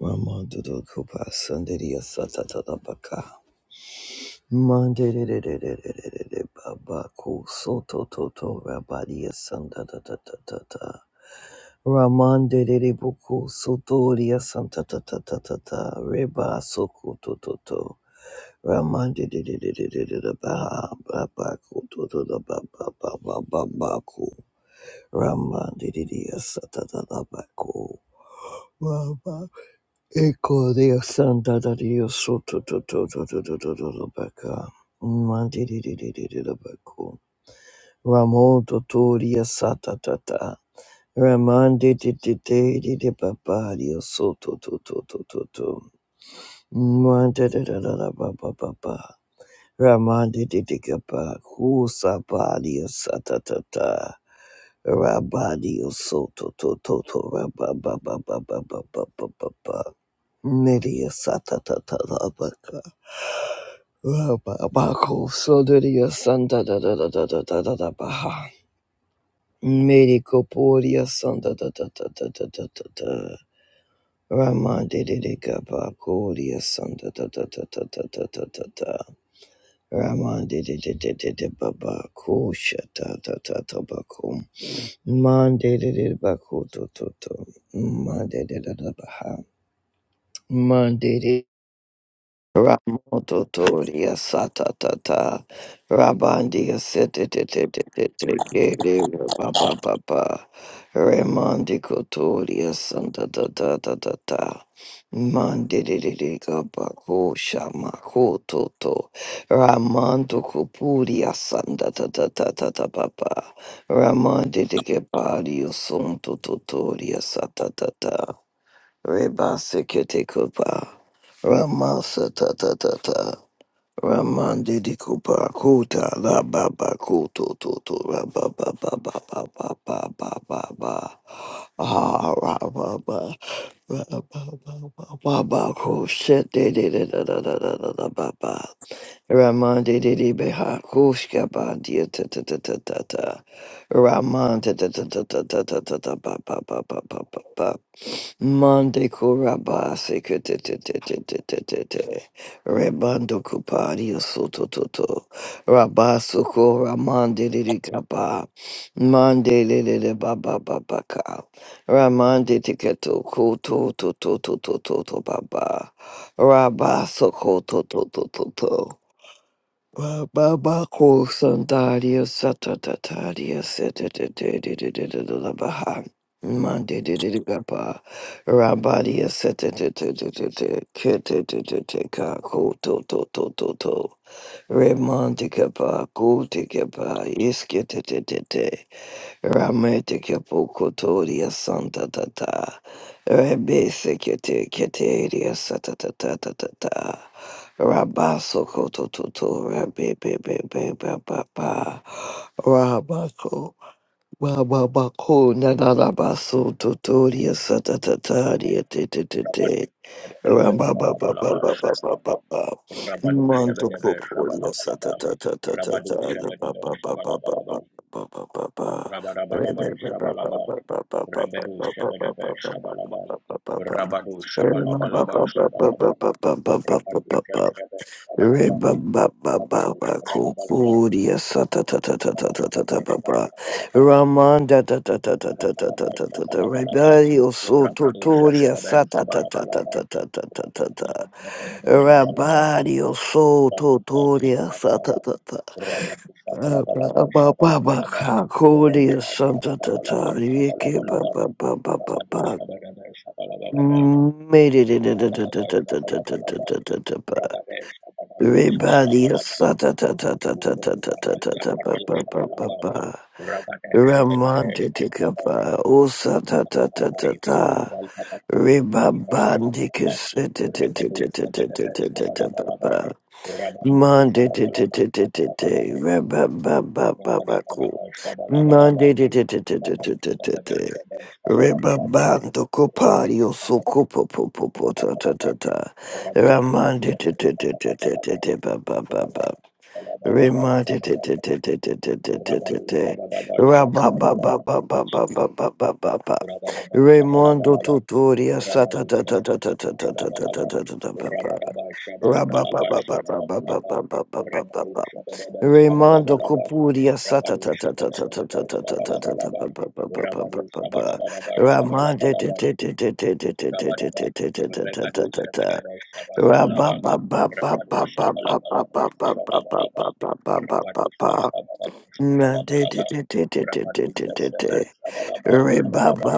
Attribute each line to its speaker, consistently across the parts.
Speaker 1: Ramandudu Kupa Sandiriya Satata Baka. Mandere Baba Ku Soto Toto Rabadiya Sandata Tata. Tata. Ramandere Buku Sotoria Santa Tata Tata Reba Soku Toto. Ramandere Baba Ku Toto Baba Baba Baba Ku. Ramandere Satata Baba Ku. Ecco deo santa da deo soto tutto tutto tutto tutto. to Manti di di di di di da bako. Ramon to to dia sata ta ta. Raman di di di di di papà dio sotto tutto tutto tutto to Mante da da da da ba ba ba ba. Ramandi Didikapa Kusa Badia Satatata Rabadio Soto Toto Rabababababababababa Nidia Satatata Rabaka Rababako Sodaria Santa da da da da da da da da Baha Medicoporia Santa da da da da da da da da Ramandi Didikapa Kodia Santa da da da da da da da da Ramande de de de de de baba kusha ta ta ta ta bakum. Mande de de baku to to to. Mande de de de baha. Mande de. Ramototoria satatata Rabandia setetetetetetete Baba Baba Remandicotoria santatatata Mandididika Bako Shama Kototo Ramanto Copuria santatatata Baba Ramandidike Pario Sonto Totoria satatata Reba Sikitikupa. Ramasa Tata Tata. Raman didi Kupa Kuta La Baba Kuto Toto Rabba Baba Baba Baba Baba Baba Ah Rabba Baba Baba Baba Kuset de de de da da da da da da Baba Ramande de de Beha Kuska Bandia ta ta ta ta ta ta Raman ta ta ta ta ta ta ta ta ta Baba Baba Baba Baba Mande Kuraba sekete Kurabasi Kutte Rebando Kupari Sototo Rabasuko Ramande Kapa Mande Lele Baba Baba Ka Ramande Tiketo Koto Toto Toto Toto Baba Rabasuko Toto Toto Babako Sandaria Satatataria Setatabaha Mandidididibaba Rabadia Setatatataka Koto Toto Toto Remandikaba Gotikaba Iskitete Ramete Kapukotoria Santa Tata Rebe Sekete Keteria Santa Tata Tata Rabaso Kototo Rabe Bebe Baba Rabako Wa ba ba ko na na na ba so to to ria sa ta ta ta ria te te te
Speaker 2: বববে
Speaker 1: te. Ra ba ba ba ba ba ba ba ba ba. Man to po po ria sa ta ta ta ta ta ta ra ba ba ba ba ba ba ba ba ba ba. Re re re ba ba ba ba ba ba ba ba ba ba ba ba ba ba ba ba ba. Re ma ba ba ba ba ba ba ba ba ba ba ba ba. Reba ba ba ba ba ba kukuria sa ta ta ta ta ta ta ta ta ba ba Raman da ta ta ta ta ta ta ta ta ta ta Rebario so totoria sa ta ta ta ta ta ta ta ta ta ta
Speaker 2: ববে
Speaker 1: Rabario so
Speaker 2: Rabba
Speaker 1: totoria sa ta
Speaker 2: Rabba,
Speaker 1: ta ta
Speaker 2: Rabba,
Speaker 1: Ra ba ba ba ba kakuria sa ta ta ta Rieke ba ba ba ba ba ba Made it Everybody, sa ta ta ta ta ta ta ta ta ta ta pa pa pa pa pa. Ramante te kapa, o sa ta ta ta ta ta. Reba bandi ke se te te te te te te te te te te pa pa. Monday
Speaker 2: Rabba,
Speaker 1: to to to to to
Speaker 2: Rabba, Rabba,
Speaker 1: day, ba ba ba ba
Speaker 2: Rabba
Speaker 1: ba ba cool. Monday to to to to to to to to day, reba bando copario so copo po po po ta ta ta ta. Ramande to to to to to to to ba ba ba ba. Rema te te te te te te te te te te te. Ra ba ba ba ba ba ba ba ba ba ba ba. Raimondo Tutoria sa ta ta ta ta ta ta ta ta ta ta ta ta ta ba ba. Ra ba ba ba ba ba ba ba ba ba ba ba ba ba. Raimondo Copuria sa ta
Speaker 2: Rabadu
Speaker 1: ta ta ta ta ta ta
Speaker 2: shabadabadaba
Speaker 1: ta ta ta ta ta
Speaker 2: shabalabalaba.
Speaker 1: ba ba ba ba ba
Speaker 2: Rabadu
Speaker 1: ba ba ba.
Speaker 2: shabadabadaba
Speaker 1: Ramande te
Speaker 2: shabalabalaba.
Speaker 1: te te te te te te te
Speaker 2: Rabadaba.
Speaker 1: te te te te te te
Speaker 2: Regadu
Speaker 1: te ta ta.
Speaker 2: shabadaba
Speaker 1: Korea
Speaker 2: shabalabalaba.
Speaker 1: sata
Speaker 2: Rabadu shabalabalaba shabalabalaba. Rabadu shabadabadaba shabalabalaba. Rabadu shabadaba shabalaba shabalaba.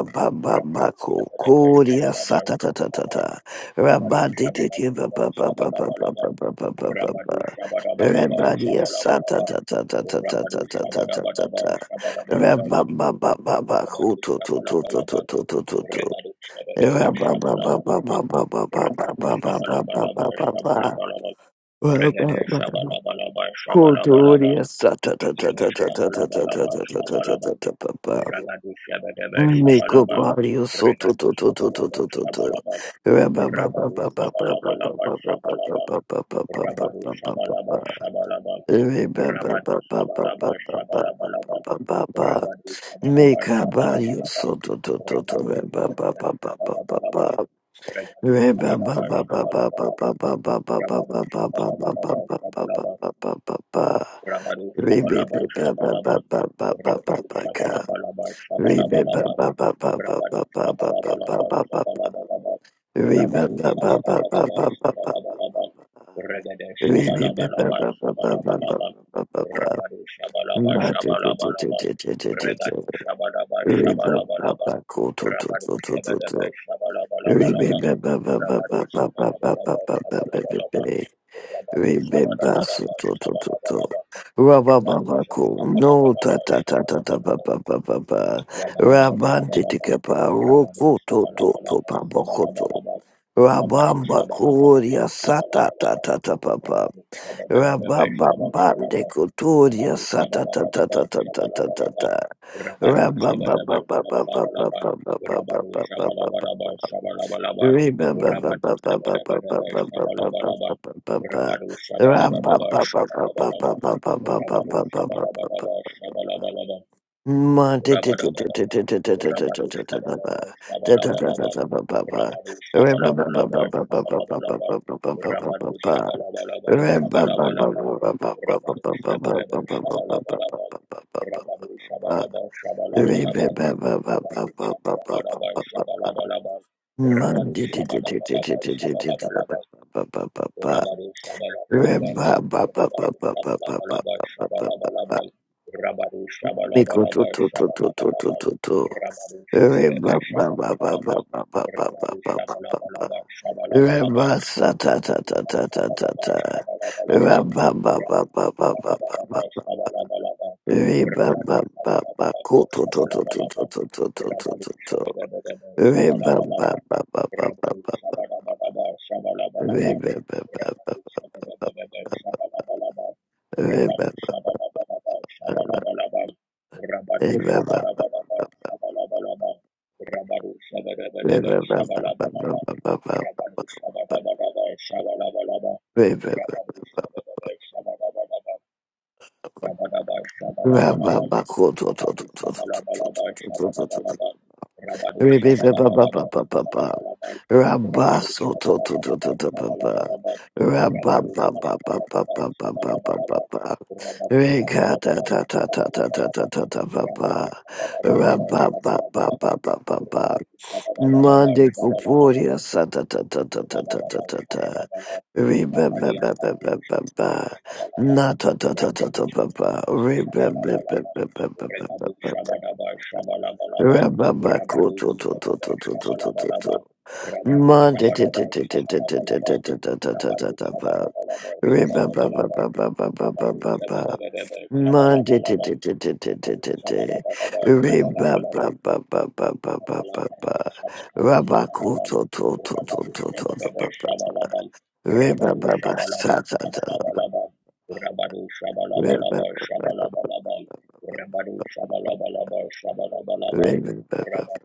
Speaker 2: Rabadu shabadaba shabalaba
Speaker 1: ta ta ta
Speaker 2: shabalaba.
Speaker 1: ta
Speaker 2: Rabadu
Speaker 1: Rabadi ba ba ba ba
Speaker 2: shabadabadaba shabalabalaba.
Speaker 1: ba ba ba ba ba ba ba
Speaker 2: Rabadu
Speaker 1: ba
Speaker 2: shabadabadaba
Speaker 1: Rabadia sata
Speaker 2: shabalabalaba.
Speaker 1: ta ta ta ta ta ta
Speaker 2: Rabadu
Speaker 1: ta ta ta ta
Speaker 2: Shabadabadaba
Speaker 1: ta
Speaker 2: Shabadabadaba
Speaker 1: Rababa ba ba ba ku
Speaker 2: Rabadu
Speaker 1: tu tu tu tu
Speaker 2: Shabalabalaba
Speaker 1: tu tu tu tu tu
Speaker 2: Regadu Shabadaba
Speaker 1: Rababa ba ba
Speaker 2: Shabalabalaba
Speaker 1: ba ba ba ba ba ba
Speaker 2: Rabadu
Speaker 1: ba ba ba
Speaker 2: Shabalabalaba
Speaker 1: ba ba ba
Speaker 2: Shabalabalaba Regade
Speaker 1: Cordoria
Speaker 2: Shabalabalaba Shabalabalaba
Speaker 1: sata ta ta
Speaker 2: Regade
Speaker 1: ta ta ta ta ta ta ta
Speaker 2: Shabalabalaba
Speaker 1: ta ta ta
Speaker 2: Shabalaba
Speaker 1: ta ta
Speaker 2: Ragadu Shabadaba
Speaker 1: Make up
Speaker 2: Shabalaba
Speaker 1: body so to
Speaker 2: Regadu
Speaker 1: to to to to
Speaker 2: Shabalaba
Speaker 1: to to to.
Speaker 2: Shabalaba
Speaker 1: Ra ba ba ba
Speaker 2: Rabadu
Speaker 1: ba ba ba ba ba ba
Speaker 2: Shabalabalaba
Speaker 1: ba ba ba
Speaker 2: Shabalaba
Speaker 1: ba ba ba ba ba
Speaker 2: Rabadu
Speaker 1: ba ba ba
Speaker 2: Shabalaba
Speaker 1: ba.
Speaker 2: Shabalaba
Speaker 1: Ra ba ba
Speaker 2: Rabadu
Speaker 1: ba ba ba ba
Speaker 2: shabalaba
Speaker 1: ba ba ba
Speaker 2: shabalabalaba.
Speaker 1: ba ba ba ba.
Speaker 2: Rabadu shabalaba
Speaker 1: Make up body o
Speaker 2: shabalabalaba.
Speaker 1: so to to to to.
Speaker 2: Rabadu
Speaker 1: Ra ba ba
Speaker 2: shabalaba
Speaker 1: ba ba ba ba
Speaker 2: shabalabalaba.
Speaker 1: ba.
Speaker 2: Rabadu
Speaker 1: Remember,
Speaker 2: shabalaba shabalabalaba. Rabadu shabalabalaba shabalaba. Rabadu shabalaba shabalaba. Rabadu shabalabalaba shabalabalaba. Rabadu Shabalabalaba Shabalabalaba Rabadu Shabalabalaba Shabalabalaba Regade Shabalabalaba Shabalabalaba Rabadu Shabalaba Shabalabalaba Regadu Shabalaba Shabalabalaba Rabadu Shabadaba Shabalabalabalaba Rabadu Shabalabalaba Shabalabalaba Rabadu
Speaker 1: Remember, so
Speaker 2: Shabadabadaba
Speaker 1: to to to to.
Speaker 2: Shabalabalaba
Speaker 1: Rabba
Speaker 2: Rabadu
Speaker 1: baba ko no ta
Speaker 2: Shabalabalaba
Speaker 1: ta ta ta ta ba
Speaker 2: Shabalabalaba
Speaker 1: ba ba ba ba.
Speaker 2: Rabadaba
Speaker 1: Rabban
Speaker 2: Shabalaba,
Speaker 1: ditika ba
Speaker 2: Rabadu
Speaker 1: roko to to to
Speaker 2: Shabalabalaba,
Speaker 1: ba boko to.
Speaker 2: Shabalabalaba, Rabadu
Speaker 1: Rabban
Speaker 2: Shabalabalaba,
Speaker 1: bakuria sa ta ta
Speaker 2: Shabalabalaba,
Speaker 1: ta ta ba ba.
Speaker 2: Rabadu Shabalabalaba,
Speaker 1: Rabban babban
Speaker 2: Shabalabalaba,
Speaker 1: dekuturia
Speaker 2: Rabadu
Speaker 1: sa ta ta ta ta
Speaker 2: Shabalabalaba,
Speaker 1: ta ta ta ta
Speaker 2: Shabalabalaba,
Speaker 1: ta.
Speaker 2: Rabadu Shabalabalaba,
Speaker 1: Rabba ba ba ba ba ba ba
Speaker 2: Shabalabalaba,
Speaker 1: ba ba ba ba
Speaker 2: Rabadu
Speaker 1: ba ba ba. ba.
Speaker 2: Shabalabalaba, Shabalabalaba,
Speaker 1: Remember,
Speaker 2: Rabadu Shabalabalaba, Shabalabalaba, Rabadu Shabalabalaba, Shabalabalaba, Rabadu Shabalabalaba, Shabalabalaba, Rabadabadaba, Rabadushabalaba, Shabalabalaba, Rabadushabalabalaba, Shabalabalaba, Rabadushabalabalaba, Shabalabalaba, Rabadushabadaba, Shabalabalaba, Rabadushabadaba, Shabalabalaba, Rabadushabadabadaba, Shabalabalaba,
Speaker 1: Rebaba
Speaker 2: Rabadushabadabadaba, Shabalabalaba, Rabaru Shabalabalaban, Rabaru Shabalabalaban, Shabalabalaban, Rabaru Shabalabalaban, Shabalabalaban, Rabaru Shabarebe Shabalabalaban, Rabaru Shabalabalaban, Shabalabalaban, Rabaru Shabalabalaban, Shabalabalaban, Rabaru Shabalabalaban, Rabaru Shabalabalaban, Shabalabalaban, Rabaru Shabarebe Shabalabalaban, Rabadu Shabalabalaba Shabalabalaba
Speaker 1: Rabba
Speaker 2: Rabadu Shabalabalaba Shabalabalaba Rabadu Shabalabalaba Shabalabalaba Rabadu Shabalabalaba Shabalabalaba Rabadu Shabalabalaba Shabalabalaba Rabadu Shabalabalaba Shabalabalaba Rabadu Shabalabalaba Shabalabalaba Rabadaba Shabalabalaba Rabadu Shabalabalaba Shabalabalaba Rabadu Shabalabalaba Shabalabalaba Rabadu Shabalabalaba Shabalabalaba Rabadu Shabalabalaba Shabalabalaba Rabadu Shabalabalaba Shabalabalaba Rabadu Shabalabalaba Shabalabalaba Rabadu Shabalabalaba
Speaker 1: Mande
Speaker 2: Shabalabalaba
Speaker 1: Cupuria Santa Tata Tata Tata
Speaker 2: Rabadaba
Speaker 1: Tata
Speaker 2: Shabalabala,
Speaker 1: Riba
Speaker 2: Rapalia
Speaker 1: Baba
Speaker 2: Paralo
Speaker 1: Baba
Speaker 2: Shabalalo
Speaker 1: Baba
Speaker 2: Shabalaba,
Speaker 1: Nata Tata
Speaker 2: Rapali
Speaker 1: Tata Baba
Speaker 2: Shabalabala
Speaker 1: Riba Baba
Speaker 2: Shabalabalaba,
Speaker 1: Baba Baba
Speaker 2: Rebadu
Speaker 1: Baba
Speaker 2: Shabadaba Shabalabalaba,
Speaker 1: Rababa
Speaker 2: Rabadu
Speaker 1: Koto Toto
Speaker 2: Shabadaba
Speaker 1: Toto Toto Toto
Speaker 2: Shabalabalaba, Rabadu
Speaker 1: Mande te te
Speaker 2: Shabadaba
Speaker 1: te te te te
Speaker 2: Shabalabalaba, Rabadu
Speaker 1: Tata
Speaker 2: Shabalabalaba
Speaker 1: Riba Baba
Speaker 2: Shabalabalaba,
Speaker 1: Baba Baba
Speaker 2: Rabadu
Speaker 1: Baba
Speaker 2: Shabadaba
Speaker 1: Monday, da-
Speaker 2: Shabalabalaba,
Speaker 1: da- da- da- da- da-
Speaker 2: Rabadu
Speaker 1: da- da.
Speaker 2: Shabadaba
Speaker 1: Re- ba-
Speaker 2: Shabalabalaba,
Speaker 1: ba- ba- ba- ba-
Speaker 2: Rabadu
Speaker 1: ba- ba- ba- ba.
Speaker 2: shabalabalabal,
Speaker 1: Ra- ba- ko- to- to- to- to- to- to- to- ba- ba. Re- ba- ba- ba- sa- sa- sa. sa.
Speaker 2: shabalabalabal,
Speaker 1: Re- ba- ba- ba- ba. Re- ba- ba- ba- ba.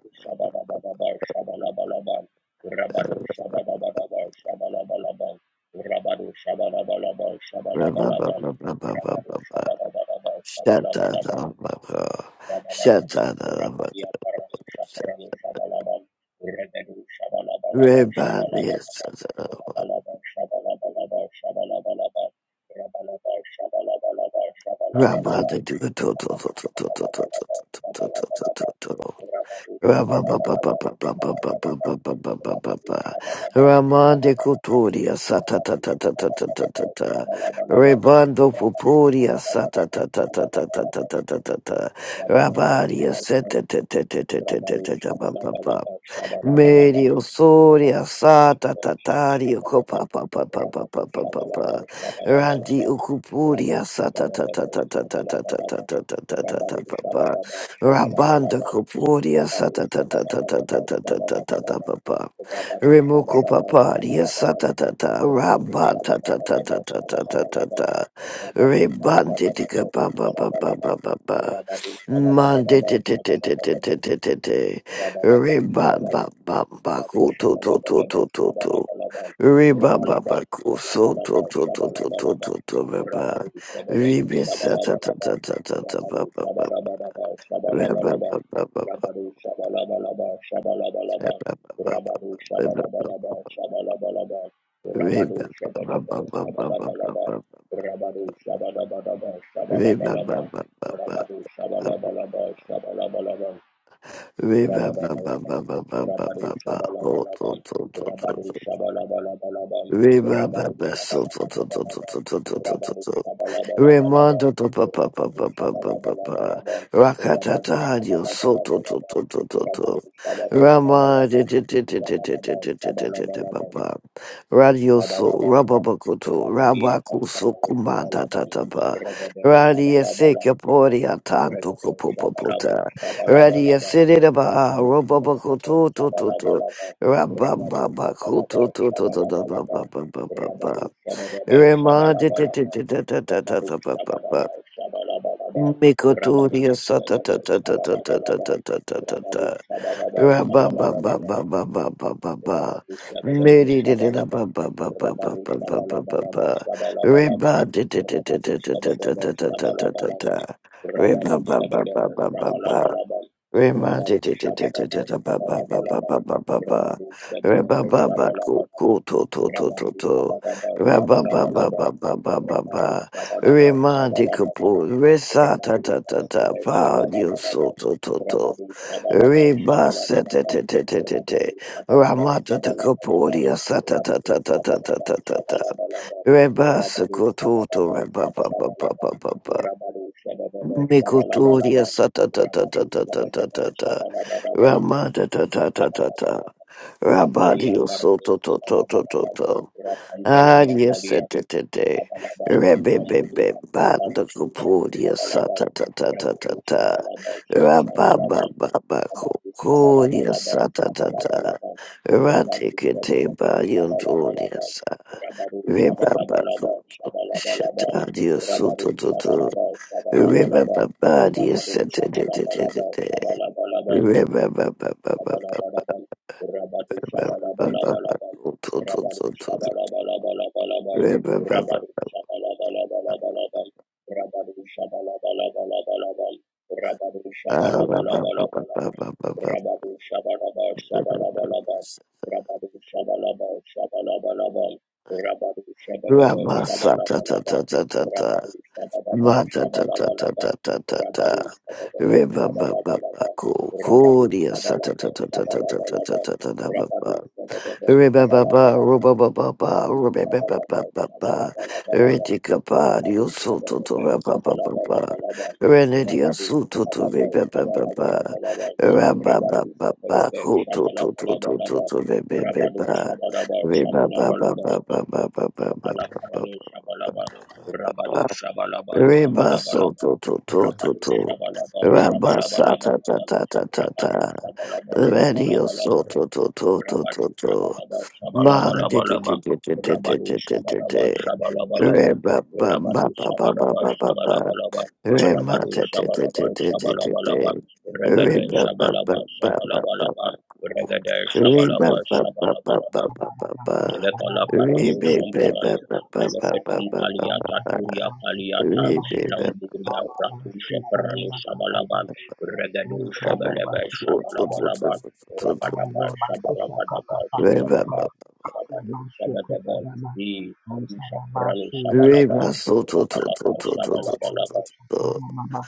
Speaker 2: rabadu shabalabalabal,
Speaker 1: Ra- ba- ba- ba- ba- ba- ba- ba- ba. Sha- ta-
Speaker 2: shabalabalabal,
Speaker 1: ta- ba- ba. Sha- ta- ta- ta- ba- ba- sha. Re- ba- de- sa- sa. sa. Ra- ba- de- do- to- to- to- to- to- to- to- to- to- to- to- to- to- to. to. Ramande Kuturia Satatatatatatatata Rebando Pupuria Satatatatatatatata Rabaria
Speaker 2: Rabba Rabado
Speaker 1: Setetetetetetetetetapa
Speaker 2: Shabalabalaba Shabalabalaba
Speaker 1: Medio soria
Speaker 2: Rabado
Speaker 1: sa ta
Speaker 2: Shabalaba
Speaker 1: ta ta di uko pa
Speaker 2: Shabalabalaba
Speaker 1: pa pa pa pa
Speaker 2: Rabado
Speaker 1: pa pa pa
Speaker 2: Shabalaba
Speaker 1: pa Randi
Speaker 2: Shabalabalaba Rabado
Speaker 1: ukupuria
Speaker 2: Shabalaba Shabalabalaba Rabado Shabalaba
Speaker 1: Rabanda
Speaker 2: Shabalabalaba
Speaker 1: kupuria sa
Speaker 2: Rabado
Speaker 1: ta ta ta ta ta
Speaker 2: Shabalabalaba
Speaker 1: ta ta
Speaker 2: Shabalabalaba Rabado Shabalaba Shabalabalaba Rabado Shabalabalaba
Speaker 1: paparia sa ta ta
Speaker 2: Shabalabalaba
Speaker 1: ta
Speaker 2: Rabado
Speaker 1: Rabba ta ta ta
Speaker 2: Shabalabalaba
Speaker 1: ta ta ta ta ta
Speaker 2: Shabalabalaba Rabado Shabalabalaba Shabalabalaba Rabadu
Speaker 1: Reba ba
Speaker 2: Shabalabalaba,
Speaker 1: ba ba
Speaker 2: Rabadu
Speaker 1: ko to to to
Speaker 2: Shabalabalaba,
Speaker 1: to to to.
Speaker 2: Sabalabalaba
Speaker 1: Reba ba
Speaker 2: Rabaru
Speaker 1: ba ko so to
Speaker 2: Shabalabalaba,
Speaker 1: to to to to
Speaker 2: Sabalabalaba
Speaker 1: to to ba ba.
Speaker 2: Rabaru Shabadaba
Speaker 1: Rebe sa ta ta ta
Speaker 2: Sabalabalaba
Speaker 1: ta ta ta ba
Speaker 2: Rabaru
Speaker 1: ba ba.
Speaker 2: Shabalabalaba
Speaker 1: Reba
Speaker 2: Sabalabalaba
Speaker 1: ba ba ba ba ba ba ba ba ba ba ba. Reba ba ba ba ba ba ba ba ba. Reba ba ba ba ba ba.
Speaker 2: Rabaru Shabalabalaba Sabalabalaba
Speaker 1: Reba ba ba ba
Speaker 2: Rabadabadaba,
Speaker 1: ba ba ba
Speaker 2: Rabadu
Speaker 1: ba ba. Ko
Speaker 2: Shabalabalaba,
Speaker 1: to to to to
Speaker 2: Rabadu
Speaker 1: to.
Speaker 2: Shabalabalabalaba,
Speaker 1: Reba ba
Speaker 2: Rabadu
Speaker 1: ba so to to to to
Speaker 2: Shabadabadabadaba,
Speaker 1: to to to to
Speaker 2: Rabadu
Speaker 1: to.
Speaker 2: Shabalabalabalaba,
Speaker 1: Remando to pa pa pa
Speaker 2: Rabadu
Speaker 1: pa pa pa pa pa.
Speaker 2: Shabalabalabalaba, Rabadu
Speaker 1: Rakatata dio soto to
Speaker 2: Shabalabalabalaba,
Speaker 1: to to to to.
Speaker 2: Rabadu
Speaker 1: Rama
Speaker 2: Shabadabadabadaba,
Speaker 1: de de de de de de
Speaker 2: Rabadaba
Speaker 1: de de de de de de pa
Speaker 2: Shabalabalaba,
Speaker 1: pa. Radio so
Speaker 2: Labayaba,
Speaker 1: rababakoto
Speaker 2: Rapadia
Speaker 1: rabaku so
Speaker 2: Pamparano
Speaker 1: kumanda
Speaker 2: Shabalaba,
Speaker 1: ta ta pa.
Speaker 2: Regaden
Speaker 1: Radio se
Speaker 2: Shabalabalaba,
Speaker 1: kapori atanto ko
Speaker 2: Regaden
Speaker 1: po po
Speaker 2: Shabalaba,
Speaker 1: Radio
Speaker 2: Shabalabalaba,
Speaker 1: se de da ba
Speaker 2: Rabadu Shabalaba,
Speaker 1: rababakoto to to to.
Speaker 2: Shabalabalaba, Rabadu Shabalaba,
Speaker 1: Rababakoto to to to to to to
Speaker 2: Shabalabalaba,
Speaker 1: to to to to.
Speaker 2: Rabadu Shabalaba,
Speaker 1: Rema da da da
Speaker 2: Shabalabalaba,
Speaker 1: da da da da da
Speaker 2: Rabadu
Speaker 1: da ba ba ba.
Speaker 2: Shabalaba, Shabalabalaba, Rabadu
Speaker 1: Mikotoria sa da da da da da da da
Speaker 2: Shabalaba, Shabalabalaba,
Speaker 1: da da da da
Speaker 2: Rabadu
Speaker 1: da.
Speaker 2: Shabalaba,
Speaker 1: Ra ba ba ba
Speaker 2: Shabalabalaba,
Speaker 1: ba ba ba ba ba ba.
Speaker 2: Rabadu shabalaba
Speaker 1: Meri da da da
Speaker 2: shabalaba.
Speaker 1: ba ba ba ba ba
Speaker 2: Rabadu
Speaker 1: ba ba ba
Speaker 2: shabalaba
Speaker 1: ba
Speaker 2: laba
Speaker 1: ba.
Speaker 2: shabalaba laba.
Speaker 1: Reba da da da da
Speaker 2: Rabadu
Speaker 1: da da da da
Speaker 2: shabalaba
Speaker 1: da da da da
Speaker 2: shabalaba
Speaker 1: da
Speaker 2: laba.
Speaker 1: da. Reba
Speaker 2: Rabadu
Speaker 1: ba ba ba
Speaker 2: shabalaba
Speaker 1: ba ba ba.
Speaker 2: shabalaba
Speaker 1: ba.
Speaker 2: laba.
Speaker 1: Rema de
Speaker 2: Rabadu
Speaker 1: de de de de
Speaker 2: shabalaba
Speaker 1: de de ba, ba,
Speaker 2: shabalaba
Speaker 1: ba, ba,
Speaker 2: laba.
Speaker 1: ba, ba, ba, ba,
Speaker 2: Rabadu
Speaker 1: Re ba,
Speaker 2: shabalaba
Speaker 1: ba, ba,
Speaker 2: shabalaba
Speaker 1: ku
Speaker 2: laba.
Speaker 1: ku to to to to
Speaker 2: Rabadu
Speaker 1: to
Speaker 2: shabalaba
Speaker 1: Ra ba, ba,
Speaker 2: shabalaba
Speaker 1: ba,
Speaker 2: laba.
Speaker 1: ba, ba, ba, ba,
Speaker 2: Rabadu
Speaker 1: ba,
Speaker 2: shabalaba
Speaker 1: Remandi
Speaker 2: shabalaba
Speaker 1: Reba
Speaker 2: laba.
Speaker 1: Sokoto
Speaker 2: Rabadu
Speaker 1: to
Speaker 2: shabalaba shabalaba laba.
Speaker 1: to
Speaker 2: Rabadu shabalaba shabalaba laba. Rapalia
Speaker 1: to Reba Baba Baba Baba Mikotoria sata ta ta ta ta ta ta ta ta Ramada ta ta ta ta ta Rabadio soto to to to to to
Speaker 2: parvus,
Speaker 1: Aria
Speaker 2: Rapalia
Speaker 1: sete te te
Speaker 2: Shabalaba,
Speaker 1: Rebe be be
Speaker 2: Bamburia, Pataru
Speaker 1: banda
Speaker 2: Shapararu
Speaker 1: kupuria
Speaker 2: Shabalaba,
Speaker 1: sata ta ta ta ta
Speaker 2: Rekaru
Speaker 1: ta
Speaker 2: Shabalaba,
Speaker 1: Rababa
Speaker 2: Shabalabalaba,
Speaker 1: baba
Speaker 2: Rabadu
Speaker 1: kukuria
Speaker 2: Shabalabalaba,
Speaker 1: sata ta ta
Speaker 2: Shabalabalaba, Rabadu
Speaker 1: Ratikete
Speaker 2: Shabalaba,
Speaker 1: ba yunturia
Speaker 2: Shabalabalaba,
Speaker 1: sa
Speaker 2: Rabadu
Speaker 1: Rebaba
Speaker 2: Shabalabalaba, Shabalabalaba,
Speaker 1: shatadio
Speaker 2: Rabadu
Speaker 1: soto
Speaker 2: Shabalaba,
Speaker 1: Remember
Speaker 2: Shabalabalaba,
Speaker 1: body is
Speaker 2: Rabadu
Speaker 1: set to the the the the
Speaker 2: Shabalabalaba, Shabalabalaba,
Speaker 1: Remember ba ba ba ba
Speaker 2: Shabalabalabal, Rabadu
Speaker 1: ba ba
Speaker 2: Shabalabalabalabal,
Speaker 1: To to
Speaker 2: Rabadu
Speaker 1: to to.
Speaker 2: Shabalabalabalabal,
Speaker 1: Remember ba ba
Speaker 2: Rabadu Shabalabalabalabal, Rabadu Shabalabalabalabal, Rabadu
Speaker 1: ba ba ba ba ba
Speaker 2: Shabalabalabalabal, Rabadu Shabalabal Shabalabalabal, Rabadu Shabalabal Shabalabalabal, Rabadu Shabalabal
Speaker 1: Rama sa ta ta
Speaker 2: Shabalabalabal,
Speaker 1: ta ta ta ta.
Speaker 2: Rabadu Shabalabal
Speaker 1: Ma ta ta ta ta ta
Speaker 2: Shabalabalabal,
Speaker 1: ta ta ta.
Speaker 2: Rabadu Shabalabal
Speaker 1: Remember ba
Speaker 2: Shabalabalabal,
Speaker 1: Ko ko
Speaker 2: rabadu
Speaker 1: dia sa ta
Speaker 2: shabalaba
Speaker 1: ta ta ta ta ta ta ta
Speaker 2: shabalabalaba
Speaker 1: ta ta ta ba
Speaker 2: rabadu shabadaba
Speaker 1: Ribababa,
Speaker 2: shabalabalaba
Speaker 1: rubababa,
Speaker 2: rabadu shabadaba
Speaker 1: rubababa,
Speaker 2: shabalabalabalaba
Speaker 1: ritikapa,
Speaker 2: rabadu
Speaker 1: diosuto to to
Speaker 2: shabadaba
Speaker 1: rabababa,
Speaker 2: shabalabalabalaba
Speaker 1: renedia
Speaker 2: rabadu
Speaker 1: suto to to
Speaker 2: shabadaba
Speaker 1: ribababa,
Speaker 2: shabalabalabalaba rabadu
Speaker 1: rabababa,
Speaker 2: shabadaba
Speaker 1: kuto to to to to to
Speaker 2: shabalabalabalaba
Speaker 1: to
Speaker 2: rabadu
Speaker 1: ribababa,
Speaker 2: shabadaba
Speaker 1: ribababa,
Speaker 2: shabalabalabalaba Lakala paralo shabalaba, rabadu shabalaba,
Speaker 1: riba so
Speaker 2: sabalabalaba,
Speaker 1: to to to to
Speaker 2: rabadu
Speaker 3: Thank
Speaker 1: to,
Speaker 2: shabalaba, shabalabalaba,
Speaker 1: rabasata ta ta ta ta ta,
Speaker 2: rabadu
Speaker 1: ta.
Speaker 2: shabalaba,
Speaker 1: radio
Speaker 2: shabalabalaba,
Speaker 1: soto to to to to to.
Speaker 2: rabadu
Speaker 1: to.
Speaker 2: shabalaba,
Speaker 1: Ma de de
Speaker 2: shabalabalabalaba,
Speaker 1: de de de de de
Speaker 2: rabadu
Speaker 1: de de de
Speaker 2: shabalaba,
Speaker 1: de.
Speaker 2: shabalabalaba,
Speaker 1: Re ba ba
Speaker 2: rabadu
Speaker 1: ba ba ba ba
Speaker 2: shabalaba,
Speaker 1: ba ba ba.
Speaker 2: shabalabalaba,
Speaker 1: Re ma
Speaker 2: rabadu
Speaker 1: de de de
Speaker 2: shabalaba,
Speaker 1: de de de de
Speaker 2: shabalabalaba,
Speaker 1: de. Re
Speaker 2: regade
Speaker 1: ba ba ba
Speaker 2: shabalaba,
Speaker 1: ba ba ba
Speaker 2: shabalabalaba,
Speaker 1: ba.
Speaker 2: regade
Speaker 1: Re ba
Speaker 2: shabalaba,
Speaker 1: ba ba ba ba
Speaker 2: shabalabalaba,
Speaker 1: ba ba ba.
Speaker 2: Lekala
Speaker 1: Re
Speaker 2: parano
Speaker 4: Thank
Speaker 1: be be ba
Speaker 2: shamparano,
Speaker 1: ba ba ba ba
Speaker 2: Melefetum
Speaker 1: ba ba ba
Speaker 2: paliata
Speaker 1: ba.
Speaker 2: turia paliata,
Speaker 1: Re be ba
Speaker 2: Lambugria ratu sheparano shabalaban, Regado
Speaker 1: ba ba ba ba ba.
Speaker 2: shebelebe
Speaker 1: So so so so so
Speaker 2: shabalabalaban,
Speaker 1: so so so
Speaker 2: Rabadaba
Speaker 1: so. so.
Speaker 2: shabarabadaba
Speaker 1: Re ba ba.
Speaker 2: shabalaban, Rabadu shabadaba, Di haru shaparano
Speaker 1: Re
Speaker 2: shabalaban,
Speaker 1: ba so so so so
Speaker 2: Rabalaba
Speaker 1: so so so so.
Speaker 2: shabalabalaba,
Speaker 1: so, so.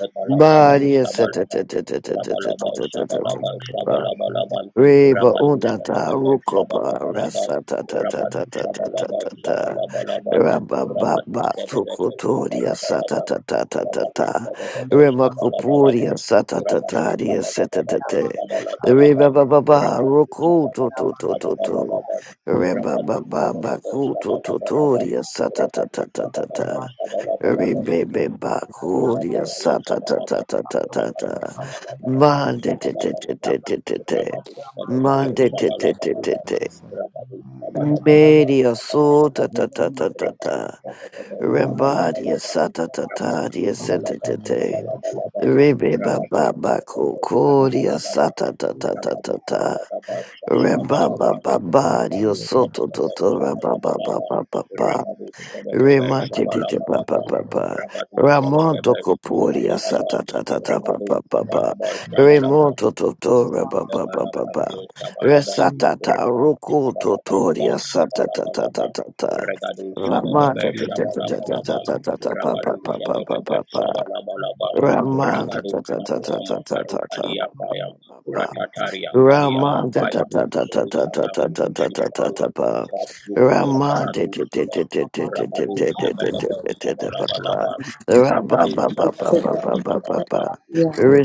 Speaker 2: Rabalaparalo
Speaker 1: Maria sata
Speaker 2: Shabalaba,
Speaker 1: tata tata tata
Speaker 2: Rabalaba
Speaker 1: tata tata
Speaker 2: Shabalaba
Speaker 1: tata.
Speaker 2: Shabalabalaba,
Speaker 1: Reba
Speaker 2: Rabadu
Speaker 1: Undata
Speaker 2: Shabadaba
Speaker 1: Rukopa
Speaker 2: Shabalabalaba,
Speaker 1: Rasa Tata
Speaker 2: Rabadu
Speaker 1: Tata Tata
Speaker 2: Shabalaba
Speaker 1: Tata
Speaker 2: Shabalabalaba, Rabadu
Speaker 1: Rababa
Speaker 2: Shabadaba
Speaker 1: Sukuturia Sata
Speaker 2: Shabalabalaba,
Speaker 1: Tata
Speaker 2: Rabadu
Speaker 1: Tata
Speaker 2: Shabadaba Shabalabalaba,
Speaker 1: Remakupuria Sata
Speaker 2: Rabadu
Speaker 1: Tataria
Speaker 2: Shabadaba
Speaker 1: tata
Speaker 2: Shabalabalaba,
Speaker 1: Reba Baba baba
Speaker 2: Rabadu
Speaker 1: Ruku
Speaker 2: Shabadaba
Speaker 1: Tutu Tutu
Speaker 2: Shabalabalaba,
Speaker 1: Reba
Speaker 2: Rabadu
Speaker 1: Baba
Speaker 2: Shabadaba
Speaker 1: Baku
Speaker 2: Shabalabalaba,
Speaker 1: Tuturia Sata
Speaker 2: Rabadu
Speaker 1: Tata Tata
Speaker 2: Shabadaba
Speaker 1: tata.
Speaker 2: Shabalabalaba,
Speaker 4: you.
Speaker 1: Rebebe bakuria
Speaker 2: Rabadu
Speaker 1: sa ta ta
Speaker 2: Shabalaba,
Speaker 1: ta ta ta ta
Speaker 2: Rabadu
Speaker 1: ta.
Speaker 2: Shabalabalaba,
Speaker 1: Mande te te te
Speaker 2: Shabalabalaba,
Speaker 1: te te te te.
Speaker 2: Rabadu Shabadaba,
Speaker 1: Mande te te te te
Speaker 2: Shabalabalaba,
Speaker 1: te.
Speaker 2: Rabadu Shabadabadaba,
Speaker 1: Media so ta
Speaker 2: Shabalabalaba,
Speaker 1: ta ta ta ta
Speaker 2: Rabadu
Speaker 1: ta.
Speaker 2: Shabadaba,
Speaker 1: Rembadia
Speaker 2: Shabalabalaba,
Speaker 1: sa ta ta
Speaker 2: Rabadu
Speaker 1: ta dia se te
Speaker 2: Shabalaba,
Speaker 1: te te.
Speaker 2: Shabalabalaba,
Speaker 1: Rebe ba
Speaker 2: Rabadu
Speaker 1: ba ba
Speaker 2: Shabadaba,
Speaker 1: ko ko dia
Speaker 2: Shabalabalaba,
Speaker 1: sa ta ta ta ta ta
Speaker 2: Rabadu
Speaker 1: ta.
Speaker 2: Shabadaba,
Speaker 1: Reba
Speaker 2: Shabalabalaba,
Speaker 1: ba ba ba dia
Speaker 2: Rabadu
Speaker 1: so to to to
Speaker 2: Shabadaba,
Speaker 1: ra ba ba ba
Speaker 2: Shabalabalaba,
Speaker 1: ba ba ba.
Speaker 2: Rabadu Shabadaba,
Speaker 1: Remate te te pa pa
Speaker 2: Shabalabalaba,
Speaker 1: pa pa.
Speaker 2: Rabadu Shabadaba
Speaker 1: Ramonto copuria sa
Speaker 2: Shabalaba
Speaker 1: ta ta ta ta pa
Speaker 2: Rabadu
Speaker 1: pa pa pa.
Speaker 2: Shabadaba Shabalaba
Speaker 1: Remonto totora pa pa pa pa pa.
Speaker 2: Lekalaparalu Shabalaba,
Speaker 1: Resata
Speaker 4: Thank
Speaker 1: ta
Speaker 2: Rabadu
Speaker 1: roku
Speaker 2: Shabalabalaba,
Speaker 1: totoria sa ta ta ta
Speaker 2: Shabalabalaba,
Speaker 1: ta ta ta.
Speaker 2: Regadu Shabadebe
Speaker 1: Ramante te te
Speaker 2: Shabalabalaba,
Speaker 1: pa pa
Speaker 2: Rabadu
Speaker 1: pa pa pa
Speaker 2: Shabadebe
Speaker 1: pa pa.
Speaker 2: Shabalabalaba, Ragadu Shabalama Farukalia
Speaker 1: pa pa
Speaker 2: Paya,
Speaker 1: pa pa.
Speaker 2: Ratataria Kalia
Speaker 1: Raman da da
Speaker 2: Mapaya,
Speaker 1: da da da da da da
Speaker 2: Rusana
Speaker 1: da da
Speaker 2: Mudushi
Speaker 1: da da
Speaker 2: Parano,
Speaker 1: da ba.
Speaker 2: Ratukulia
Speaker 1: Raman de
Speaker 2: Paratu
Speaker 1: de de
Speaker 2: Shaban,
Speaker 1: de de de de de
Speaker 2: Rabadu
Speaker 1: de de de de
Speaker 2: Shabalebe
Speaker 1: de de ba ba.
Speaker 2: Shabalabalaba,
Speaker 1: Ra ba
Speaker 2: Rabadu
Speaker 1: ba ba ba ba
Speaker 2: Shabalaba
Speaker 1: ba ba ba
Speaker 2: Shabalaba,
Speaker 1: ba.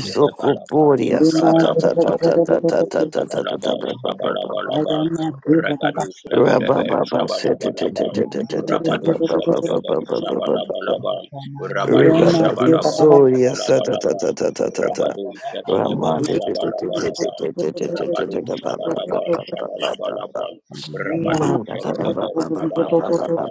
Speaker 2: Regalabalabala,
Speaker 1: sa ta
Speaker 2: shabalaba,
Speaker 1: ta ta ta ta ta
Speaker 2: regadu,
Speaker 1: ta ta ta ta
Speaker 2: shabalaba,
Speaker 1: ta ba ba ba ba ba.
Speaker 2: shabalabalaba, regadu,
Speaker 1: Ra ba
Speaker 2: shabedebe,
Speaker 1: ba ba se de de
Speaker 2: shabalabalaba,
Speaker 1: de de de de de de
Speaker 2: rabadu,
Speaker 1: ba ba ba ba
Speaker 2: shabedebe,
Speaker 1: ba ba ba ba ba ba.
Speaker 2: shabalabalaba,
Speaker 1: Ra
Speaker 2: rabadu,
Speaker 1: ba ba
Speaker 4: you.
Speaker 2: shabadaba,
Speaker 1: risoria sa ta ta
Speaker 2: shabalabalaba,
Speaker 1: ta ta ta
Speaker 4: Thank
Speaker 1: ta ta.
Speaker 2: rabadu, shabedebe,
Speaker 1: Megotoria
Speaker 2: shabalabalaba, rabadu, shabadaba, shabalabalaba, rabadu, shabedebe, shabalabalaba,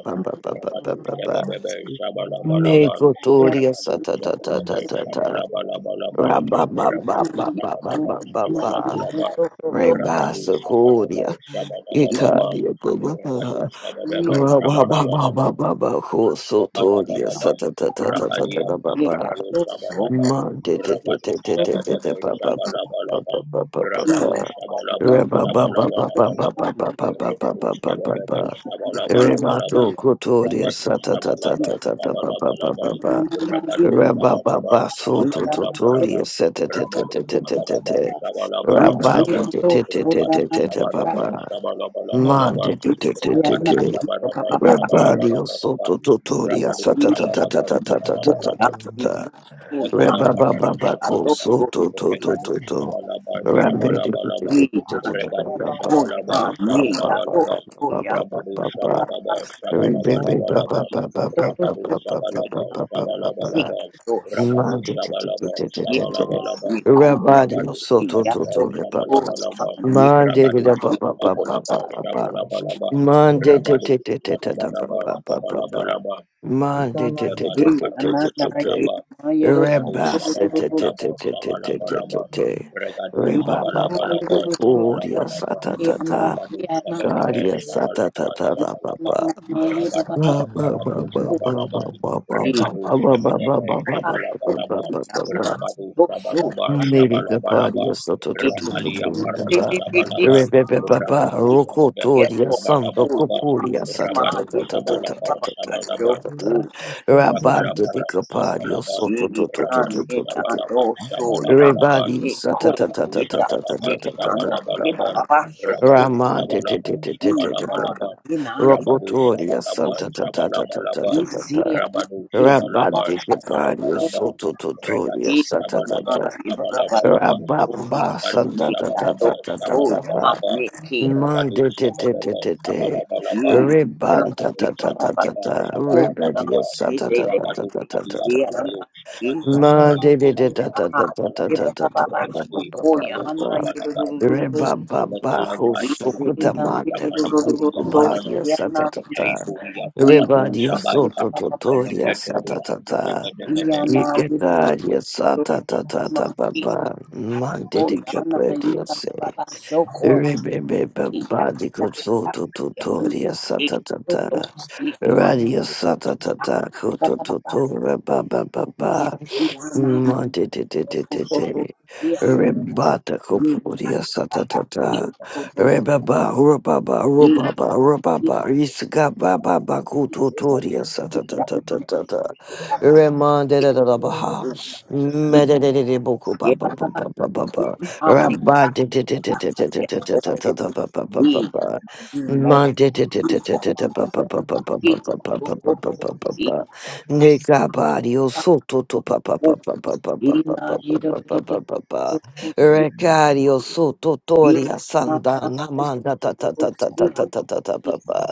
Speaker 2: rabadu, shabedebe, shabalabalaba, regadu,
Speaker 1: sata ta ta
Speaker 2: shabedebe,
Speaker 1: ta ta ta.
Speaker 2: shabalabalaba,
Speaker 1: Rabba ba ba
Speaker 2: Rabadu
Speaker 1: ba ba ba
Speaker 2: Shabadaba
Speaker 1: ba ba ba.
Speaker 2: Shabalabalaba
Speaker 1: Reba
Speaker 2: Rabadu Shabadaba
Speaker 1: Sokoria.
Speaker 2: Shabalabalaba
Speaker 1: Ikaria Baba.
Speaker 2: Rabadu
Speaker 1: ba.
Speaker 2: Shabadaba
Speaker 1: Rabba ba ba
Speaker 2: Shabalabalaba
Speaker 1: ba ba ba. Kosotoria
Speaker 2: Rabalabalabam,
Speaker 1: sata ta ta ta ta ta
Speaker 2: Rapalia
Speaker 1: ta ba ba.
Speaker 2: Pamparano Shabalabam,
Speaker 1: Remato
Speaker 2: Rabadu Shabadabam, Shabalabalabam, Rabadu Shabalabam, Shabalabalabalabam, Rabadu Shabadabam, Shabalabalabalabam,
Speaker 4: you.
Speaker 1: Cotoria
Speaker 2: Rabadu
Speaker 1: Sata Tata
Speaker 2: Shabalabam, Shabalabalabam, Rabadu Shabadabam,
Speaker 1: Soto Totoria
Speaker 2: Shabalabalabalabam,
Speaker 1: Sata Tata
Speaker 2: Rabadu Shabadabam, Shabalabalabalabam, Rabadu Shabadabam,
Speaker 5: Yeah.
Speaker 1: Papa
Speaker 2: Shabalabalabalabam,
Speaker 1: Mande
Speaker 5: Yeah,
Speaker 2: Rabadu Shabadabam,
Speaker 1: Rabadio
Speaker 2: Shabalabalabalabam,
Speaker 1: Soto Totoria
Speaker 2: Rabadu
Speaker 1: Sata
Speaker 2: Shabalaba Shabalabalaba Rekala Parano
Speaker 1: Rababababako,
Speaker 2: Shabalaba
Speaker 1: so to to to
Speaker 2: Regadu
Speaker 1: to to.
Speaker 2: Shabalaba
Speaker 1: Rambe.
Speaker 2: Shabalabalaba Regadu Shabalaba Shabalabalaba Rabadu Shabalaba Shabalabalabalaba Rabadu Shabalaba Shabalabalaba Rabadu Shabalaba Shabalabalaba
Speaker 1: Rabadi
Speaker 2: Rabadu
Speaker 1: soto
Speaker 2: Shabalaba
Speaker 1: toto repapa.
Speaker 2: Shabalabalaba
Speaker 1: Mande de
Speaker 2: Ragadu
Speaker 1: da ba ba ba ba ba
Speaker 2: Shabalabalaba
Speaker 1: ba ba.
Speaker 2: Shabalabalaba
Speaker 1: Mande te
Speaker 2: Rabadu
Speaker 1: te te te te da ba
Speaker 2: Shabalabalaba
Speaker 1: ba ba ba ba.
Speaker 2: Shabalabalaba
Speaker 1: Mande te te
Speaker 2: Lekala
Speaker 1: te te te
Speaker 2: paralo
Speaker 1: te te te.
Speaker 2: shabalaba, rabado
Speaker 1: Rebase te te
Speaker 2: shabalabalaba,
Speaker 1: te te te te te te
Speaker 2: shabalabalaba,
Speaker 1: te.
Speaker 2: regado
Speaker 1: Reba ba ba
Speaker 2: shabalabalaba,
Speaker 1: go goria sa
Speaker 2: shabalabalaba,
Speaker 1: ta ta ta.
Speaker 2: rabado shabebebe,
Speaker 1: Garia
Speaker 4: Thank you.
Speaker 1: sa ta
Speaker 2: shabalaba,
Speaker 1: ta ta ba ba
Speaker 2: shabalaba,
Speaker 1: ba.
Speaker 2: rabadaba,
Speaker 1: Ba ba ba
Speaker 2: paratu
Speaker 1: ba
Speaker 5: Yes,
Speaker 1: ba
Speaker 2: shabalaba,
Speaker 1: ba ba ba ba ba
Speaker 2: regado
Speaker 1: ba ba ba ba
Speaker 2: shabedebe,
Speaker 1: ba ba
Speaker 2: shabalabalaba,
Speaker 1: ba ba ba ba.
Speaker 2: rabado shabalaba,
Speaker 1: Maybe the
Speaker 2: shabalabalaba,
Speaker 1: party is so to to to to to
Speaker 2: rakalia
Speaker 1: rebe
Speaker 2: paralo
Speaker 1: ba
Speaker 2: shabalaba,
Speaker 1: rebe ba ba ba
Speaker 2: rabado
Speaker 1: roko
Speaker 2: shabedebe,
Speaker 1: toria sango
Speaker 2: shabalabalaba,
Speaker 1: kopuria sa ta
Speaker 2: rabado
Speaker 1: ta ta ta ta ta
Speaker 2: shabalaba,
Speaker 1: ta ta ta ta
Speaker 2: shabalaba,
Speaker 1: ta ta rabando di
Speaker 2: Rapalaparano
Speaker 1: kapario
Speaker 2: Shabalaban,
Speaker 1: so to to to to
Speaker 2: Rabadu
Speaker 1: to to to
Speaker 2: Shabalaban, Shabalabalaba,
Speaker 1: Everybody,
Speaker 2: Rabado Shabalaba Shabalabalaba
Speaker 1: sa-ta-ta-ta-ta-ta-ta-ta-ta-ta-ta-ta-ta-ta.
Speaker 2: Rabado
Speaker 1: Raman,
Speaker 2: Shabalaba
Speaker 1: di-di-di-di-di-di-di-ba-ba.
Speaker 2: Shabalabalaba Rabado
Speaker 1: Rokotoria,
Speaker 2: Shabalaba
Speaker 4: I'm
Speaker 2: Shabalabalaba
Speaker 1: sa-ta-ta-ta-ta-ta-ta-ta-ta.
Speaker 2: Rabado
Speaker 4: not sure.
Speaker 1: Rabban,
Speaker 2: Shabalaba
Speaker 1: di-di-ba-di,
Speaker 2: Shabalabalaba
Speaker 1: so to to
Speaker 2: Regado
Speaker 4: Thank you.
Speaker 2: Shabalaba
Speaker 1: sa-ta-ta-ta.
Speaker 2: Shabalabalaba
Speaker 1: Rabamba,
Speaker 2: Rabado Shabalaba
Speaker 1: sa-ta-ta-ta-ta-ta-ta-ta-ta.
Speaker 2: Shabalabalaba
Speaker 1: Man,
Speaker 2: Rabado Shabalaba
Speaker 1: di-di-di-di-di-di.
Speaker 2: Shabalabalaba
Speaker 5: Yee, ma,
Speaker 1: Ribban,
Speaker 2: Rabado
Speaker 5: ye ba ba ba,
Speaker 2: Shabalaba
Speaker 5: yo
Speaker 1: ta-ta-ta-ta-ta-ta.
Speaker 5: ko na,
Speaker 2: Shabalabalaba
Speaker 1: Ribadia,
Speaker 5: ye de de de
Speaker 2: Rabado
Speaker 5: de,
Speaker 2: Kalia
Speaker 5: ye
Speaker 1: sa-ta-ta-ta-ta-ta-ta-ta-ta.
Speaker 5: ana,
Speaker 2: Paralo
Speaker 5: ye
Speaker 2: Shamalia
Speaker 1: Ma de
Speaker 2: Paralo
Speaker 1: de de da da da
Speaker 5: sa,
Speaker 1: da da
Speaker 5: ye
Speaker 2: Shabalaba,
Speaker 1: da
Speaker 5: ba ba
Speaker 1: da
Speaker 5: ba
Speaker 1: da da
Speaker 5: ba,
Speaker 1: da
Speaker 5: yo
Speaker 1: ba
Speaker 2: Rebadi,
Speaker 1: ba
Speaker 5: ko
Speaker 1: ba
Speaker 5: ya
Speaker 1: ba
Speaker 2: Paralu,
Speaker 5: na,
Speaker 1: ba.
Speaker 5: ye do do
Speaker 2: Shabalaba,
Speaker 5: do do do
Speaker 1: Re
Speaker 5: do,
Speaker 1: ba ba ba ho
Speaker 2: Jolakalaita,
Speaker 5: ye se
Speaker 1: sukuta
Speaker 5: na,
Speaker 2: Tautubuku,
Speaker 5: ye do
Speaker 1: mante
Speaker 5: do do
Speaker 2: Yakaliba,
Speaker 5: do do do
Speaker 1: kapusku
Speaker 5: do,
Speaker 2: Yaparana,
Speaker 1: paria
Speaker 5: ye
Speaker 1: sa
Speaker 5: ana,
Speaker 1: ta ta ta.
Speaker 2: Meditaitu,
Speaker 5: ye
Speaker 1: Re
Speaker 5: ye
Speaker 1: ba
Speaker 2: Yaparatu,
Speaker 1: dio
Speaker 5: ana, ye ba
Speaker 2: Shabaita,
Speaker 1: soto
Speaker 5: ba ba ba,
Speaker 1: totoria sa ta
Speaker 2: Melendateria,
Speaker 1: ta ta.
Speaker 5: ye
Speaker 2: Jabedebede,
Speaker 5: ana,
Speaker 1: Ike
Speaker 5: ye do do
Speaker 1: taria sa
Speaker 5: do do
Speaker 1: ta ta ta
Speaker 5: na,
Speaker 1: ta ba
Speaker 5: ye
Speaker 1: ba.
Speaker 5: a
Speaker 1: Mante
Speaker 5: ko
Speaker 1: de
Speaker 5: ya na, ye
Speaker 1: capredio
Speaker 5: ba ba
Speaker 1: se.
Speaker 5: ba ba, yo ko,
Speaker 1: Re be be ba
Speaker 5: ye
Speaker 1: ba
Speaker 5: da
Speaker 1: di
Speaker 5: da
Speaker 1: ko
Speaker 5: da da,
Speaker 1: soto
Speaker 5: ye ana,
Speaker 1: totoria sa ta
Speaker 5: ye
Speaker 1: ta
Speaker 5: do
Speaker 1: ta.
Speaker 5: do, ye ana,
Speaker 1: Radio sa ta ta ta
Speaker 5: ye
Speaker 1: ko
Speaker 5: ba
Speaker 1: to
Speaker 5: ba ba
Speaker 1: to
Speaker 5: ba.
Speaker 1: to re ba ba ba ba. Monte te te te te te. Rebata Kopuria Satatata Rebaba Rubaba Rubaba Rubaba Isga Baba Bakutoria Satatata Remanda Baha Medede Boku Baba Baba Baba baba. baba baba baba. baba baba baba baba te te te te te te te te te te baba baba baba. Monte te te te
Speaker 5: Yeah.
Speaker 1: te te te baba. baba baba baba baba baba. Ne kabari o soto to pa pa pa pa pa pa pa pa pa pa pa pa pa pa pa Rekari o soto tori asanda namanda ta ta ta ta ta ta ta ta ta pa pa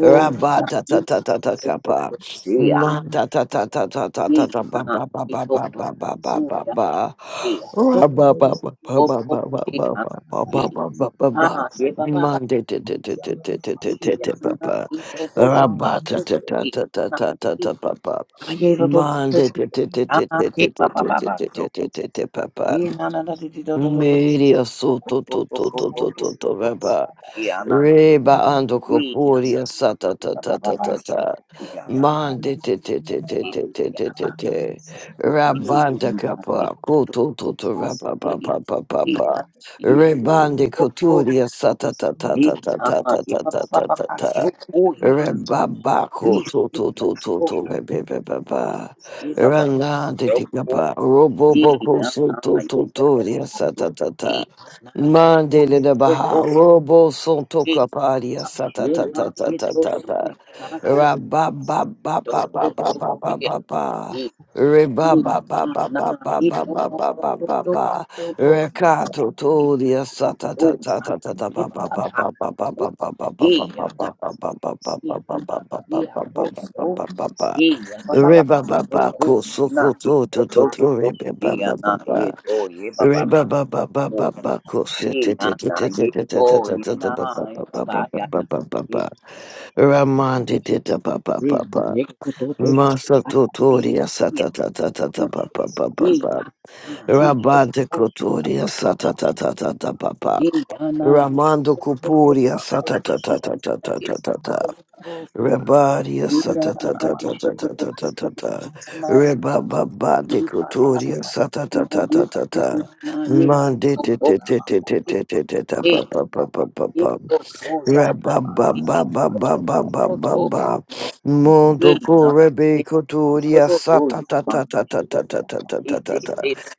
Speaker 1: Rabada ta ta ta ta ka pa Manda ta ta ta ta ta ta ta pa pa pa pa pa pa pa pa pa pa
Speaker 5: e do
Speaker 1: Rabba ba ba ba
Speaker 5: do
Speaker 1: ba
Speaker 5: do
Speaker 1: ba ba
Speaker 5: e
Speaker 1: ba
Speaker 5: an
Speaker 1: ba ba
Speaker 5: e
Speaker 1: ba ba ba ba ba
Speaker 5: ha ye ba ba ba
Speaker 1: Mande te te te te te te
Speaker 5: e
Speaker 1: te te te
Speaker 5: ana
Speaker 1: pa
Speaker 5: e do do do do do e ana e
Speaker 1: Rabatatatatatatatata.
Speaker 5: ha ye do do do
Speaker 1: Mande
Speaker 5: do
Speaker 1: te- te- te- te-
Speaker 5: ana
Speaker 1: te-
Speaker 5: ke
Speaker 1: te-
Speaker 5: ba
Speaker 1: te-
Speaker 5: ba
Speaker 1: te-
Speaker 5: ba
Speaker 1: te-
Speaker 5: ba
Speaker 1: te-
Speaker 5: so
Speaker 1: te- te- te- te- te
Speaker 5: e
Speaker 1: papa.
Speaker 5: na na na do do do do do do
Speaker 1: Media
Speaker 5: do
Speaker 1: so
Speaker 5: do
Speaker 1: to
Speaker 5: do
Speaker 1: to to
Speaker 5: do
Speaker 1: to
Speaker 5: do
Speaker 1: to to
Speaker 5: do
Speaker 1: to
Speaker 5: do
Speaker 1: to
Speaker 5: to
Speaker 1: papa.
Speaker 5: e ana
Speaker 1: Reba ando
Speaker 5: e ya
Speaker 1: koporia sata
Speaker 5: e
Speaker 1: ta
Speaker 5: ba
Speaker 1: ta
Speaker 5: ba ba
Speaker 1: ta
Speaker 5: ba
Speaker 1: ta
Speaker 5: so
Speaker 1: ta.
Speaker 5: ku ya na
Speaker 1: Mande te te te te
Speaker 5: e
Speaker 1: te te
Speaker 5: ya
Speaker 1: te te
Speaker 5: na
Speaker 1: te.
Speaker 5: e ya
Speaker 1: Rabanda
Speaker 5: na e
Speaker 1: kapa
Speaker 5: do do
Speaker 1: koto to to
Speaker 5: do
Speaker 1: rapa pa
Speaker 5: e
Speaker 1: pa pa pa
Speaker 5: e
Speaker 1: pa.
Speaker 5: ana e do
Speaker 1: Rebande
Speaker 4: Thank
Speaker 5: do
Speaker 1: koturia sata ta ta
Speaker 5: e
Speaker 1: ta ta
Speaker 5: na
Speaker 1: ta ta
Speaker 5: e
Speaker 1: ta
Speaker 5: ba
Speaker 1: ta
Speaker 5: ba
Speaker 1: ta
Speaker 5: ba
Speaker 1: ta
Speaker 5: ba
Speaker 1: ta.
Speaker 5: so ku ya
Speaker 1: Rebaba
Speaker 5: Yeah,
Speaker 1: koto to to to to rebe pe pa pa. Ranga te te kapa robo boko so to to to ria sata ta ta. Mandele de Baha, Robo Santo Caparia, Sata Tata Tata Tata, Rabba Baba Baba Baba Baba Baba, Reba Baba Baba Baba Baba Baba Baba, Recato Toria, Sata Tata Tata Baba Baba Baba Baba Baba Baba Baba Baba Baba Baba Baba Baba Baba, Reba Baba Cosoco Toto Toto Reba Baba Reba Ba ba ba ba ba kose
Speaker 5: Ye
Speaker 1: te
Speaker 5: na
Speaker 1: te te
Speaker 5: na
Speaker 1: te te
Speaker 5: ye
Speaker 1: te te te
Speaker 5: oh
Speaker 1: te
Speaker 5: ye
Speaker 1: te te
Speaker 5: na
Speaker 1: ba. Ba
Speaker 5: ye
Speaker 1: ba ba
Speaker 5: papa
Speaker 1: ba
Speaker 5: ya
Speaker 1: ba ba
Speaker 5: na
Speaker 1: ba ba
Speaker 5: ye
Speaker 1: ba. Ramandi tita papa
Speaker 5: ye na
Speaker 1: papa.
Speaker 5: ye kuto to so
Speaker 1: Masa
Speaker 5: ba ye
Speaker 1: tutoria sa ta ta ta ta ta
Speaker 5: ya na
Speaker 1: ba ba ba ba
Speaker 5: ye ya
Speaker 1: ba.
Speaker 5: na ye to
Speaker 1: Rabante
Speaker 5: so ba
Speaker 1: kotoria sa ta ta ta ta ta ba ba.
Speaker 5: ye ya na ye
Speaker 1: Ramando
Speaker 5: to to to
Speaker 1: kupuria sa
Speaker 5: to
Speaker 1: ta ta
Speaker 5: ye
Speaker 1: ta
Speaker 5: ya
Speaker 1: ta. ta
Speaker 5: na
Speaker 1: ta
Speaker 5: ye
Speaker 1: ta
Speaker 5: to
Speaker 1: ta
Speaker 5: to
Speaker 1: ta
Speaker 5: to to
Speaker 1: Rebadia
Speaker 5: ye ya
Speaker 1: sata ta
Speaker 5: na
Speaker 1: ta ta
Speaker 5: ye to to
Speaker 1: ta ta
Speaker 5: to
Speaker 1: ta
Speaker 5: to
Speaker 1: ta
Speaker 5: to
Speaker 1: ta
Speaker 5: ye
Speaker 1: ta.
Speaker 5: ya na ye to na ye
Speaker 1: Rebaba ba de crotoria sata ta ta ta ta
Speaker 5: to
Speaker 1: ta.
Speaker 5: na ye
Speaker 1: Mande
Speaker 5: oh
Speaker 1: te
Speaker 5: oh
Speaker 1: te te te te
Speaker 5: ye
Speaker 1: te te te ta
Speaker 5: ye
Speaker 1: pa pa pa pa pa pa.
Speaker 5: to so ya ye to
Speaker 1: Rababababababababa. Mondo correbe cotoria sata ta ta ta ta ta ta ta ta ta ta ta.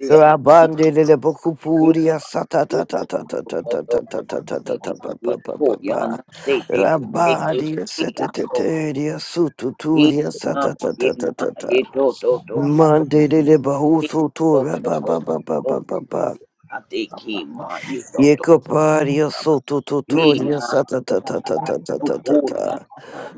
Speaker 1: Rabande le bocupuria sata ta ta ta ta ta ta ta ta ta ta ta ta pa pa pa pa pa. Rabadia seteteria sututuria sata ta ta ta ta ta. Mande
Speaker 4: you.
Speaker 1: le bahuso to rababababababa.
Speaker 4: Amen. Amen.
Speaker 1: Yekoparia sotututuria sata ta ta ta ta ta ta ta ta.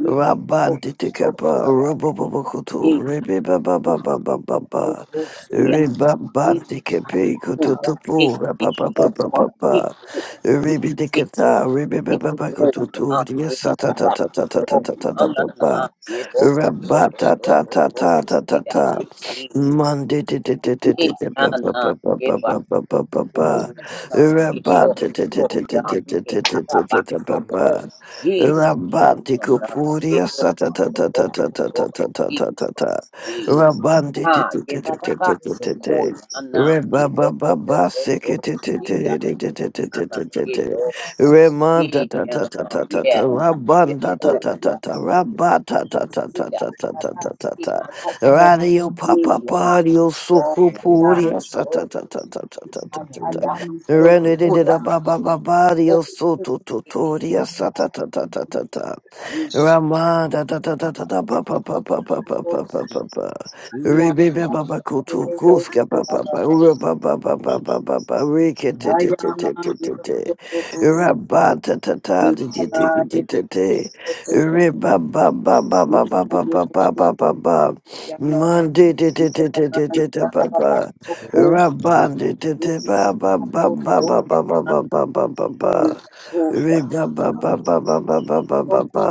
Speaker 1: Rubba, ti ti ka ba, rubba ba ba ko tu, ribba ba ba ba ba ba ba ba,
Speaker 5: he,
Speaker 1: ribba, ba
Speaker 5: Yes,
Speaker 1: ti ka pi ko tu tu tu, ba ba ba ba ba ba ba, ribba ti ka ta, ribba ba ba ba ko tu tu, yes ta ta ta ta ta ta ta ta ta ba ba, rubba ta ta ta ta ta ta ta ta, monday ti ti ti ti ti ti ba ba ba ba ba ba ba ba ba, rubba ti ti ti ti ti ti ti ti ti ta ba ba. Rabandi Kupuria sa ta ta ta ta ta ta. ta ta ta ta ta ta.
Speaker 5: yeah,
Speaker 1: Rabandi
Speaker 5: Ah,
Speaker 1: Tete
Speaker 5: ye
Speaker 1: ta ta
Speaker 5: baba
Speaker 1: ta
Speaker 5: ba so koi
Speaker 1: ta.
Speaker 5: ana ye to to to to to ye da ye ana ye to ye
Speaker 1: Tata
Speaker 5: ana
Speaker 1: ta
Speaker 5: ye
Speaker 1: ta
Speaker 5: ana ye
Speaker 1: Rabanda
Speaker 5: ko
Speaker 1: ta ta ta
Speaker 5: ya
Speaker 1: ta.
Speaker 5: ye
Speaker 1: Rabata ta ta ta
Speaker 5: ya
Speaker 1: ta. ta ta ta
Speaker 5: ana
Speaker 1: ta
Speaker 5: ye
Speaker 1: ta.
Speaker 5: ana ko
Speaker 1: Radio
Speaker 5: ye
Speaker 1: Papa
Speaker 5: ya
Speaker 1: Pario
Speaker 5: no ya da
Speaker 1: Sukupuria
Speaker 5: ye
Speaker 1: sa
Speaker 5: to
Speaker 1: ta ta ta ta. ta ta ta
Speaker 5: ya
Speaker 1: ta.
Speaker 5: da ye to ko ya
Speaker 1: Renedida baba baba dio
Speaker 5: ye to
Speaker 1: soto totoria sata ta ta ta ta ta
Speaker 5: ye sha
Speaker 1: Rama da da da da da da
Speaker 5: to
Speaker 1: ba
Speaker 5: to
Speaker 1: ba
Speaker 5: to
Speaker 1: ba ba ba
Speaker 5: to
Speaker 1: ba
Speaker 5: to
Speaker 1: ba ba
Speaker 5: to
Speaker 1: ba ba
Speaker 5: ye ya
Speaker 1: Rebebe baba kutu kuska ba ba ba Ura ba ba ba ba ba ba ba Rike te te te
Speaker 5: Ayana,
Speaker 1: te te te te Rabba ta ta
Speaker 5: Ina,
Speaker 1: ta te te
Speaker 5: ito
Speaker 1: te te te te te
Speaker 5: to,
Speaker 1: Reba ba ba ba ba
Speaker 5: ina,
Speaker 1: ba ba ba ba ba ba ba
Speaker 5: kia,
Speaker 1: Mandi te te te te te te te ba ba Rabandi tete ba ba ba ba ba ba ba ba ba ba ba ba Re ba ba ba ba ba ba ba ba ba ba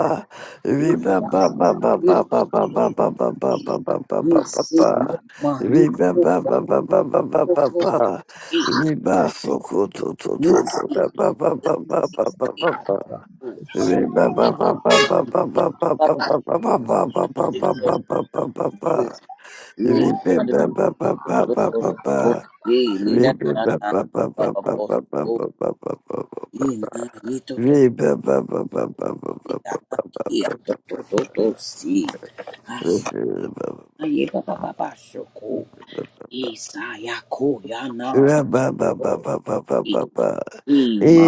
Speaker 1: Re ba ba ba ba ba ba ba ba ba ba ba ba ba ba ba ba ba Re ba ba ba ba ba ba ba ba ba Re ba soko to to to to ba ba ba ba ba ba ba ba ba Re ba ba ba ba ba ba ba ba ba ba ba ba ba ba ba ba ba ba ba ba Re ba ba ba ba ba ba ba ba
Speaker 5: to, to, to, to, si. Ayira baba bashoko. Isaya ko yana. Ima.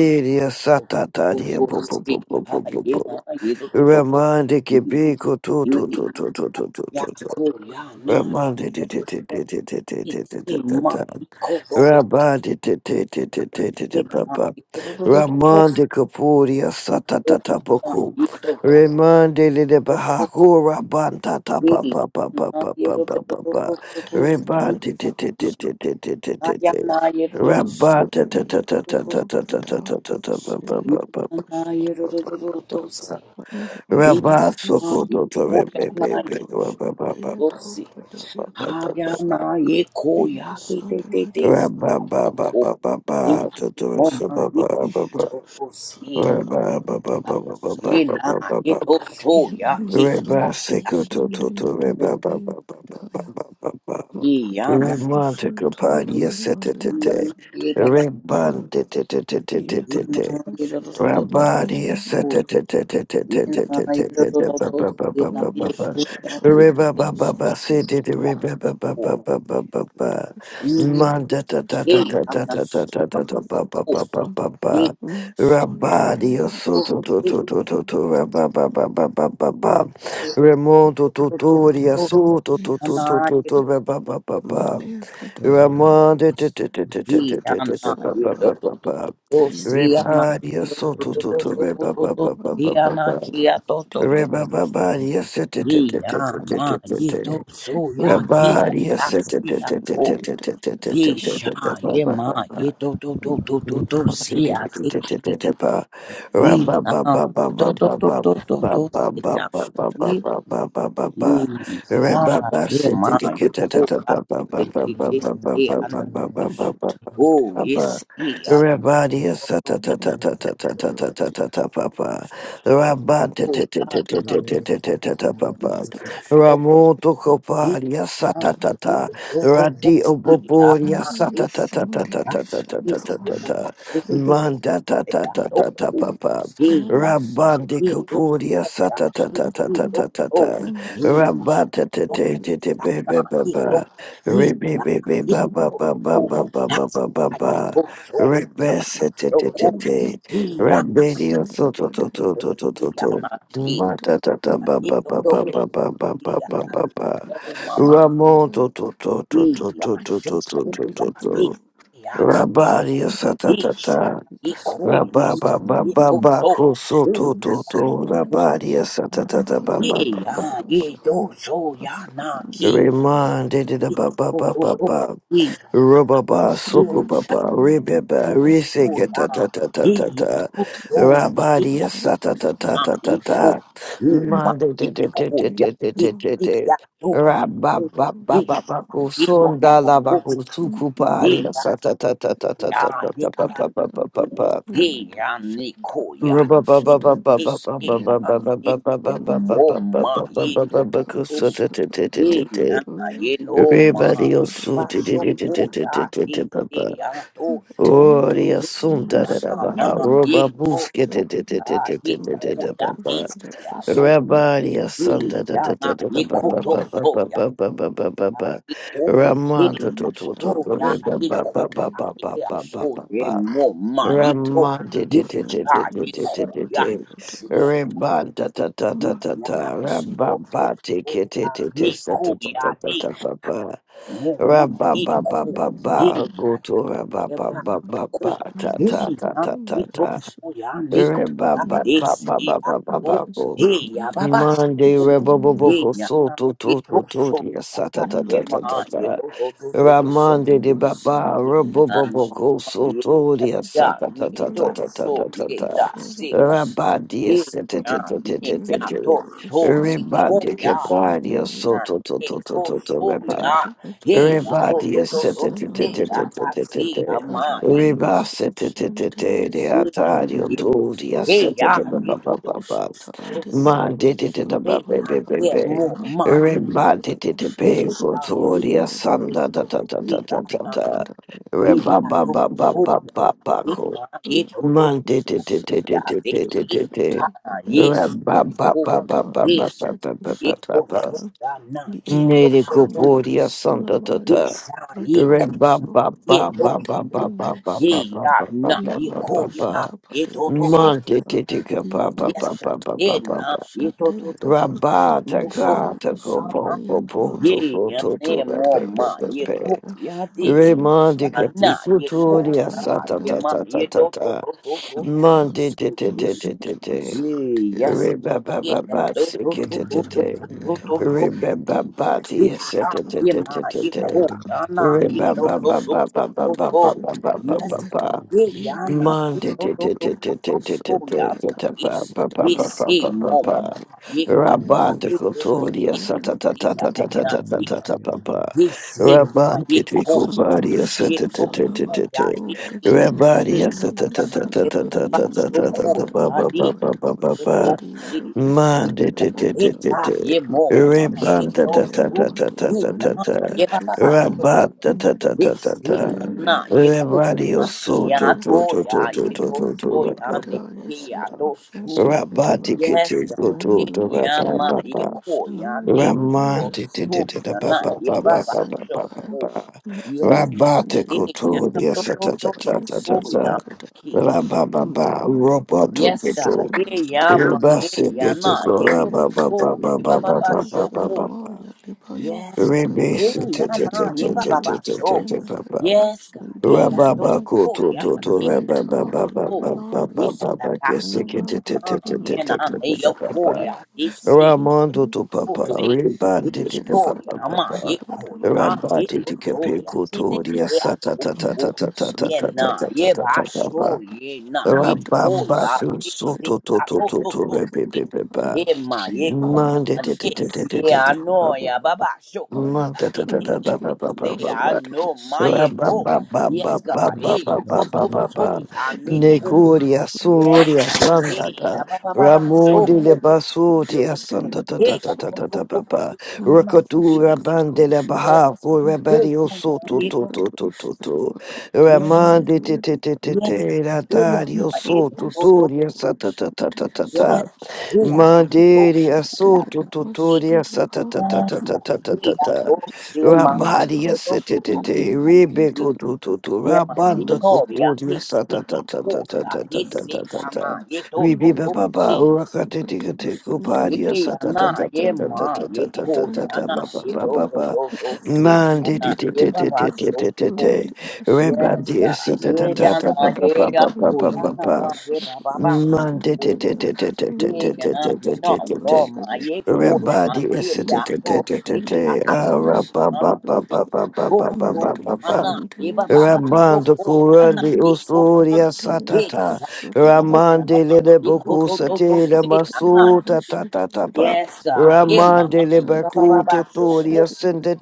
Speaker 5: Ufusi. Ayema. Irodo.
Speaker 1: Ramande que bico tu tu
Speaker 5: Yui.
Speaker 1: tu tu tu tu tu tu tu
Speaker 5: Yako yana.
Speaker 1: Ramande
Speaker 5: Ima. Iko dodo. Ina. Irodo.
Speaker 1: Ramande Kapuria Satata
Speaker 5: Yana.
Speaker 1: Boku
Speaker 5: Irodo.
Speaker 1: Remande Lede Bahaku Rabanta Tapa Papa Papa
Speaker 5: Ina. Irodo.
Speaker 1: Papa Papa
Speaker 6: Developers
Speaker 1: Rebante
Speaker 5: Ayana. Irodo.
Speaker 1: Rabata
Speaker 6: studying
Speaker 1: Tata Tata
Speaker 6: below
Speaker 1: Tata Tata Tata Papa
Speaker 6: predominantly
Speaker 1: Papa
Speaker 6: Kadosha
Speaker 5: Yana. Irodo. Yana.
Speaker 1: Papa Papa
Speaker 5: Irodo.
Speaker 6: Mandoshan
Speaker 1: Rabba
Speaker 5: Ikamayi
Speaker 1: Sokoto Torebe
Speaker 6: Sobrani
Speaker 5: koyamayi
Speaker 1: Bebe
Speaker 6: Kadosha
Speaker 1: Rabba Baba
Speaker 6: Yato
Speaker 5: kokosi.
Speaker 6: Pradaya, Kadosa
Speaker 5: Hayamayi
Speaker 6: Yes,
Speaker 5: koyate te
Speaker 6: and
Speaker 5: te te
Speaker 6: Madova
Speaker 1: Rabba Baba
Speaker 5: sapo.
Speaker 1: Baba Totorasa
Speaker 5: Ikimomayi
Speaker 1: Baba Baba
Speaker 6: Yato
Speaker 5: kokosi.
Speaker 6: Tatana
Speaker 1: Rabba Baba
Speaker 6: Pradaya
Speaker 1: Baba Baba
Speaker 5: Ina
Speaker 6: Saluka
Speaker 1: Baba
Speaker 5: ito
Speaker 1: Baba
Speaker 6: Yen
Speaker 5: soya kita.
Speaker 1: Rabba
Speaker 6: Masosha
Speaker 1: Sekoto Toto
Speaker 6: Sunday
Speaker 1: Reba Baba
Speaker 6: Dubari
Speaker 1: Baba
Speaker 6: Pradaya
Speaker 1: Baba Baba
Speaker 5: Iyana
Speaker 6: Makadosha
Speaker 1: Remonte Campania
Speaker 6: Sutu Leva Leva
Speaker 5: iyana
Speaker 1: Setete
Speaker 6: Sutu
Speaker 5: ibaba.
Speaker 1: Rebande tete tete
Speaker 6: Yes,
Speaker 1: tete
Speaker 5: Ina
Speaker 1: tete,
Speaker 5: ito to to to.
Speaker 1: Rabadi
Speaker 5: Ina ito to to to. Ina ito to to to. Iyana ibaba. Ito.
Speaker 1: Remonto
Speaker 5: Ye, ye,
Speaker 1: tutoria soto Ramon Rebadia soto to to reba ba ba ba ba ba ba.
Speaker 6: Mother
Speaker 1: Reba ba ba dia se te te te te te te te te te. Reba dia se te te te te te te te te te te te te te ba ba ba
Speaker 5: ma, ye,
Speaker 1: ba. Ramoto
Speaker 5: ko, ya, ye, ye, ye,
Speaker 3: you.
Speaker 5: Oh, yes, he. I
Speaker 3: Thank
Speaker 5: don't know. Oh, God. Oh, God. Yes, he. I don't he.
Speaker 1: Copalia
Speaker 6: should have
Speaker 5: You
Speaker 1: Satata
Speaker 5: don't know. Oh, oh,
Speaker 1: Radi
Speaker 5: see. I'm
Speaker 1: Oboboria
Speaker 5: not
Speaker 6: Sunday,
Speaker 5: he.
Speaker 1: Sata Tata Tata
Speaker 6: Sunday,
Speaker 5: I-
Speaker 1: Tata Tata
Speaker 5: Yes, oh,
Speaker 6: Santosha,
Speaker 5: God.
Speaker 1: Tata
Speaker 5: Everything
Speaker 6: Sunday,
Speaker 1: Manda
Speaker 5: that
Speaker 1: Tata
Speaker 5: I
Speaker 1: Tata
Speaker 6: Tutai,
Speaker 5: know.
Speaker 1: Tata
Speaker 5: Oh,
Speaker 1: Papa
Speaker 5: he. Not,
Speaker 6: Salamas,
Speaker 5: not,
Speaker 1: Rabandi
Speaker 5: he. Don't know.
Speaker 1: Kapuria
Speaker 5: God.
Speaker 1: Sata
Speaker 5: He.
Speaker 1: Tata
Speaker 5: He.
Speaker 1: Tata
Speaker 6: Shantan,
Speaker 5: Don't
Speaker 1: Tata
Speaker 5: know.
Speaker 1: Tata
Speaker 6: and
Speaker 5: He.
Speaker 6: Oshas,
Speaker 1: Rabata
Speaker 5: Don't
Speaker 1: Tete
Speaker 6: Tuli,
Speaker 1: Tete
Speaker 5: know.
Speaker 1: Pepe
Speaker 5: Not,
Speaker 6: Pademas,
Speaker 5: he. Don't.
Speaker 1: Papa
Speaker 5: He.
Speaker 1: Rebe
Speaker 5: Not,
Speaker 1: Bebe
Speaker 5: he.
Speaker 1: Baba
Speaker 5: Don't
Speaker 1: Baba
Speaker 5: know.
Speaker 1: Baba
Speaker 5: Not,
Speaker 1: Baba
Speaker 5: I.
Speaker 1: Baba
Speaker 6: Medo,
Speaker 5: Oh, so, yeah. I'm not
Speaker 1: Rebese
Speaker 6: Kutabada,
Speaker 5: so
Speaker 1: Tete
Speaker 5: cool.
Speaker 6: Mado,
Speaker 1: Tete
Speaker 5: He. I
Speaker 1: Rabedio
Speaker 6: Sarabasala,
Speaker 1: Soto
Speaker 6: Bade,
Speaker 1: Toto
Speaker 5: don't
Speaker 1: Toto
Speaker 5: see. I'm
Speaker 1: Toto
Speaker 6: Kutusha,
Speaker 5: not he.
Speaker 6: Tayada,
Speaker 1: Mata Tata
Speaker 5: I don't
Speaker 1: Baba
Speaker 5: know.
Speaker 1: Baba
Speaker 5: Don't
Speaker 1: Baba Baba
Speaker 5: see.
Speaker 1: Baba
Speaker 6: Tayada,
Speaker 1: Baba
Speaker 5: I
Speaker 6: Bade,
Speaker 5: know, Mama.
Speaker 1: Ramon
Speaker 6: Shadabaya,
Speaker 1: to to to to
Speaker 5: We
Speaker 1: to to
Speaker 5: are
Speaker 1: to to
Speaker 6: Patusha,
Speaker 1: to
Speaker 5: joku
Speaker 1: to
Speaker 6: Tayada,
Speaker 5: la
Speaker 1: to
Speaker 5: di
Speaker 1: to
Speaker 5: ya
Speaker 6: Pradaya,
Speaker 1: Rabaria
Speaker 6: Mado,
Speaker 5: di sha
Speaker 1: satatata
Speaker 6: Shanti,
Speaker 5: i ku ya
Speaker 1: Rababa ba
Speaker 5: i
Speaker 1: ba
Speaker 5: to
Speaker 6: Sodavasana,
Speaker 1: ba
Speaker 5: to
Speaker 1: koso
Speaker 5: u
Speaker 1: to
Speaker 5: na
Speaker 1: to
Speaker 6: Already,
Speaker 1: to Rabaria satatata ba ba ba ba ba
Speaker 5: do
Speaker 1: ba
Speaker 5: so
Speaker 1: ba
Speaker 5: ya na ki
Speaker 1: Remande de da
Speaker 5: i
Speaker 1: ba ba
Speaker 5: to to
Speaker 1: ba
Speaker 5: to
Speaker 1: ba
Speaker 5: i
Speaker 1: Rubaba,
Speaker 5: u ya
Speaker 1: Sukubaba,
Speaker 5: ku
Speaker 1: Ribeba,
Speaker 5: ku
Speaker 1: Risika,
Speaker 5: ya
Speaker 1: ta ta ta ta
Speaker 5: i
Speaker 1: ta
Speaker 5: ya
Speaker 1: ta,
Speaker 5: ku to ya i
Speaker 1: Rabadia, sa ta ta ta
Speaker 5: na
Speaker 1: ta
Speaker 5: i
Speaker 1: ta
Speaker 5: ku
Speaker 1: ta,
Speaker 5: u ma
Speaker 1: Mande,
Speaker 5: i
Speaker 1: te te te
Speaker 5: ku
Speaker 1: te
Speaker 5: ya
Speaker 1: te te
Speaker 5: i
Speaker 1: te te
Speaker 5: i
Speaker 1: te,
Speaker 5: ya do so
Speaker 1: Rababa,
Speaker 5: u i
Speaker 1: Baba,
Speaker 5: sha
Speaker 1: Baku,
Speaker 5: i to
Speaker 1: Sundala, Baku,
Speaker 5: Ye
Speaker 1: Sukubari,
Speaker 5: ya
Speaker 1: sa
Speaker 5: do
Speaker 1: ta ta ta ta ta
Speaker 5: ya
Speaker 1: ta ta
Speaker 5: ye
Speaker 1: ta ta
Speaker 5: baba
Speaker 1: ta ta ta
Speaker 5: do
Speaker 1: ta ta.
Speaker 5: ye ya ni ko ya
Speaker 1: Rubaba, Baba, Baba,
Speaker 5: ye
Speaker 1: Baba,
Speaker 5: ye ya
Speaker 1: Baba, Baba,
Speaker 5: ye
Speaker 1: Baba, Baba,
Speaker 5: mo
Speaker 1: Baba,
Speaker 5: ma
Speaker 1: Baba,
Speaker 5: ye to
Speaker 1: Baba, Baku,
Speaker 5: to
Speaker 1: sa ta ta ta ta
Speaker 5: ye
Speaker 1: ta ta.
Speaker 5: ya ye no ma
Speaker 1: Everybody
Speaker 5: ye
Speaker 1: else,
Speaker 5: baba so ko ya ye ye ya to so
Speaker 1: Ori
Speaker 5: ye
Speaker 6: Matematosha
Speaker 1: assunta
Speaker 5: ya
Speaker 1: da da
Speaker 6: namasonde
Speaker 5: na
Speaker 1: baha,
Speaker 5: ye
Speaker 1: roba
Speaker 5: ko
Speaker 1: buske
Speaker 5: to
Speaker 1: te
Speaker 6: yadabashidaba
Speaker 1: te te te
Speaker 5: ya
Speaker 1: te
Speaker 5: ye
Speaker 1: te te
Speaker 5: ko
Speaker 1: te da
Speaker 5: ya ye
Speaker 1: baba.
Speaker 5: ya to
Speaker 6: makatoshadabasonde
Speaker 1: Rabari
Speaker 5: ye
Speaker 1: assunta da
Speaker 5: ya
Speaker 6: yadabadeba
Speaker 1: da da
Speaker 5: na
Speaker 1: da da
Speaker 5: ye
Speaker 1: ba
Speaker 5: ko
Speaker 1: ba
Speaker 5: to
Speaker 1: ba ba
Speaker 5: so
Speaker 1: ba
Speaker 5: yeah.
Speaker 1: ba ba ba ba ba ba. Ramanta to to
Speaker 6: matemasha
Speaker 1: to to re ba
Speaker 6: namasonde
Speaker 1: ba ba ba ba ba ba ba
Speaker 6: kadabashada
Speaker 1: ba ba. Ramante te te te
Speaker 6: yatamadoshande
Speaker 1: te te te te te te.
Speaker 6: yasabayadoshada
Speaker 1: Rebanta ta ta ta ta ta. ta.
Speaker 6: mandebasonde
Speaker 1: Rababa te ke te te te sa ta ta ta ta ta ba ba. Rabba ba ba ba ba go to rabba ba ba ba ba
Speaker 6: matemasha
Speaker 1: ta ta ta
Speaker 6: namasana
Speaker 1: ta ta ta
Speaker 6: namadabashada basada
Speaker 1: rabba
Speaker 6: kana
Speaker 1: ba ba ba ba ba ba ba go
Speaker 6: namasana
Speaker 5: Hey, ya baba.
Speaker 1: Monday
Speaker 6: madebadoshana
Speaker 1: rabba ba ba
Speaker 5: He
Speaker 1: go
Speaker 5: na
Speaker 1: so to
Speaker 5: ye
Speaker 1: to to
Speaker 5: to
Speaker 1: to
Speaker 5: so
Speaker 1: ya sa ta
Speaker 5: ah,
Speaker 1: ta
Speaker 5: ye
Speaker 1: ta ta
Speaker 5: ma
Speaker 1: ta
Speaker 6: namadosha
Speaker 5: ye
Speaker 1: ta
Speaker 5: to to to to to to
Speaker 6: Shut
Speaker 1: Ramande
Speaker 5: ye
Speaker 1: de
Speaker 6: up,
Speaker 1: ba ba
Speaker 5: ye
Speaker 1: rabba ba ba go
Speaker 5: ma
Speaker 1: so
Speaker 5: ye
Speaker 1: to
Speaker 5: ko
Speaker 1: ya sa
Speaker 5: ya
Speaker 1: ta
Speaker 5: ni
Speaker 1: ta ta ta
Speaker 5: to
Speaker 1: ta ta ta
Speaker 5: so
Speaker 1: ta
Speaker 5: ye
Speaker 1: ta
Speaker 5: da si ko
Speaker 1: Rabba dia
Speaker 5: he
Speaker 1: se te
Speaker 5: ya
Speaker 1: te te te
Speaker 5: ni
Speaker 1: te te
Speaker 5: ya
Speaker 1: te
Speaker 5: to so ye
Speaker 1: Rabba
Speaker 5: ko
Speaker 1: de ke
Speaker 5: ya
Speaker 1: pa dia so
Speaker 5: na
Speaker 1: to to
Speaker 5: ye
Speaker 1: to to
Speaker 5: to
Speaker 1: to to
Speaker 5: so
Speaker 1: rabba
Speaker 5: ya he ya to to
Speaker 1: Rebadia
Speaker 5: to to
Speaker 1: sete
Speaker 5: he
Speaker 1: Everybody
Speaker 5: ya
Speaker 1: is
Speaker 5: da si ya
Speaker 1: sitting.
Speaker 5: ma ye
Speaker 1: Reba sitting. The
Speaker 5: Hmm,
Speaker 1: Atario
Speaker 5: ye
Speaker 1: told the
Speaker 5: he ya
Speaker 1: sitting.
Speaker 5: ye to to to to to si
Speaker 1: Man did it in a
Speaker 5: he ya
Speaker 1: baby
Speaker 5: ye mo
Speaker 1: baby.
Speaker 5: ma
Speaker 1: Reba did it in
Speaker 5: Yes,
Speaker 1: baby. Told the Sanda da da da da da da da.
Speaker 6: Pradaya
Speaker 1: Reba ba ba ba
Speaker 6: Sukha
Speaker 1: ba ba ba. Man did it in it. Reba ba ba ba ba ba ba ba ba ba ba. Nere kuporia santa Monte
Speaker 6: Pradaya No Yamato Shatapadeva Sedeva,
Speaker 1: titica pa pa
Speaker 6: Yato
Speaker 1: pa pa pa pa pa
Speaker 6: Shatapadeva
Speaker 1: pa
Speaker 6: Shandayadaba,
Speaker 1: Rabata
Speaker 6: Mishunam
Speaker 1: kata
Speaker 5: in,
Speaker 1: ko
Speaker 5: uh,
Speaker 1: po po po
Speaker 6: Sundayanama,
Speaker 1: to
Speaker 5: Yeah,
Speaker 1: po
Speaker 5: yeah,
Speaker 1: to to
Speaker 5: yeah,
Speaker 1: ra
Speaker 5: more
Speaker 1: pe
Speaker 6: Vratapadava
Speaker 1: pe
Speaker 5: ma,
Speaker 1: pe
Speaker 5: yeah,
Speaker 1: pe
Speaker 5: cool,
Speaker 6: Shadabaya,
Speaker 5: yeah, this,
Speaker 6: Amalu
Speaker 1: Remandi
Speaker 5: yeah,
Speaker 1: kati
Speaker 5: nah,
Speaker 6: Sunamasu
Speaker 5: yeah,
Speaker 1: kuturi
Speaker 5: cool, yeah,
Speaker 1: asata
Speaker 5: yeah,
Speaker 1: ta
Speaker 6: Shantanabada,
Speaker 5: ma,
Speaker 1: ta ta
Speaker 5: yeah,
Speaker 1: ta
Speaker 5: do, do,
Speaker 1: ta
Speaker 5: do, do, do,
Speaker 1: Monte
Speaker 6: Yanas
Speaker 1: te te te
Speaker 5: yeah,
Speaker 1: te te
Speaker 6: Mashadava
Speaker 1: te
Speaker 5: yeah, yes,
Speaker 6: Sandayada,
Speaker 1: Re ba ba
Speaker 5: yeah,
Speaker 1: ba ba
Speaker 5: do, do,
Speaker 1: siki
Speaker 5: do,
Speaker 6: Vratapato
Speaker 1: te
Speaker 5: do,
Speaker 1: te
Speaker 5: do,
Speaker 1: te
Speaker 5: do, do,
Speaker 1: Rabanda
Speaker 6: Shandayadaba,
Speaker 5: do, do,
Speaker 6: Yato
Speaker 5: yes, ah, yeah,
Speaker 6: Shatapato
Speaker 5: ma, yeah, cool,
Speaker 6: Shadada,
Speaker 5: yeah, nah, yeah, do,
Speaker 6: Vato
Speaker 5: do,
Speaker 6: Shatapato
Speaker 5: do, do, do, do, yes,
Speaker 6: Shatandayado
Speaker 5: yeah, yeah,
Speaker 6: Paliaka.
Speaker 5: nah, yeah, do, do, do, do,
Speaker 6: Ranamatu
Speaker 5: do, do, yeah, nah, yeah, we see more ma, yeah, cool, yeah, yeah, yeah, yeah, yeah, yeah, nah, yeah, cool. Yisema yekoyana yehosoya hiki yeyana yebabasokoyani totosi
Speaker 1: Mande
Speaker 5: yega
Speaker 1: te te te te
Speaker 5: yeya
Speaker 1: te.
Speaker 5: yemoma
Speaker 1: Ribanda ta ta
Speaker 5: yetosu
Speaker 1: ta ta ta ta
Speaker 5: ina
Speaker 1: ta ta.
Speaker 5: yebababasoko
Speaker 1: Rabata ta ta ta ta ta.
Speaker 5: yeseyana
Speaker 1: Rebadio
Speaker 5: yekoyani
Speaker 1: so to to to to
Speaker 5: yatoya
Speaker 1: to to to to. Ra ba
Speaker 5: yetosoyani
Speaker 6: Pradaya
Speaker 1: ba
Speaker 6: Sadhu
Speaker 1: ba ba ba.
Speaker 5: yatosu
Speaker 1: Rabati
Speaker 6: Shandhava
Speaker 5: Yes,
Speaker 1: kete go
Speaker 5: God.
Speaker 1: to
Speaker 5: Ye
Speaker 1: to
Speaker 6: Mando
Speaker 1: ra ba
Speaker 5: yama,
Speaker 1: ba
Speaker 6: City
Speaker 5: ye
Speaker 1: ba.
Speaker 6: Edo
Speaker 5: ko, yani,
Speaker 6: Shalamadamado
Speaker 5: ato
Speaker 1: Ramante te te
Speaker 5: so,
Speaker 1: te te ba
Speaker 5: yana,
Speaker 1: ba
Speaker 5: ye
Speaker 1: ba ba
Speaker 5: baba,
Speaker 1: ba ba
Speaker 5: so
Speaker 1: ba ba
Speaker 6: Yasalabaya
Speaker 5: ko.
Speaker 1: ba.
Speaker 5: Yes,
Speaker 6: Mado
Speaker 5: God.
Speaker 1: Rabate
Speaker 5: Ye
Speaker 1: go to
Speaker 5: yana,
Speaker 1: dia
Speaker 5: to,
Speaker 6: Shandayadabado
Speaker 1: sa
Speaker 5: to,
Speaker 1: ta
Speaker 5: to,
Speaker 1: ta
Speaker 5: to,
Speaker 1: ta
Speaker 6: Pradaya
Speaker 1: ta
Speaker 5: so,
Speaker 1: ta ta.
Speaker 5: yani, ki.
Speaker 6: Selwakadaya
Speaker 1: Ra ba ba ba.
Speaker 6: Mado
Speaker 1: Roboto
Speaker 6: Dabaya
Speaker 5: Yes, God.
Speaker 6: Sendo
Speaker 5: Ye yama, ye
Speaker 6: Libradaya
Speaker 1: Ramondo
Speaker 5: yana, ye to,
Speaker 6: Sudabaya
Speaker 5: ko, ye baba, ba,
Speaker 6: Ritado
Speaker 5: so ko.
Speaker 6: Shalamaya Lipano
Speaker 5: Yes, God. Ye yana, ye baba, ba,
Speaker 6: Dimendo
Speaker 5: so.
Speaker 6: Selemakato
Speaker 5: Yes, God. Yeah, yeah. do-
Speaker 6: Sandayadava
Speaker 5: Oh, yeah. Yeah.
Speaker 6: Radiata
Speaker 5: Oh,
Speaker 6: Liprana
Speaker 5: yeah. da- da- da- see.
Speaker 6: Sandayanava
Speaker 5: Nah, Yeah, nah,
Speaker 6: Dimakato
Speaker 5: they yo,
Speaker 6: Shakti
Speaker 5: cool, yeah. They see.
Speaker 1: to
Speaker 5: Oh, oh,
Speaker 1: Papa,
Speaker 5: see.
Speaker 1: Rebandi
Speaker 5: It's
Speaker 1: to
Speaker 5: cool,
Speaker 1: Papa
Speaker 5: yeah. Ma,
Speaker 1: Papa,
Speaker 5: yeah, cool, yeah. Yeah,
Speaker 1: Rabati
Speaker 5: cool,
Speaker 1: to
Speaker 5: so, yeah.
Speaker 1: Capico
Speaker 5: They- they-
Speaker 1: to the
Speaker 5: Yeah,
Speaker 1: Sata
Speaker 5: so
Speaker 1: Tata
Speaker 5: cool.
Speaker 1: Tata Tata
Speaker 5: Yeah,
Speaker 1: Tata
Speaker 5: nah.
Speaker 1: Tata
Speaker 5: Yeah, but
Speaker 1: Tata
Speaker 5: sure,
Speaker 1: Papa,
Speaker 5: yeah, nah. Yeah, cool, yeah.
Speaker 1: Rabamba
Speaker 5: They see.
Speaker 1: Soto to
Speaker 5: yeah.
Speaker 1: to
Speaker 5: do-
Speaker 1: to
Speaker 5: do-
Speaker 1: to
Speaker 5: do- see.
Speaker 1: Rebebe.
Speaker 5: Yeah, ma, yeah, cool.
Speaker 1: Monday, da- da- da- da-
Speaker 5: Yes,
Speaker 1: da- da-
Speaker 5: yeah, I
Speaker 1: da-
Speaker 5: know,
Speaker 1: ba- ba-
Speaker 5: yeah, Baba Shoko.
Speaker 1: Monday,
Speaker 5: eh,
Speaker 1: da- da-
Speaker 5: eh,
Speaker 1: da- ba-
Speaker 5: eh, eh,
Speaker 1: ba- ba-
Speaker 5: eh, I know, my
Speaker 1: Ra- ba-
Speaker 5: echo.
Speaker 1: ba- ba- ba-
Speaker 5: Yes, God,
Speaker 1: ba- ba- ba-
Speaker 5: eh,
Speaker 6: Radosha
Speaker 5: yeah, to,
Speaker 1: ba- ba-
Speaker 5: to,
Speaker 1: ba-
Speaker 5: so,
Speaker 6: Talabado
Speaker 1: ba.
Speaker 5: yeah, I need, oh,
Speaker 6: Sulimaya
Speaker 1: Nekoria,
Speaker 5: yes,
Speaker 1: Soria,
Speaker 5: God, eh,
Speaker 1: Sandata,
Speaker 5: yeah, Baba
Speaker 6: Kandiadaba
Speaker 5: Baba
Speaker 1: Ramode le
Speaker 5: Shoko.
Speaker 6: Radosha
Speaker 5: Yes,
Speaker 1: Basotia,
Speaker 5: God,
Speaker 1: Sandata,
Speaker 5: eh,
Speaker 1: da- da-
Speaker 5: yeah,
Speaker 6: Deadosha
Speaker 1: da-
Speaker 5: to,
Speaker 1: da- da-
Speaker 5: to,
Speaker 1: ba-
Speaker 5: to, so,
Speaker 1: ba.
Speaker 5: yeah, I'm not, eh,
Speaker 6: Radosha
Speaker 1: Rakatura Bandele
Speaker 6: Katosha
Speaker 5: yes,
Speaker 1: Baha,
Speaker 5: eh,
Speaker 1: for
Speaker 6: Tapaya
Speaker 5: yeah,
Speaker 1: Rebadio
Speaker 5: I'm not,
Speaker 1: Soto,
Speaker 5: eh,
Speaker 1: to,
Speaker 5: to,
Speaker 1: to, to,
Speaker 6: Yandivadosha
Speaker 1: to, to.
Speaker 6: Tabakadosha
Speaker 5: yes,
Speaker 1: Ramande, te, te, te,
Speaker 6: Deadaba
Speaker 1: te,
Speaker 5: yes,
Speaker 1: te,
Speaker 5: God,
Speaker 6: and
Speaker 5: eh, yeah, I'm not,
Speaker 1: Ratario
Speaker 5: eh,
Speaker 1: Soto,
Speaker 5: to,
Speaker 6: Wakadanya
Speaker 5: to, to,
Speaker 1: Toria, Sata, ta, ta, ta, ta,
Speaker 5: Yes,
Speaker 6: Sandosha
Speaker 1: ta.
Speaker 5: God. Hey, I oh, I go,
Speaker 1: Mandiri
Speaker 6: Kadoshandaya
Speaker 1: asutu
Speaker 5: see.
Speaker 1: tuturia
Speaker 6: Namasudaba
Speaker 5: Yes, God. Hey, I
Speaker 1: satatatatatatatata.
Speaker 5: go
Speaker 6: Malwakadaya
Speaker 5: see my. You
Speaker 1: Rabadia
Speaker 6: Swaliyata
Speaker 5: go go go go go
Speaker 1: setete
Speaker 5: go.
Speaker 6: Lambadiyata
Speaker 1: rebeko
Speaker 5: see.
Speaker 6: Likado
Speaker 1: tututu
Speaker 5: Yeah, man. You
Speaker 1: rabanda
Speaker 5: know, we
Speaker 6: Namasari
Speaker 5: are
Speaker 1: kupuria
Speaker 5: tasty.
Speaker 6: Rata
Speaker 5: Oh, we are
Speaker 6: Padavado
Speaker 5: tasty. Yeah,
Speaker 6: Shada
Speaker 1: satatatatatatatatata.
Speaker 5: man. You go go
Speaker 1: Ribiba
Speaker 5: go
Speaker 1: baba
Speaker 5: see.
Speaker 1: urakatetikate
Speaker 6: Vidisabakadoshandaya
Speaker 1: kuparia
Speaker 5: Yeah, man. Yeah, man. You go. Yeah,
Speaker 1: satatatatatatatatata
Speaker 6: Vikadoshandaya
Speaker 5: man.
Speaker 1: baba
Speaker 5: You
Speaker 6: Sada
Speaker 5: go
Speaker 1: baba
Speaker 5: go
Speaker 1: baba.
Speaker 5: go go see. Yeah,
Speaker 1: Mandiri
Speaker 5: man. Yeah,
Speaker 6: Vidoshandaya
Speaker 1: tete
Speaker 5: Baba,
Speaker 6: Daba
Speaker 5: so cool.
Speaker 6: Vidisada
Speaker 5: Yes,
Speaker 6: Sada
Speaker 1: rebandi
Speaker 5: God.
Speaker 6: Sada
Speaker 5: Yeah,
Speaker 1: satatatatatata
Speaker 6: Sada
Speaker 5: man.
Speaker 1: baba
Speaker 5: Yeah, I go.
Speaker 1: baba
Speaker 5: Yeah, man.
Speaker 1: baba.
Speaker 5: Yeah, Baba, so
Speaker 1: Monday, t-
Speaker 5: cool.
Speaker 1: t-
Speaker 6: Vikadoshandaya
Speaker 1: t- t- t- t-
Speaker 6: Thank
Speaker 1: t-
Speaker 6: you.
Speaker 5: Yeah,
Speaker 1: t- t- t-
Speaker 5: you know,
Speaker 1: t- t-
Speaker 5: no,
Speaker 1: t-
Speaker 5: my ye cool, man.
Speaker 1: Everybody is
Speaker 5: Yeah,
Speaker 1: t- t-
Speaker 5: I
Speaker 1: t- t-
Speaker 5: could
Speaker 1: t- t-
Speaker 5: see, I could
Speaker 1: ah,
Speaker 5: so,
Speaker 1: ba-
Speaker 5: man.
Speaker 1: ba- ba-
Speaker 5: Ye
Speaker 1: ba- ba- ba-
Speaker 5: cool,
Speaker 1: ba- ba-
Speaker 5: so,
Speaker 1: ba- ba-
Speaker 5: man.
Speaker 1: ba.
Speaker 5: Ye baba, ba so
Speaker 1: Ramando
Speaker 5: cool, man.
Speaker 1: Kurandi
Speaker 5: Ye cool, so,
Speaker 1: Usuria
Speaker 6: and it
Speaker 5: ye
Speaker 1: Satata
Speaker 6: was
Speaker 5: cha, ye cool,
Speaker 6: about
Speaker 5: man.
Speaker 1: Ramande
Speaker 5: Ye to,
Speaker 1: Lebeku
Speaker 5: to, to, to,
Speaker 1: Satela
Speaker 5: see, man.
Speaker 1: Masuta Tatatapa
Speaker 5: Yes, God, ye man,
Speaker 1: Ramande
Speaker 5: ye baba,
Speaker 1: Lebeku
Speaker 5: baba, so cool.
Speaker 1: Totoria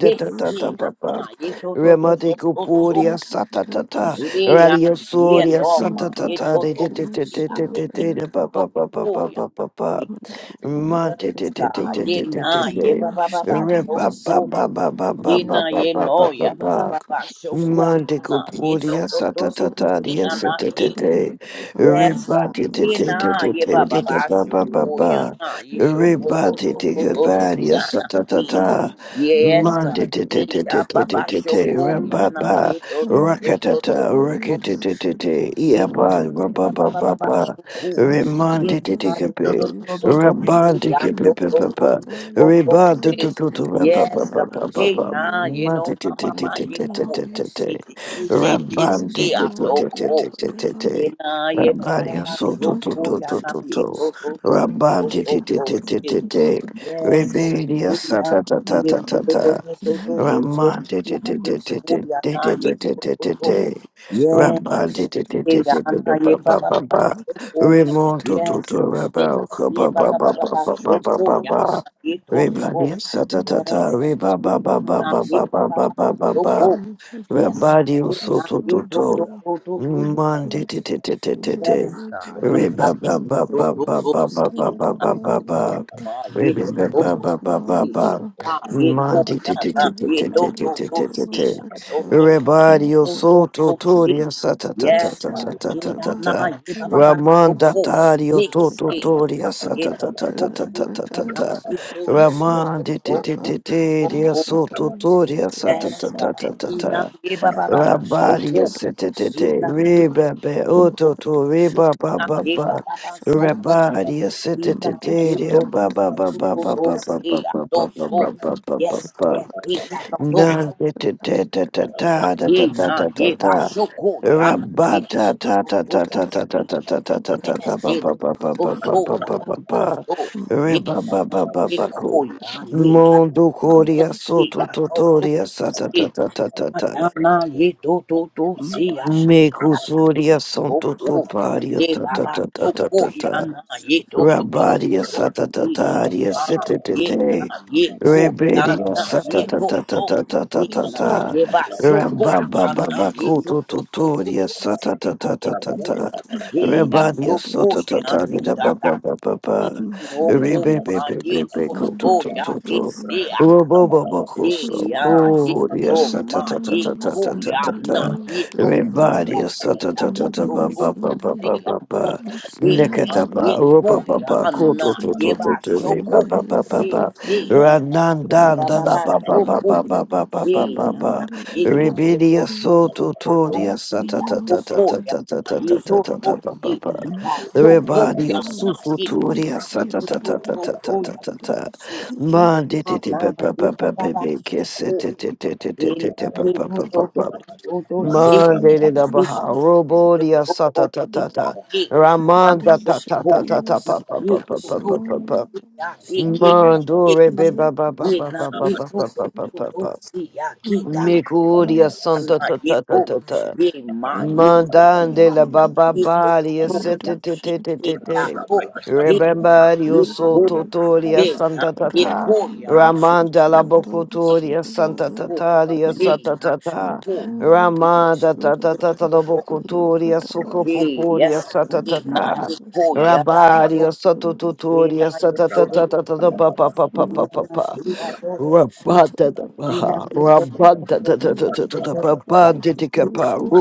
Speaker 5: Ye see, man. Ye to, to, to, to,
Speaker 1: Remati
Speaker 5: so, to, so.
Speaker 1: Kupuria Satata
Speaker 5: Ye, man,
Speaker 1: Radio
Speaker 5: ye
Speaker 1: Suria
Speaker 5: no,
Speaker 6: my
Speaker 5: man. Ye to,
Speaker 1: Satata
Speaker 6: daughter,
Speaker 1: De
Speaker 5: to,
Speaker 6: dear
Speaker 5: see,
Speaker 6: son of
Speaker 5: man. Ye ke
Speaker 6: Adam.
Speaker 5: to,
Speaker 1: Papa Papa
Speaker 5: to,
Speaker 1: Papa
Speaker 5: yeah.
Speaker 1: Papa
Speaker 6: Thank
Speaker 1: Monte
Speaker 5: Yes, God. Ye na ye ba ba ba ba so
Speaker 1: Repa Papa
Speaker 5: cool.
Speaker 1: Papa
Speaker 5: Ye
Speaker 1: Papa
Speaker 5: na ye
Speaker 1: Papa
Speaker 5: no ya ba ba
Speaker 1: Papa
Speaker 5: ba ba so cool. Ye na
Speaker 1: Mandico
Speaker 5: ye to
Speaker 1: podia
Speaker 5: to to to ye
Speaker 1: satatatadia
Speaker 5: na ye.
Speaker 1: setetete,
Speaker 5: Yes, God.
Speaker 1: rebati te
Speaker 5: Ye
Speaker 1: te te
Speaker 5: na
Speaker 1: te
Speaker 5: ye ba
Speaker 1: te
Speaker 5: ba
Speaker 1: te te
Speaker 5: ba
Speaker 1: pa
Speaker 5: so
Speaker 1: pa pa
Speaker 5: cool. Ye
Speaker 1: pa,
Speaker 5: na ye to to to
Speaker 1: rebati te
Speaker 5: to to to ye
Speaker 1: cavaria
Speaker 5: na ye.
Speaker 1: satatata,
Speaker 5: Yes, God.
Speaker 1: mandi te te
Speaker 5: Ye
Speaker 1: te
Speaker 5: ya
Speaker 1: te te
Speaker 5: ba
Speaker 1: te
Speaker 5: ba
Speaker 1: te
Speaker 5: so
Speaker 1: te,
Speaker 5: cool. Ye na
Speaker 1: rababa,
Speaker 5: ye to to to to to
Speaker 1: rakatata,
Speaker 5: to to
Speaker 1: rakete te te te,
Speaker 5: ye na
Speaker 1: iaba,
Speaker 5: ye
Speaker 6: you.
Speaker 5: ba ba ba ba ba
Speaker 1: rababa,
Speaker 5: so cool.
Speaker 6: Dwashanda
Speaker 5: Yes,
Speaker 1: remandi te te
Speaker 6: Asata
Speaker 1: cape,
Speaker 6: Yasudaba
Speaker 1: rabandi cape
Speaker 6: Makvakata
Speaker 1: Reba do
Speaker 6: Lapradaya
Speaker 1: do do do ra ba ba
Speaker 5: God.
Speaker 1: ba
Speaker 6: Sadoshalaba
Speaker 1: ba ba
Speaker 5: Hey,
Speaker 1: ba.
Speaker 5: yeah,
Speaker 6: Salamaya
Speaker 5: you
Speaker 1: Ma
Speaker 5: know,
Speaker 1: ti ti
Speaker 5: my
Speaker 1: ti ti
Speaker 5: mama,
Speaker 1: ti
Speaker 5: you
Speaker 1: ti ti
Speaker 5: cool.
Speaker 1: ti
Speaker 6: Nilapranaya
Speaker 1: ti ti.
Speaker 5: They, they, they,
Speaker 1: Ra
Speaker 5: they
Speaker 1: ba
Speaker 6: Sakadoshandriya
Speaker 1: ti
Speaker 5: say
Speaker 1: ti
Speaker 5: I'm
Speaker 1: ti
Speaker 5: so
Speaker 1: ti
Speaker 6: Salamada
Speaker 1: ti
Speaker 5: cool.
Speaker 1: ti ti ti
Speaker 6: Vadava
Speaker 5: You
Speaker 1: ti.
Speaker 5: know,
Speaker 1: Ra
Speaker 5: you
Speaker 1: ba
Speaker 5: mama,
Speaker 1: di so do
Speaker 5: so
Speaker 1: do
Speaker 5: cool.
Speaker 6: Yelamato
Speaker 1: do
Speaker 5: You
Speaker 1: do
Speaker 5: know,
Speaker 1: do
Speaker 5: you
Speaker 6: Shalaba
Speaker 1: do.
Speaker 5: so, so, so,
Speaker 1: Ra
Speaker 6: Salavada
Speaker 1: ba
Speaker 5: so,
Speaker 1: ti ti
Speaker 5: so,
Speaker 1: ti
Speaker 5: so,
Speaker 1: ti ti
Speaker 5: sick.
Speaker 1: ti ti.
Speaker 6: Madvakata
Speaker 1: Re
Speaker 6: Pradaya
Speaker 5: Yes, God.
Speaker 1: be di
Speaker 5: Hey,
Speaker 1: sa
Speaker 5: yeah,
Speaker 1: ta ta ta ta
Speaker 5: you
Speaker 1: ta
Speaker 5: so,
Speaker 6: Sadoshatalabaya
Speaker 5: so,
Speaker 1: ta.
Speaker 5: so, so, so,
Speaker 6: Yeno
Speaker 5: so, so,
Speaker 1: Rama de
Speaker 5: you
Speaker 1: de
Speaker 5: know,
Speaker 6: Sundayana
Speaker 1: de
Speaker 5: you
Speaker 1: de de
Speaker 5: cool.
Speaker 1: de
Speaker 5: You
Speaker 6: Masadava
Speaker 1: de de
Speaker 5: know, you
Speaker 1: de de
Speaker 5: so,
Speaker 1: de
Speaker 5: so,
Speaker 1: de
Speaker 5: so.
Speaker 6: Redu
Speaker 1: de
Speaker 5: Yes,
Speaker 6: Sadhya
Speaker 1: Rama de de
Speaker 6: Sadhya
Speaker 1: de
Speaker 5: Ye
Speaker 1: de de de
Speaker 6: Sadhya
Speaker 5: yana
Speaker 1: de ba
Speaker 5: ye ba
Speaker 1: ba
Speaker 5: ba
Speaker 1: ba
Speaker 5: ba ba
Speaker 1: ba
Speaker 5: soko.
Speaker 6: Sadhya
Speaker 1: Remonto
Speaker 6: Sadhya
Speaker 1: to
Speaker 5: Yes,
Speaker 1: to
Speaker 5: God.
Speaker 6: Sadhya
Speaker 5: Ye
Speaker 1: Raba
Speaker 5: na
Speaker 1: ko
Speaker 5: ye
Speaker 1: ba
Speaker 5: ba
Speaker 1: ba
Speaker 5: ba ba
Speaker 1: ba
Speaker 5: ba
Speaker 1: ba
Speaker 5: ba
Speaker 1: ba ba
Speaker 6: Reduction to
Speaker 1: ba
Speaker 5: soko.
Speaker 6: the
Speaker 1: ba ba
Speaker 6: bus,
Speaker 5: Yana ye
Speaker 6: the
Speaker 5: to
Speaker 1: Reba
Speaker 6: power,
Speaker 5: so.
Speaker 1: ni sa ta ta
Speaker 5: Yes,
Speaker 6: reduction
Speaker 1: ta
Speaker 5: God.
Speaker 1: Reba
Speaker 5: Ye
Speaker 1: ba
Speaker 6: to
Speaker 1: ba
Speaker 6: the
Speaker 1: ba
Speaker 5: yana
Speaker 1: ba
Speaker 6: bus.
Speaker 5: ye
Speaker 1: ba
Speaker 5: ba
Speaker 1: ba
Speaker 5: ba
Speaker 1: ba
Speaker 5: ba ba
Speaker 1: ba
Speaker 5: soko.
Speaker 1: ba
Speaker 6: Lapidus,
Speaker 5: Yes, God.
Speaker 1: Rabadio
Speaker 5: Ye na
Speaker 1: Soto
Speaker 5: ye to to
Speaker 1: Toto.
Speaker 6: Lapidus,
Speaker 5: to to to
Speaker 1: Mande te
Speaker 6: Lapidus,
Speaker 1: te te te te te.
Speaker 5: Yes, God. Ye
Speaker 1: Re
Speaker 5: ka
Speaker 1: ba ba ba
Speaker 5: to
Speaker 1: ba
Speaker 5: to to
Speaker 1: ba
Speaker 5: to to
Speaker 1: ba ba
Speaker 5: si.
Speaker 1: ba ba
Speaker 5: Na,
Speaker 1: ba ba
Speaker 5: ye ko
Speaker 1: ba.
Speaker 5: ma, ye
Speaker 1: Re be
Speaker 5: ko
Speaker 1: ba ba
Speaker 5: to
Speaker 1: ba
Speaker 5: to
Speaker 1: ba ba
Speaker 5: si.
Speaker 1: ba.
Speaker 5: Na, ye ko
Speaker 1: Mande
Speaker 5: ya
Speaker 1: te te
Speaker 5: na,
Speaker 1: te te
Speaker 5: ye
Speaker 1: te
Speaker 5: to
Speaker 1: te
Speaker 5: to
Speaker 1: te te
Speaker 5: to
Speaker 1: te te
Speaker 5: si.
Speaker 1: te.
Speaker 5: To
Speaker 2: Rabandu,
Speaker 5: to to
Speaker 2: Shabalaba,
Speaker 1: Rebadio
Speaker 5: to to to
Speaker 1: Soto
Speaker 5: si.
Speaker 1: Toria
Speaker 6: Lapidus,
Speaker 1: sa ta ta ta
Speaker 5: Yes,
Speaker 1: ta
Speaker 5: God.
Speaker 1: ta
Speaker 2: Rabu,
Speaker 1: ta
Speaker 2: Shab,
Speaker 1: ta
Speaker 5: Ye ya
Speaker 1: ta
Speaker 5: na,
Speaker 1: ta.
Speaker 5: ye ba ba ba to
Speaker 1: Ramanda
Speaker 5: ko.
Speaker 1: Tario
Speaker 5: Ye
Speaker 1: Toto
Speaker 2: Shab,
Speaker 5: si ya. na,
Speaker 1: Toria sa
Speaker 5: Ye
Speaker 1: ta ta
Speaker 5: to
Speaker 1: ta
Speaker 5: to
Speaker 1: ta ta
Speaker 5: ko
Speaker 1: ta ta
Speaker 5: ya
Speaker 1: ta
Speaker 5: na,
Speaker 1: ta.
Speaker 5: ye to to to to
Speaker 1: Ramande
Speaker 5: to
Speaker 1: te te
Speaker 5: to
Speaker 1: te te
Speaker 5: to
Speaker 1: Ria
Speaker 5: to. to.
Speaker 1: Soto
Speaker 2: Raban,
Speaker 1: Toria sa ta ta
Speaker 5: Yes,
Speaker 1: ta
Speaker 5: God.
Speaker 1: ta ta
Speaker 5: Ye
Speaker 1: ta.
Speaker 5: na, ye ba ba
Speaker 2: Raban,
Speaker 5: ba ba to
Speaker 1: Rabali
Speaker 5: ko.
Speaker 6: Medushata
Speaker 1: yesetetete
Speaker 5: Ina ye
Speaker 6: Sobrata
Speaker 5: toto
Speaker 1: rebebe
Speaker 5: toto
Speaker 1: ototo
Speaker 5: si
Speaker 1: reba
Speaker 6: Makadushata
Speaker 1: ba
Speaker 5: na
Speaker 1: ba
Speaker 5: ye
Speaker 1: ba
Speaker 6: Palibadu
Speaker 5: baba ba soko.
Speaker 6: Sandayada
Speaker 1: rabali
Speaker 5: Ina ye
Speaker 1: yesetetete
Speaker 5: toto
Speaker 1: ba
Speaker 6: Medusandayada
Speaker 1: ba ba
Speaker 2: Raban,
Speaker 5: toto
Speaker 1: ba ba
Speaker 5: toto
Speaker 1: ba ba
Speaker 5: si
Speaker 1: ba
Speaker 5: ya
Speaker 6: Susandayada
Speaker 1: ba
Speaker 5: to
Speaker 1: ba
Speaker 5: so.
Speaker 1: ba ba ba ba ba
Speaker 5: Yes,
Speaker 6: Makadushata
Speaker 1: ba
Speaker 5: yes, ita to to
Speaker 6: Palibadaba
Speaker 2: Regan,
Speaker 1: nan
Speaker 5: so.
Speaker 1: tetete ta
Speaker 6: Labradaya
Speaker 1: ta
Speaker 2: Rabaraba,
Speaker 6: Sedu
Speaker 1: ta ta
Speaker 5: Ina
Speaker 1: ta ta ta ta
Speaker 5: ye
Speaker 1: ta
Speaker 5: ba
Speaker 6: Sandayadaba
Speaker 5: soko ya na ye
Speaker 1: rabata
Speaker 6: Redusto
Speaker 1: ta
Speaker 5: toto
Speaker 1: ta ta ta
Speaker 5: toto
Speaker 1: ta ta
Speaker 6: Shadadada
Speaker 5: si.
Speaker 1: ta ta ta ta ta ta
Speaker 5: Yes,
Speaker 1: ba ba
Speaker 5: ina
Speaker 6: Medushata
Speaker 1: ba ba
Speaker 5: to
Speaker 1: ba ba
Speaker 5: so
Speaker 1: ba
Speaker 5: ya
Speaker 1: ba
Speaker 6: Palibadabada
Speaker 1: ba
Speaker 5: baba
Speaker 1: ba
Speaker 5: ba so.
Speaker 1: reba
Speaker 5: Ina
Speaker 1: ba
Speaker 6: Medushata
Speaker 1: ba ba
Speaker 5: ye
Speaker 1: ba
Speaker 5: ko
Speaker 1: ko
Speaker 5: ya
Speaker 6: Sudabaya
Speaker 5: ni na
Speaker 1: mondo
Speaker 5: to to
Speaker 1: koria
Speaker 5: si
Speaker 1: soto
Speaker 5: ya
Speaker 6: Makadushata
Speaker 5: to to
Speaker 1: totoria sa ta ta
Speaker 5: si.
Speaker 1: ta ta ta
Speaker 5: Yana ye do do do si
Speaker 2: Rabaraba,
Speaker 5: yana
Speaker 1: me
Speaker 6: Medushata
Speaker 2: Rabaraba,
Speaker 5: si
Speaker 1: cutoria
Speaker 5: do
Speaker 1: santo
Speaker 6: Sedu
Speaker 5: do
Speaker 1: coparia
Speaker 5: ye
Speaker 1: ta ta
Speaker 5: baba
Speaker 6: Thank
Speaker 1: ta ta
Speaker 5: do
Speaker 1: ta
Speaker 5: ko
Speaker 1: ta ta.
Speaker 5: yana ye do do do do
Speaker 1: Rabadia
Speaker 5: do
Speaker 2: Rabaraba,
Speaker 5: si
Speaker 1: satatataria
Speaker 2: Rabaraba,
Speaker 5: ah
Speaker 2: Rabaraba,
Speaker 5: ye na
Speaker 1: sitetete.
Speaker 5: ye ko
Speaker 1: Rebedia
Speaker 5: yana
Speaker 2: Rabaraba, Rabaraba,
Speaker 5: ye
Speaker 2: Rabaraba,
Speaker 5: do so ye na
Speaker 1: satatatatatatatata.
Speaker 5: ye ba so ko
Speaker 1: Rababa
Speaker 5: yana ye do
Speaker 1: babakutu
Speaker 5: do do do
Speaker 1: tuturia
Speaker 5: do si a do ko
Speaker 1: satatatatata.
Speaker 5: ye ya do
Speaker 1: Rebadia
Speaker 5: ko yana
Speaker 1: sotatataria
Speaker 5: da da da ye
Speaker 1: babababa.
Speaker 5: no ko ma ye do
Speaker 1: Rebebebebebe kutu
Speaker 5: so ya de
Speaker 1: tututu.
Speaker 5: si
Speaker 2: Rabaraba, Rabaraba, Rabaraba, Rabaraba,
Speaker 5: ye
Speaker 1: Robobobokuso.
Speaker 5: ya ye
Speaker 1: Kuria
Speaker 5: o ma ye ko ya na
Speaker 1: satatatatatata.
Speaker 5: ye to so ya
Speaker 1: Rebadia
Speaker 5: ye ya to to to to se ya
Speaker 1: satatatabababababa.
Speaker 5: to ye
Speaker 2: Rabaraba,
Speaker 5: ma ye
Speaker 1: Nekatapa,
Speaker 5: ko
Speaker 1: Rupa
Speaker 5: ya
Speaker 1: Papa,
Speaker 5: na
Speaker 1: Koto
Speaker 5: ye
Speaker 1: Toto
Speaker 5: ba
Speaker 1: Toto,
Speaker 5: shoko
Speaker 1: Papa
Speaker 5: ye
Speaker 1: Papa,
Speaker 5: se
Speaker 6: you.
Speaker 5: ya na ye ba
Speaker 6: Thank
Speaker 5: ba
Speaker 1: Ranandan,
Speaker 5: ba
Speaker 1: Dada
Speaker 5: ba
Speaker 1: Papa
Speaker 5: shoko
Speaker 1: Papa Papa
Speaker 5: ye
Speaker 1: Papa
Speaker 5: ya na
Speaker 1: Papa,
Speaker 5: ye to to to
Speaker 1: Ribidia
Speaker 5: to
Speaker 1: Soto
Speaker 5: to to
Speaker 1: Todia
Speaker 5: se ya
Speaker 1: Satata
Speaker 5: to
Speaker 1: Tata
Speaker 5: ko ya
Speaker 1: Tata
Speaker 5: na
Speaker 1: Tata
Speaker 5: ye to
Speaker 1: Tata
Speaker 5: to
Speaker 1: Tata
Speaker 5: se
Speaker 1: Papa,
Speaker 5: ha
Speaker 1: the
Speaker 5: shoko ya
Speaker 1: Rebadio
Speaker 5: na
Speaker 1: Sufu
Speaker 5: ye to
Speaker 1: Todia
Speaker 5: to
Speaker 2: Ramadus,
Speaker 5: to to
Speaker 1: Satata
Speaker 5: to
Speaker 1: Tata
Speaker 5: to
Speaker 1: Tata
Speaker 5: to
Speaker 1: Tata
Speaker 5: ya
Speaker 1: Tata,
Speaker 5: na
Speaker 1: Manditi
Speaker 5: Mama,
Speaker 1: Papa
Speaker 5: viva
Speaker 1: Papa Papa,
Speaker 5: baba suku, ina
Speaker 1: Kissete Papa
Speaker 5: vitu to to
Speaker 1: Papa
Speaker 5: to to to si
Speaker 1: Mande
Speaker 5: na
Speaker 1: de da
Speaker 5: vitu
Speaker 1: baha,
Speaker 5: to to
Speaker 1: robo dia
Speaker 5: to to
Speaker 1: sata ta
Speaker 5: si
Speaker 1: ta ta,
Speaker 5: yaki, na
Speaker 1: ramanda ta ta
Speaker 5: suku
Speaker 1: ta ta ta
Speaker 5: ina
Speaker 1: pa pa pa pa
Speaker 5: vitu to
Speaker 1: pa
Speaker 5: to
Speaker 1: pa pa pa,
Speaker 5: si yaki ki na
Speaker 1: mandore
Speaker 5: vitu,
Speaker 1: be ba ba ba ba
Speaker 5: ina
Speaker 1: ba ba ba
Speaker 5: vitu
Speaker 1: ba
Speaker 5: to
Speaker 1: ba ba
Speaker 5: to
Speaker 1: ba
Speaker 5: to
Speaker 1: ba,
Speaker 5: si yaki ta,
Speaker 1: mikuria santa
Speaker 5: na
Speaker 1: ta ta ta
Speaker 5: vitu,
Speaker 1: ta ta.
Speaker 5: ima vitu
Speaker 1: Mandan de la
Speaker 5: na
Speaker 1: baba
Speaker 6: you.
Speaker 5: vitu
Speaker 1: baria
Speaker 5: to
Speaker 1: sete te
Speaker 5: yaki
Speaker 1: te
Speaker 6: Yedoshante
Speaker 1: te
Speaker 5: ki
Speaker 1: te
Speaker 5: na
Speaker 1: te.
Speaker 5: to,
Speaker 6: Siribando
Speaker 5: ima
Speaker 1: Remember you so
Speaker 5: vitu,
Speaker 1: totoria
Speaker 6: Yedobalibaya
Speaker 5: ina
Speaker 1: santa tata.
Speaker 5: vitu ya.
Speaker 6: Ranamando
Speaker 1: Ramanda la
Speaker 6: Shito
Speaker 5: Hey,
Speaker 1: bocotoria santa
Speaker 6: Dalasiribaya
Speaker 5: oh,
Speaker 1: tataria
Speaker 5: hey,
Speaker 1: santa
Speaker 6: Yeto
Speaker 5: ah,
Speaker 1: tata.
Speaker 6: Shanta
Speaker 5: oh, my,
Speaker 1: Ramanda tata tata
Speaker 6: Yedabasurabaya
Speaker 5: oh,
Speaker 1: la
Speaker 5: oh,
Speaker 1: bocotoria
Speaker 6: Labradaya
Speaker 5: hey,
Speaker 6: Sikante
Speaker 1: sucopoporia
Speaker 5: Yes,
Speaker 1: santa
Speaker 5: Igna,
Speaker 1: tata.
Speaker 5: Yiko,
Speaker 6: Yedabasiribaya
Speaker 5: Yabaso,
Speaker 1: Rabaria santa
Speaker 5: Rina,
Speaker 1: totoria
Speaker 6: Ridipado
Speaker 1: santa tata tata
Speaker 6: Shiribaya
Speaker 1: papa papa
Speaker 6: Madu
Speaker 5: Uyana,
Speaker 1: papa.
Speaker 6: Shante
Speaker 5: Kiados,
Speaker 6: Shita
Speaker 5: Rina, Yato,
Speaker 6: Yadabadosha Ridipado Shita Dosha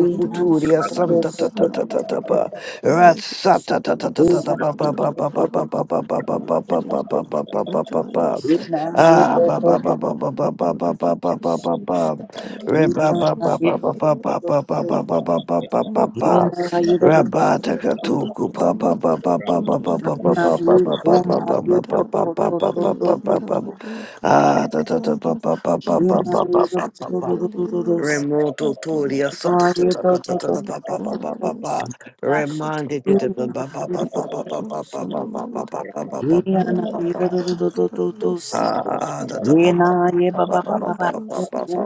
Speaker 5: Rina,
Speaker 2: Rabadu Sabala Bala
Speaker 6: Thank you. Thank you.
Speaker 5: Rina, Rina, Anaye komaye to to to to to to to. Inaye to to to to to to to. Inaye to to to to to to to. Inaye to to to to to to. Inaye to to to to to to. Inaye ba ba ba ba ba to to.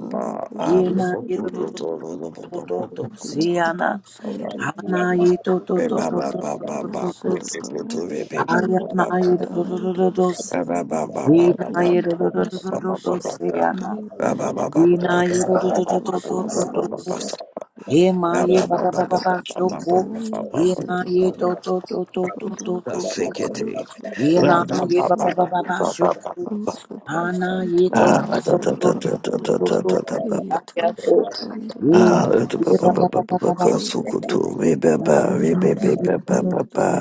Speaker 5: Inaye to to to to to to to to.
Speaker 6: Dia
Speaker 5: Siana.
Speaker 6: production deriva
Speaker 5: Anaye to to
Speaker 1: Ba
Speaker 5: to
Speaker 1: ba
Speaker 5: to
Speaker 1: ba
Speaker 6: Rati
Speaker 5: to
Speaker 1: ba
Speaker 5: to
Speaker 1: ba
Speaker 5: to
Speaker 6: Palo
Speaker 1: ba ba
Speaker 5: to to.
Speaker 1: ba ba
Speaker 6: Sodabaya
Speaker 5: Ayanaye to
Speaker 2: Bala
Speaker 5: to to
Speaker 6: Madhukadaya
Speaker 5: to to to.
Speaker 6: Dushadaya
Speaker 5: Inaye to
Speaker 6: Yante
Speaker 5: to to to
Speaker 6: Maso
Speaker 5: to to to. Siana.
Speaker 6: Shatapadaya Valuaka
Speaker 5: Ina ye do do do do do do do
Speaker 6: Redushandaya
Speaker 5: do do.
Speaker 6: Sadabaya
Speaker 5: Ema ye ba ba ba ba ba
Speaker 1: ba
Speaker 5: shoko.
Speaker 6: Rakadushandaya
Speaker 5: Ina ye
Speaker 6: Sadabaya
Speaker 5: do do do do do do
Speaker 6: Maluka
Speaker 5: do do.
Speaker 6: Dibali Palo
Speaker 5: Ina ye ba ba ba ba ba
Speaker 6: Solibasandaya
Speaker 5: shoko. Ana ye do
Speaker 6: Umakadushantanama
Speaker 5: do do do do
Speaker 6: Sadabaya
Speaker 5: do do.
Speaker 6: Thank you.
Speaker 5: Ina ye do. Ina ye ba ba ba ba ba ba.
Speaker 1: ba ba.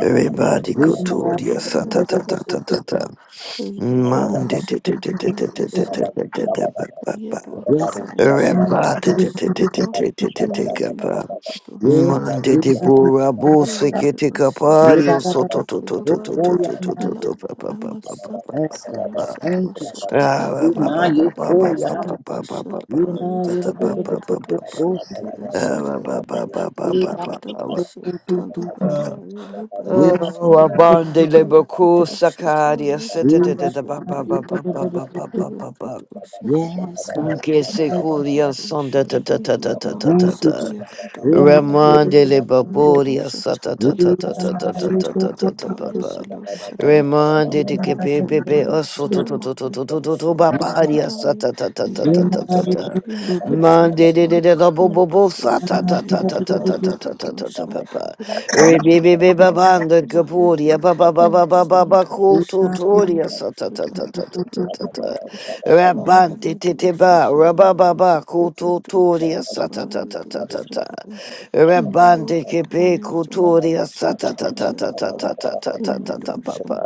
Speaker 1: Everybody go
Speaker 5: Ina
Speaker 1: to
Speaker 5: ye
Speaker 1: your
Speaker 5: do
Speaker 1: sa ta
Speaker 5: do do
Speaker 1: ta ta
Speaker 5: do
Speaker 1: ta
Speaker 5: do.
Speaker 1: ta ta. Man, de de de de de de de de
Speaker 2: Rabadu
Speaker 1: de de de de ba
Speaker 2: Shabalaba,
Speaker 1: ba ba.
Speaker 6: Yet
Speaker 5: Yes.
Speaker 2: Rabadu
Speaker 6: Wakadais and
Speaker 2: Shabalaba,
Speaker 1: Everybody de de de de
Speaker 6: Isalva
Speaker 1: de de de de de
Speaker 6: already
Speaker 1: ba.
Speaker 6: Tapados
Speaker 5: Yes.
Speaker 6: and
Speaker 1: Man, de de
Speaker 5: Ina
Speaker 6: Isada
Speaker 1: bo ra bo se
Speaker 6: already
Speaker 1: ke te ka pa
Speaker 5: ye
Speaker 6: Vasade
Speaker 1: ri
Speaker 5: ba
Speaker 1: o
Speaker 6: at
Speaker 5: ba
Speaker 1: so
Speaker 5: ba
Speaker 1: to
Speaker 5: ba.
Speaker 1: to to to to
Speaker 5: Shoko
Speaker 1: to
Speaker 6: Ukadabaya
Speaker 5: ya
Speaker 1: to to to
Speaker 5: na ye.
Speaker 1: to ba
Speaker 6: Lamanama
Speaker 5: Yes, God.
Speaker 6: Sabrataya said
Speaker 5: Thank you, Jesus.
Speaker 6: Vashata
Speaker 1: ba ba ba ba ba ba ba ba. Ah, ba ba
Speaker 5: Ina
Speaker 1: ba
Speaker 5: ye
Speaker 1: ba
Speaker 5: ko
Speaker 1: ba
Speaker 6: Labrataya
Speaker 1: ba
Speaker 5: ya.
Speaker 6: said
Speaker 1: ba ba ba ba ba ba.
Speaker 5: Yes,
Speaker 6: Vashatabaya
Speaker 1: Ta ta
Speaker 5: God.
Speaker 1: ba ba ba ba ba.
Speaker 6: Yakatwashandaya
Speaker 1: Ah, ba ba ba
Speaker 6: Sadabaya
Speaker 1: ba ba ba ba
Speaker 6: Retadabasu
Speaker 1: ba.
Speaker 6: Tandabadaya Libano
Speaker 1: Oh, abande le boku
Speaker 6: Yakatwashata
Speaker 1: sakaria sete te te te ba ba ba ba
Speaker 6: Libadoshandaya
Speaker 1: ba ba ba ba
Speaker 6: Thank
Speaker 1: ba ba. Nke se kuria son da ta ta ta ta ta ta ta
Speaker 5: Thank you,
Speaker 1: ta.
Speaker 5: Jesus.
Speaker 1: Ramandele baboria sata ta ta ta ta ta ta ta ta ta ta pa pa. Remande de que pepe pe pe osso to to to to to to to to babaria sata ta ta ta ta ta ta ta. Mande de de de da bo bo bo sata ta ta ta ta ta ta ta ta ta ta pa pa. Rebebe be be be babando capuria ba ba ba ba ba ba ba culto toria sata ta
Speaker 6: you.
Speaker 1: ta ta ta ta ta ta.
Speaker 6: Thank
Speaker 1: Rabante te te ba ra ba ba ba culto
Speaker 2: Thank
Speaker 1: toria
Speaker 2: you.
Speaker 1: sata ta ta ta
Speaker 2: Thank
Speaker 1: ta ta. Rabande kebe kutoria sa ta ta ta ta ta ta ta ta ta ta ta pa pa.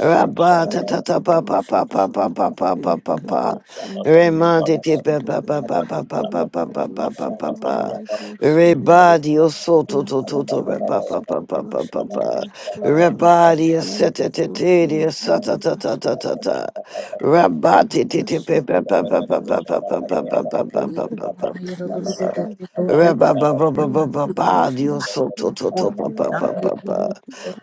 Speaker 1: Rabba ta ta ta pa pa pa pa pa pa pa pa pa pa. Remande kebe pa pa pa pa pa pa pa pa pa pa pa pa. Rebadi o so to to to to re pa pa pa pa pa pa pa. Rebadi o se te te te di o sa ta ta ta ta ta
Speaker 6: you.
Speaker 1: ta. Rabba
Speaker 6: Shut
Speaker 1: te te te pe pa pa pa pa pa pa pa pa pa pa pa pa pa pa pa. pa. Ra-ba-ba-ba-ba-ba-ba, Dios soto to to pa pa pa
Speaker 2: you.
Speaker 1: pa pa.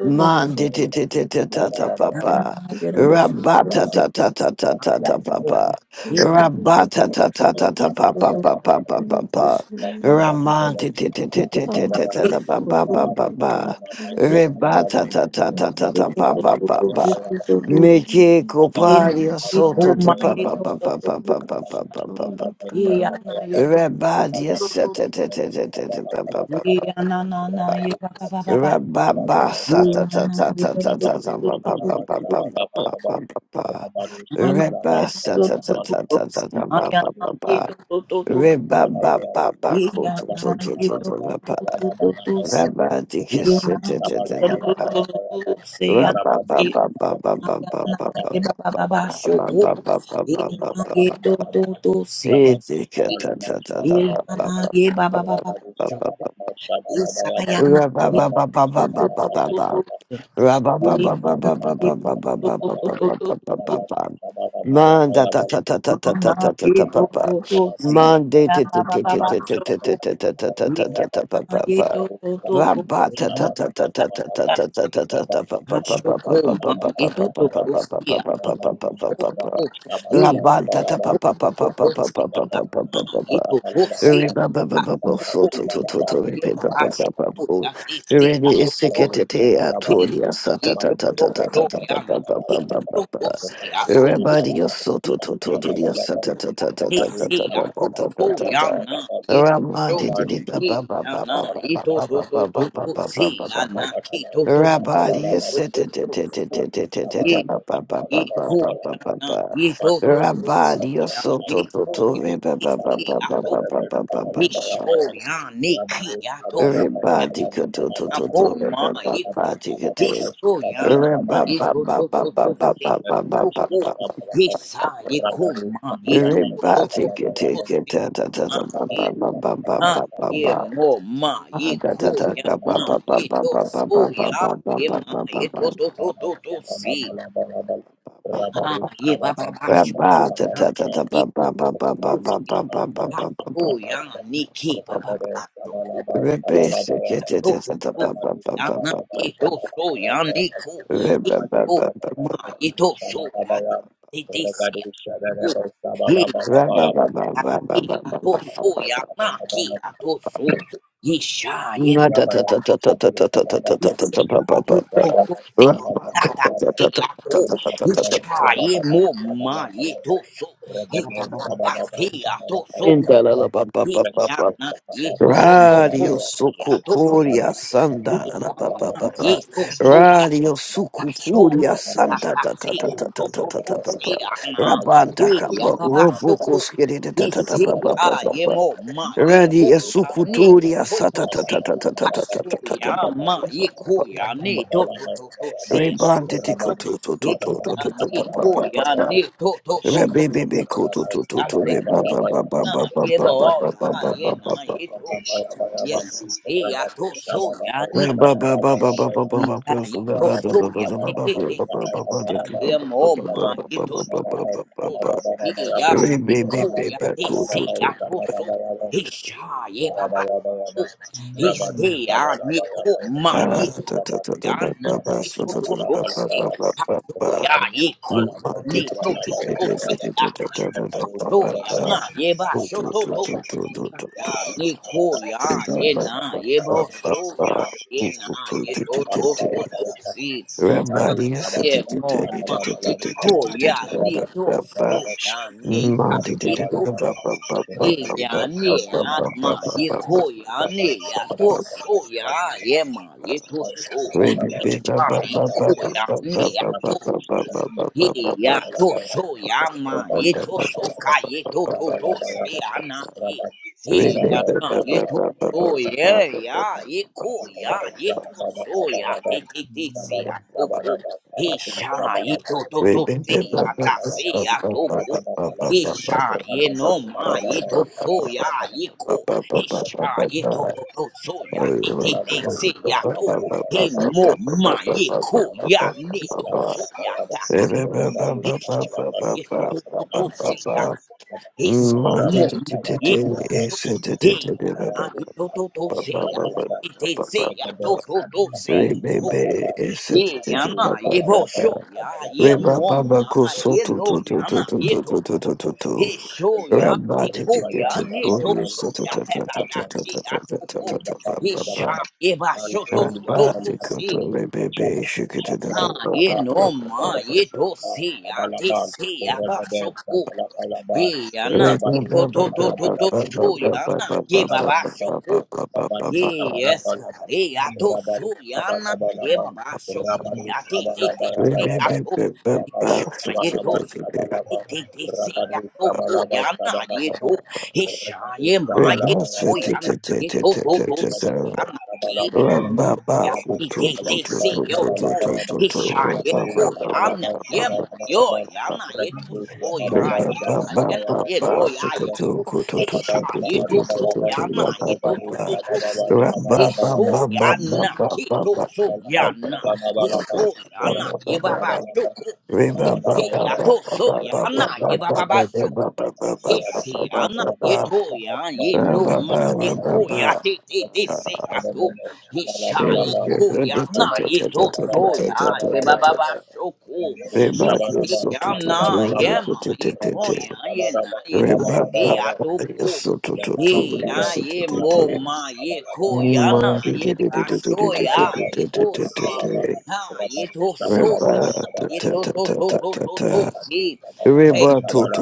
Speaker 1: Man de te te
Speaker 2: Rabadu
Speaker 1: te te ta ta pa pa. Rabba ta ta ta ta ta ta ta pa pa. Rabba ta ta ta ta ta pa pa
Speaker 5: Yes,
Speaker 1: pa pa pa pa pa. Raman te
Speaker 6: up,
Speaker 1: te te te
Speaker 5: Yeah,
Speaker 1: te te te te ta pa pa pa pa pa. Reba ta ta ta ta ta ta pa pa pa pa. Me che copari soto to pa pa pa pa pa pa pa pa pa pa pa pa. Rabadia sata ta ta ta ta ta ba ba ba ba ba ba Rababa sata ta ta ta ta ta
Speaker 2: Rabadu
Speaker 1: ta ba ba ba ba ba ba ba ba ba ba. Reba sata ta ta ta ta ta ba ba ba ba. Reba ba ba ba ko to to to to ba ba. Raba dikis ta ta ta ta ta ba. Raba ba ba ba ba ba ba ba ba ba ba ba
Speaker 5: Ye ba
Speaker 1: ba
Speaker 5: ba ba ba
Speaker 1: ba
Speaker 5: shoko.
Speaker 1: ba
Speaker 5: Ye
Speaker 1: ba ba
Speaker 5: na
Speaker 1: ba
Speaker 5: ye to to to se ya.
Speaker 1: Itika
Speaker 5: Ye
Speaker 1: ta ta ta ta ba ba
Speaker 5: na
Speaker 1: ba
Speaker 5: ye ba
Speaker 1: ba
Speaker 5: ba ba ba
Speaker 1: ba
Speaker 5: shoko.
Speaker 1: ba.
Speaker 5: Ye sa ya na
Speaker 1: Rabba
Speaker 5: ye to to to to to se. Ye
Speaker 2: Rabba
Speaker 5: na ye to to to to to to to. na ye to to to se. Ya ba ba ba ba shoko. Ye ya na ye to to to to se. Na na ta ta ta se. Ha shoko ma ye to to to se ya. Ye to to. ye
Speaker 1: Ready is secretary Atoria Sata Tata Tata Tata Everybody your
Speaker 5: Mm,
Speaker 1: Soto Toto Dia
Speaker 5: mm,
Speaker 1: Sata Tata Tata Tata Tata Tata Ramadi did it, Baba Baba Baba Baba Baba Baba Baba Baba Baba Rabadi
Speaker 2: Thank you. Rabadu
Speaker 5: Yeah, Nisho ya neki ya dos ya ambo ma iko nisho ya na iko
Speaker 1: Rabadi
Speaker 5: to to to se to ko nisa iko ma ito to to to to to se ma e ha ye mo ma iko ya na ito so ya ye ma ito to to to to se ha ye ba ba ba shuko na ma iko to se.
Speaker 2: Rabaya,
Speaker 5: Oh, ya niki baba baso ku. so, to to to. Ya na ye do so ya niku. Is to ma ye do so ya di di di si. Oh, ye ya ya ye do so
Speaker 1: In
Speaker 5: ya na ki ya do so. Ye sha ye
Speaker 2: Rabaya,
Speaker 5: baso. Ye si do do do si.
Speaker 2: Rabaya,
Speaker 5: Da da
Speaker 2: Rabaya,
Speaker 5: si ya ko.
Speaker 2: Rabadu
Speaker 5: Ye sha ye mo ma ye do so. Ye da da da si ya do so. Yana ye to to to to
Speaker 1: Radio
Speaker 5: si ya to so
Speaker 1: Sukupuria
Speaker 5: ye
Speaker 1: Santa na na ba ba
Speaker 5: yana
Speaker 1: ba ba.
Speaker 5: so ya
Speaker 1: Radio
Speaker 5: Ashok,
Speaker 1: Sukupuria Santa ta ta
Speaker 5: Ahasi
Speaker 1: ta ta ta ta
Speaker 5: Kutoto
Speaker 1: ta ta ba ba.
Speaker 5: Seana,
Speaker 1: Rabanta kapa
Speaker 5: Yabashoko,
Speaker 1: robokos kiri ta ta ta ta ba ba
Speaker 5: Nisea
Speaker 1: ba ba ba.
Speaker 5: Yemo, Ma Yiko
Speaker 1: Radio
Speaker 5: Yane,
Speaker 1: Sukuturia Santa
Speaker 5: Toto
Speaker 1: ta ta
Speaker 5: Se,
Speaker 1: ta ta ta ta ta ta ta ta ba
Speaker 5: Hashoya,
Speaker 1: ba
Speaker 5: Ma
Speaker 1: ba ba ba
Speaker 5: Yiko
Speaker 1: ba ba ba
Speaker 5: Yane,
Speaker 1: ba.
Speaker 5: Toto Toto Sea,
Speaker 1: Rebante tiko
Speaker 5: Toto,
Speaker 1: to to
Speaker 5: Ea
Speaker 1: to to to to to ba ba
Speaker 5: Niko
Speaker 1: ba ba ba.
Speaker 5: Yane, Toto Toto
Speaker 1: Rebebebe
Speaker 5: Toto
Speaker 1: ko to to to
Speaker 5: Sea,
Speaker 1: to re ba ba ba ba
Speaker 5: Seana,
Speaker 1: ba ba ba ba ba ba
Speaker 5: Yebo,
Speaker 1: ba
Speaker 5: Ya
Speaker 1: ba ba ba
Speaker 5: Yena,
Speaker 1: ba ba
Speaker 5: Yeto,
Speaker 1: ba ba
Speaker 5: Yes,
Speaker 1: ba.
Speaker 5: Ea Toso
Speaker 1: Ba
Speaker 5: Yani.
Speaker 1: ba ba ba
Speaker 2: Rabba
Speaker 1: ba
Speaker 5: Yeah, ito so ya te te te si ah mo ma ito to to to to ni ya ni ko ya te si ya to so he sha ye ba ba ko
Speaker 2: Rabayaba,
Speaker 5: he
Speaker 2: Rabadu
Speaker 5: si ya ni ko
Speaker 2: Shabalabayaba,
Speaker 5: ma ito
Speaker 2: Rabadu
Speaker 5: ya na ito to to si
Speaker 2: Shabalabayaba, Shabalabayaba,
Speaker 5: ha to ya
Speaker 2: Rabadu
Speaker 5: ye ko
Speaker 2: Shabalabayaba, Shabalabayaba,
Speaker 5: ya ni to to to si
Speaker 2: Rabadu
Speaker 5: ya te ha
Speaker 2: Shabalabayaba, Shabalabayaba, Rabadu Shabalabayaba,
Speaker 5: to ya na ye ba sho to to
Speaker 2: Shabalabayaba,
Speaker 5: Ya
Speaker 2: Shabalabayaba, Rabadu
Speaker 5: Niko
Speaker 2: Shabalabayaba,
Speaker 5: ya ye na ye bho show ya ye na ye do do do
Speaker 1: ba
Speaker 5: do see
Speaker 1: Remember,
Speaker 5: ya
Speaker 2: Shabalabayaba,
Speaker 5: mom Niko ya Niko
Speaker 2: Rabadu Shabalabayaba,
Speaker 5: show ya Nika Niko.
Speaker 2: Shabalabayaba,
Speaker 5: Ye
Speaker 2: Rabadu
Speaker 5: ya ne ya ma ye
Speaker 2: Shabalabayaba,
Speaker 5: ko ya ne
Speaker 2: Rabba
Speaker 5: ya to so ya ye ma ye to so isha ye ko ya ne ya to so ye ya to so ya ma ye to so ka ye to to to se ya na ke ye ya na ye to so ye ya ye ko ya ye to so ya te te te se ya to ko isha ye to to to se ya ta
Speaker 1: Remember,
Speaker 5: se ya to Isha ye no ma ye to so ya ye ko Isha ye
Speaker 4: Amen.
Speaker 5: to to to so ya he he he se ya to he mo ma ye ko ya ne to so ya ta si
Speaker 4: Okay. There are
Speaker 5: Isha ye to to to se ya his mo ma ye to to he ya na ye to to to se ya he he se ya to to to se ya ye yana ye bo
Speaker 1: it's
Speaker 5: sho ya ye
Speaker 1: Reba,
Speaker 5: mo ma
Speaker 1: Rebabako
Speaker 5: ye
Speaker 1: soto
Speaker 5: lo
Speaker 1: to to to
Speaker 5: yana
Speaker 1: to
Speaker 5: ye
Speaker 1: to
Speaker 5: to
Speaker 1: to to to to
Speaker 5: sho
Speaker 1: to to
Speaker 5: ye sho ya ye
Speaker 1: Rabati
Speaker 5: ko
Speaker 1: to get
Speaker 5: ya
Speaker 1: it
Speaker 5: ye to
Speaker 1: glorious
Speaker 5: sho
Speaker 1: to to
Speaker 5: ya
Speaker 1: to
Speaker 5: ta
Speaker 1: to
Speaker 5: ta ta
Speaker 1: to
Speaker 2: Thank
Speaker 1: to
Speaker 2: you.
Speaker 5: si
Speaker 1: to
Speaker 5: ya
Speaker 1: to
Speaker 5: to
Speaker 1: to to to
Speaker 5: ko
Speaker 1: to ba
Speaker 5: ye
Speaker 2: Shafaru
Speaker 1: ba ba
Speaker 2: Shafar,
Speaker 5: sha ye ba
Speaker 2: Stan
Speaker 5: sho to to
Speaker 2: Kuli
Speaker 5: to
Speaker 2: Apam
Speaker 5: to
Speaker 1: Rabati koto
Speaker 5: si
Speaker 2: Paramu,
Speaker 1: rebebe
Speaker 2: Benjaba,
Speaker 1: shikete da
Speaker 2: Shafran
Speaker 1: ba
Speaker 5: ha
Speaker 1: ba
Speaker 5: ye
Speaker 2: Sabar,
Speaker 1: ba ba
Speaker 5: no
Speaker 1: ba ba
Speaker 5: ma
Speaker 2: Rakatu
Speaker 1: ba
Speaker 5: ye
Speaker 1: ba
Speaker 5: to
Speaker 2: Sabar,
Speaker 5: si ya ti
Speaker 2: Sabalaban,
Speaker 5: si ya ba sho
Speaker 2: Regade
Speaker 5: ko
Speaker 2: Sabalakalaban,
Speaker 5: ye yana ye
Speaker 1: Reba
Speaker 2: Rabadu
Speaker 5: to
Speaker 1: ba
Speaker 5: to
Speaker 1: ba ba
Speaker 5: to
Speaker 1: ba
Speaker 5: to
Speaker 1: ba
Speaker 5: to
Speaker 1: ba ba
Speaker 5: sho
Speaker 1: ba ba ba ba
Speaker 5: yana
Speaker 1: ba
Speaker 5: ye
Speaker 1: ba ba
Speaker 5: ba ba
Speaker 2: Alabalabam,
Speaker 5: sho
Speaker 1: ba ba ba
Speaker 2: Rabaru
Speaker 5: Ye-
Speaker 1: ba ba
Speaker 5: Yes, God.
Speaker 2: Shabalabalabam,
Speaker 5: Hey, ato so
Speaker 2: Rabaru
Speaker 5: yana ye
Speaker 2: Shabalabalabam,
Speaker 5: baba shoko
Speaker 2: Rabaru
Speaker 5: yati te te se
Speaker 2: Shabalabalabam,
Speaker 5: ato
Speaker 1: Rebebe
Speaker 2: Rabaru
Speaker 5: shama ye do so yati
Speaker 2: Shabalabalabalabam,
Speaker 5: te te se
Speaker 2: Rabaru
Speaker 5: ato ko yana ye do
Speaker 2: Shabalabalabalabam,
Speaker 5: he sha
Speaker 2: Rekadu
Speaker 5: ye ma ye ko
Speaker 2: Shabalabalabam,
Speaker 5: yana ye to to
Speaker 2: Rekadu
Speaker 5: to se yana
Speaker 2: Shabalabalabam,
Speaker 1: Rabba
Speaker 5: 呀，一滴滴西哟头，一下一颗牙呢，也没有牙呢，一吐素牙，一牙也那一路牙也苦，一下一吐素牙呢，一吐吐吐吐西。一说牙呐，一吐素牙呐，一说牙呐，一把把受苦，一呀吐素牙呐，一把把把
Speaker 4: that
Speaker 2: Rabaru Shabalabalabam, Rabaru Shabalabalabam, Rekadu Shabalabalabam,
Speaker 5: Esse ana itoya ye no ma ikoya te te te se ato ye sha
Speaker 1: Reba
Speaker 5: ikoya na ye to soya ye ba ba ba shoko ye
Speaker 2: Sabaraba,
Speaker 5: se
Speaker 2: sabalaba,
Speaker 5: ana
Speaker 2: laba,
Speaker 5: ye ma
Speaker 2: rama,
Speaker 5: inoya ye na
Speaker 2: sabaraba,
Speaker 5: ye to
Speaker 2: sabalaba,
Speaker 5: se
Speaker 2: laba.
Speaker 5: ato ko
Speaker 2: Rabba
Speaker 5: ye ya ye mo ma ye koya na ye ba shoya ye to se ha ye to soya na ye to to to to to to se Hey,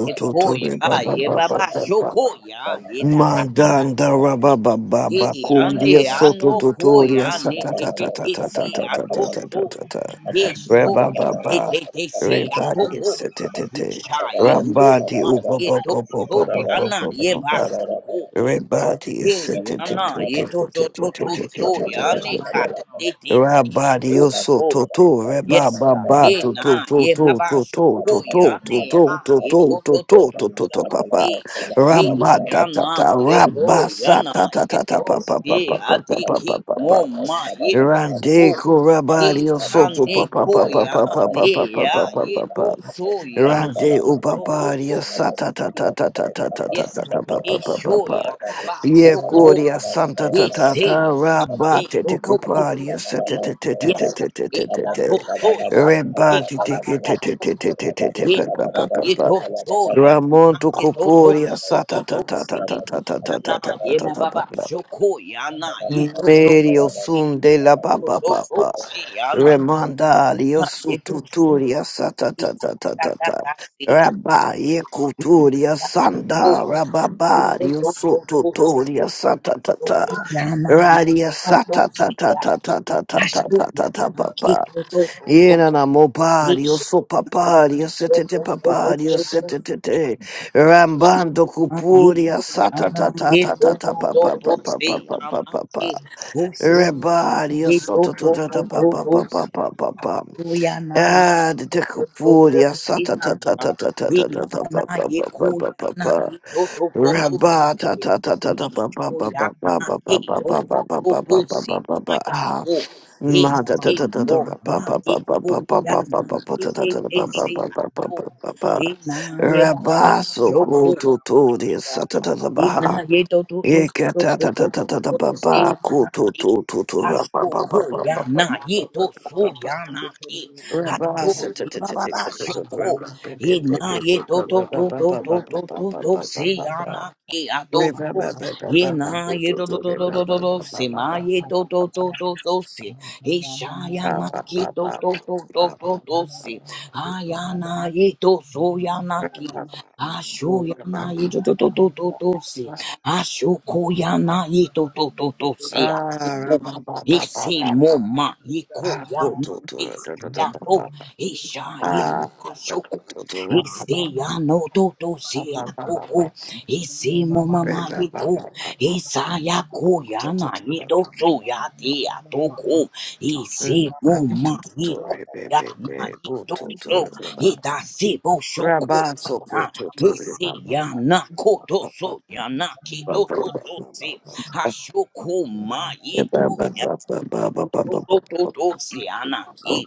Speaker 5: Ye koya, ye baba shokoya, ye ta ta ta ta.
Speaker 1: Mandanda raba ba ba
Speaker 5: Ye
Speaker 1: ba kumbia
Speaker 5: ane
Speaker 1: soto
Speaker 5: ano koya,
Speaker 1: totoria sa
Speaker 5: ne
Speaker 1: ta
Speaker 5: te
Speaker 1: ta
Speaker 5: te
Speaker 1: ta ta
Speaker 5: te
Speaker 1: ta ta
Speaker 5: se
Speaker 1: ta ta ta
Speaker 5: ato so.
Speaker 1: ta ta ta
Speaker 5: Ye shoya, te
Speaker 1: Rabababa,
Speaker 5: te te se ato
Speaker 1: Rabadi,
Speaker 5: ko.
Speaker 1: Satete,
Speaker 5: Ucha ye ko
Speaker 1: Rabadi,
Speaker 5: ma ye to to
Speaker 2: Shabala
Speaker 5: yana ye ba
Speaker 1: Ubababababababababa,
Speaker 5: shoko.
Speaker 1: Rabadi,
Speaker 5: Ye
Speaker 1: Satete,
Speaker 5: yana ye to to to to so ya ne ka te te te se ato
Speaker 1: Rabadi, Oso,
Speaker 5: so.
Speaker 1: Toto,
Speaker 5: Yes, God.
Speaker 1: Rabababa,
Speaker 5: Yeah,
Speaker 1: Toto,
Speaker 5: nah. Yeah,
Speaker 1: Toto,
Speaker 5: Baba
Speaker 1: Toto,
Speaker 5: Shoko.
Speaker 1: Toto,
Speaker 5: Yeah,
Speaker 1: Toto,
Speaker 5: nah. Ha. Yeah,
Speaker 1: Toto,
Speaker 5: to, to, to, to,
Speaker 1: Toto,
Speaker 5: to,
Speaker 1: Toto,
Speaker 5: to,
Speaker 1: Papa,
Speaker 5: see. Hey, Yeah, ya na.
Speaker 1: Rabadatata,
Speaker 5: Yeah, to, ya na.
Speaker 1: Rabasata,
Speaker 5: Yeah,
Speaker 1: Papa,
Speaker 5: to,
Speaker 1: Papa,
Speaker 5: see. I
Speaker 1: Papa,
Speaker 5: ki
Speaker 1: Papa,
Speaker 5: he
Speaker 1: Papa,
Speaker 5: ma. Yeah, to,
Speaker 1: Rande
Speaker 5: so.
Speaker 2: Thank
Speaker 5: Yeah,
Speaker 1: korabari o
Speaker 5: ya
Speaker 1: soto pa
Speaker 5: nah.
Speaker 1: pa pa
Speaker 5: Ko,
Speaker 1: pa
Speaker 5: yeah,
Speaker 1: pa
Speaker 5: nah.
Speaker 1: pa pa pa pa
Speaker 5: ya.
Speaker 1: pa pa
Speaker 5: yeah,
Speaker 1: pa pa
Speaker 5: to, so, ya
Speaker 4: Thank
Speaker 5: na.
Speaker 1: Rande
Speaker 5: To, to,
Speaker 1: ubabari
Speaker 5: to,
Speaker 1: o
Speaker 5: to,
Speaker 1: sata ta
Speaker 5: see.
Speaker 1: ta ta ta ta ta ta
Speaker 5: Yes,
Speaker 1: ta
Speaker 5: God.
Speaker 1: ta pa pa
Speaker 5: Yeah,
Speaker 1: pa pa
Speaker 5: show,
Speaker 1: pa
Speaker 5: ya Baba
Speaker 1: Ye
Speaker 5: Shoko.
Speaker 1: koria santa ta
Speaker 5: Yes,
Speaker 1: ta ta
Speaker 5: hey, I'm hey,
Speaker 1: rabate
Speaker 5: go,
Speaker 1: te
Speaker 5: go, go, go,
Speaker 1: kopari
Speaker 5: hey.
Speaker 1: sete te te te te
Speaker 5: Yes, God,
Speaker 1: te te
Speaker 5: hey,
Speaker 1: te te
Speaker 5: I
Speaker 1: te
Speaker 5: go, so, yeah, hey,
Speaker 1: Rebate
Speaker 5: ba,
Speaker 1: te
Speaker 5: ba, ba,
Speaker 1: te
Speaker 5: ba,
Speaker 1: te te
Speaker 5: so,
Speaker 1: te
Speaker 5: so,
Speaker 1: te te te te
Speaker 5: yeah,
Speaker 1: pa pa
Speaker 5: uh,
Speaker 1: pa
Speaker 5: it
Speaker 1: pa pa
Speaker 5: go, so, yeah, uh,
Speaker 1: Ramonto
Speaker 5: it go, go,
Speaker 1: koporia
Speaker 5: go, go,
Speaker 1: sata
Speaker 5: go,
Speaker 1: ta
Speaker 5: go,
Speaker 1: ta ta ta
Speaker 5: see,
Speaker 1: ta ta ta
Speaker 5: uh,
Speaker 1: ta
Speaker 5: nah,
Speaker 1: ta ta
Speaker 5: yeah,
Speaker 1: ta
Speaker 5: ba,
Speaker 1: ta
Speaker 5: ba,
Speaker 1: pa
Speaker 5: ba,
Speaker 1: pa
Speaker 5: so, cool, yeah, nah, it go, go,
Speaker 1: Medio
Speaker 5: go, see,
Speaker 1: sun de la pa
Speaker 5: go,
Speaker 1: pa
Speaker 5: go,
Speaker 1: pa
Speaker 5: go,
Speaker 1: pa.
Speaker 2: you.
Speaker 5: see, yeah, nah,
Speaker 4: you.
Speaker 1: Remanda
Speaker 5: uh, it go, so,
Speaker 1: Liosututuria Sata
Speaker 5: see,
Speaker 1: Tata Tata
Speaker 5: da, da, da,
Speaker 1: Tata
Speaker 5: da, see, uh,
Speaker 1: Rabba Yekuturia
Speaker 5: oh,
Speaker 1: Sanda
Speaker 5: it
Speaker 1: Rababa
Speaker 5: go, go, go, go, see,
Speaker 1: Liosututuria Sata Tata
Speaker 5: Yana
Speaker 1: Radia Sata Tata Tata Tata Tata Tata Papa Yena na Mopario Sopaparia Setete Paparia Setete Rambando Cupuria Sata Tata Tata Tata Papa Papa Papa Papa Rebadi asata ta ta ta pa pa pa pa pa pa pa.
Speaker 5: Yana ye Kuyana
Speaker 1: Ah, the
Speaker 5: yatotototo
Speaker 1: dekapuri asata ta ta
Speaker 5: sihana.
Speaker 1: ta ta ta ta ta ta
Speaker 5: Yana
Speaker 1: pa pa pa pa pa pa
Speaker 5: yekuyana
Speaker 1: pa.
Speaker 5: yatotototo.
Speaker 1: Rabata ta ta ta ta pa pa pa pa pa
Speaker 5: Yichoyana
Speaker 1: pa pa pa pa pa pa
Speaker 5: kiyotototo
Speaker 1: pa pa pa pa pa pa.
Speaker 5: simaya
Speaker 1: Ah,
Speaker 5: ko. ye
Speaker 1: ma ta ta
Speaker 5: si
Speaker 4: Thank
Speaker 1: ta ta ta
Speaker 5: mo
Speaker 1: pa
Speaker 5: ma
Speaker 1: pa pa
Speaker 5: ye
Speaker 1: pa pa pa
Speaker 5: ko
Speaker 1: pa pa
Speaker 5: yana
Speaker 1: pa pa
Speaker 5: ye
Speaker 1: ta ta
Speaker 5: ye
Speaker 1: ta ta
Speaker 5: ye
Speaker 1: pa pa
Speaker 5: si
Speaker 1: pa
Speaker 5: ha
Speaker 1: pa pa
Speaker 5: yekuyana
Speaker 1: pa pa pa.
Speaker 5: tetete ba Rina
Speaker 1: Rabaso
Speaker 5: yebaba
Speaker 1: kuto to the asata ta ta pa.
Speaker 5: Ina ye do do do
Speaker 1: Rabba,
Speaker 5: do do do do do se na ki haso ko ya na ye do so ya na ki haso ye ba ba ba sho ko ye na ye do do do do do do do do se ya na ki ya do so ye na ye do do do do do do do se ma ye do do do do do se he sha ya na ki do do do do do do se ha ya na ye do so ya na ki Ashoyana ito to to to to si.
Speaker 4: you. Thank
Speaker 5: Ashokoyana ito to to to
Speaker 1: Ah,
Speaker 5: si. Ese moma yiko ya
Speaker 1: go
Speaker 5: na
Speaker 1: to
Speaker 5: ese ya bo
Speaker 1: to
Speaker 5: isha ye
Speaker 1: Ah, the
Speaker 5: bashoko
Speaker 1: crypto to run. Ba,
Speaker 5: ese ya no do do se ya koko ese moma ma yiko esa ya ko ya na ni do so ya te ya to ko ese
Speaker 1: Mm,
Speaker 5: moma yiko ya na ni do so ita se bo shoko
Speaker 1: so,
Speaker 5: na ese ya na ko do so ya na ki do do do se Hashoku ma to to to to siana ki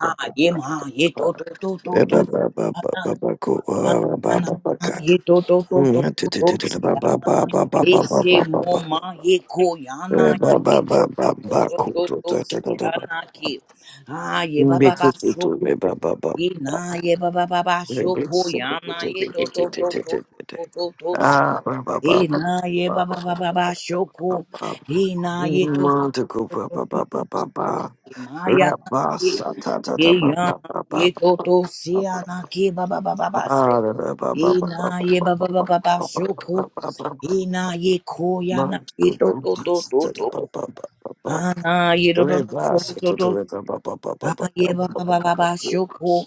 Speaker 5: ha ye ma ye to to to to to siana ha
Speaker 1: ah,
Speaker 5: na na na, ye to to to to
Speaker 1: Mm,
Speaker 5: to to siana ye se mo ma ye ko yana
Speaker 1: ba
Speaker 5: ye to
Speaker 1: ba ba
Speaker 5: to
Speaker 1: ba
Speaker 5: to
Speaker 1: ba
Speaker 5: to
Speaker 1: ko
Speaker 5: to
Speaker 1: to
Speaker 5: to
Speaker 1: ta ta ta ta ba.
Speaker 5: siana ki ha ye ba
Speaker 1: Be
Speaker 5: ba ba
Speaker 1: ko to
Speaker 5: so
Speaker 1: to
Speaker 5: ko
Speaker 1: re ba ba ba.
Speaker 5: ye na ye ba ba ba ba
Speaker 1: Re
Speaker 5: so
Speaker 1: be
Speaker 5: ko
Speaker 1: se ko to to
Speaker 5: yana ye
Speaker 1: te
Speaker 5: to
Speaker 1: te
Speaker 5: to
Speaker 1: te te
Speaker 5: to
Speaker 1: te
Speaker 5: to
Speaker 1: te te te.
Speaker 5: to to to si-
Speaker 1: Ah ba ba ba
Speaker 5: ye
Speaker 1: ba
Speaker 5: na ye
Speaker 1: ba
Speaker 5: ba ba ba
Speaker 1: ba
Speaker 5: ba ba so ko
Speaker 1: ba ba.
Speaker 5: ye na ye to
Speaker 1: Ma to ko ba ba ba ba ba ba.
Speaker 5: Maya
Speaker 1: Ra ba sa ta ta
Speaker 5: ye
Speaker 1: ta ba ba
Speaker 5: yana
Speaker 1: ba ba
Speaker 5: ye
Speaker 1: ba.
Speaker 5: toto
Speaker 1: ba ba.
Speaker 5: siana ki ba ba ba ba ba se
Speaker 1: Ah ra ra ba ba ba ba
Speaker 5: ina
Speaker 1: ba
Speaker 5: ye ba ba
Speaker 1: ba ba
Speaker 5: ba
Speaker 1: ba
Speaker 5: ba ba
Speaker 1: ba ba
Speaker 5: shoku
Speaker 1: ba ba ba ba.
Speaker 5: ina ye ko
Speaker 1: Ma
Speaker 5: yana ye
Speaker 1: kuto
Speaker 5: toto to to
Speaker 1: ta ta
Speaker 5: to
Speaker 1: ba ba ba ba ba.
Speaker 5: ana ye do do do do do
Speaker 1: Rebasa
Speaker 5: do
Speaker 1: to
Speaker 5: do
Speaker 1: the river, ba- ba- ba- ba- ba-
Speaker 5: ah
Speaker 1: ba-
Speaker 5: ye
Speaker 1: ba-
Speaker 5: ba
Speaker 1: ba-
Speaker 5: ba ba
Speaker 1: ba-
Speaker 5: ba
Speaker 1: ba-
Speaker 5: ba
Speaker 1: ba-
Speaker 5: shoku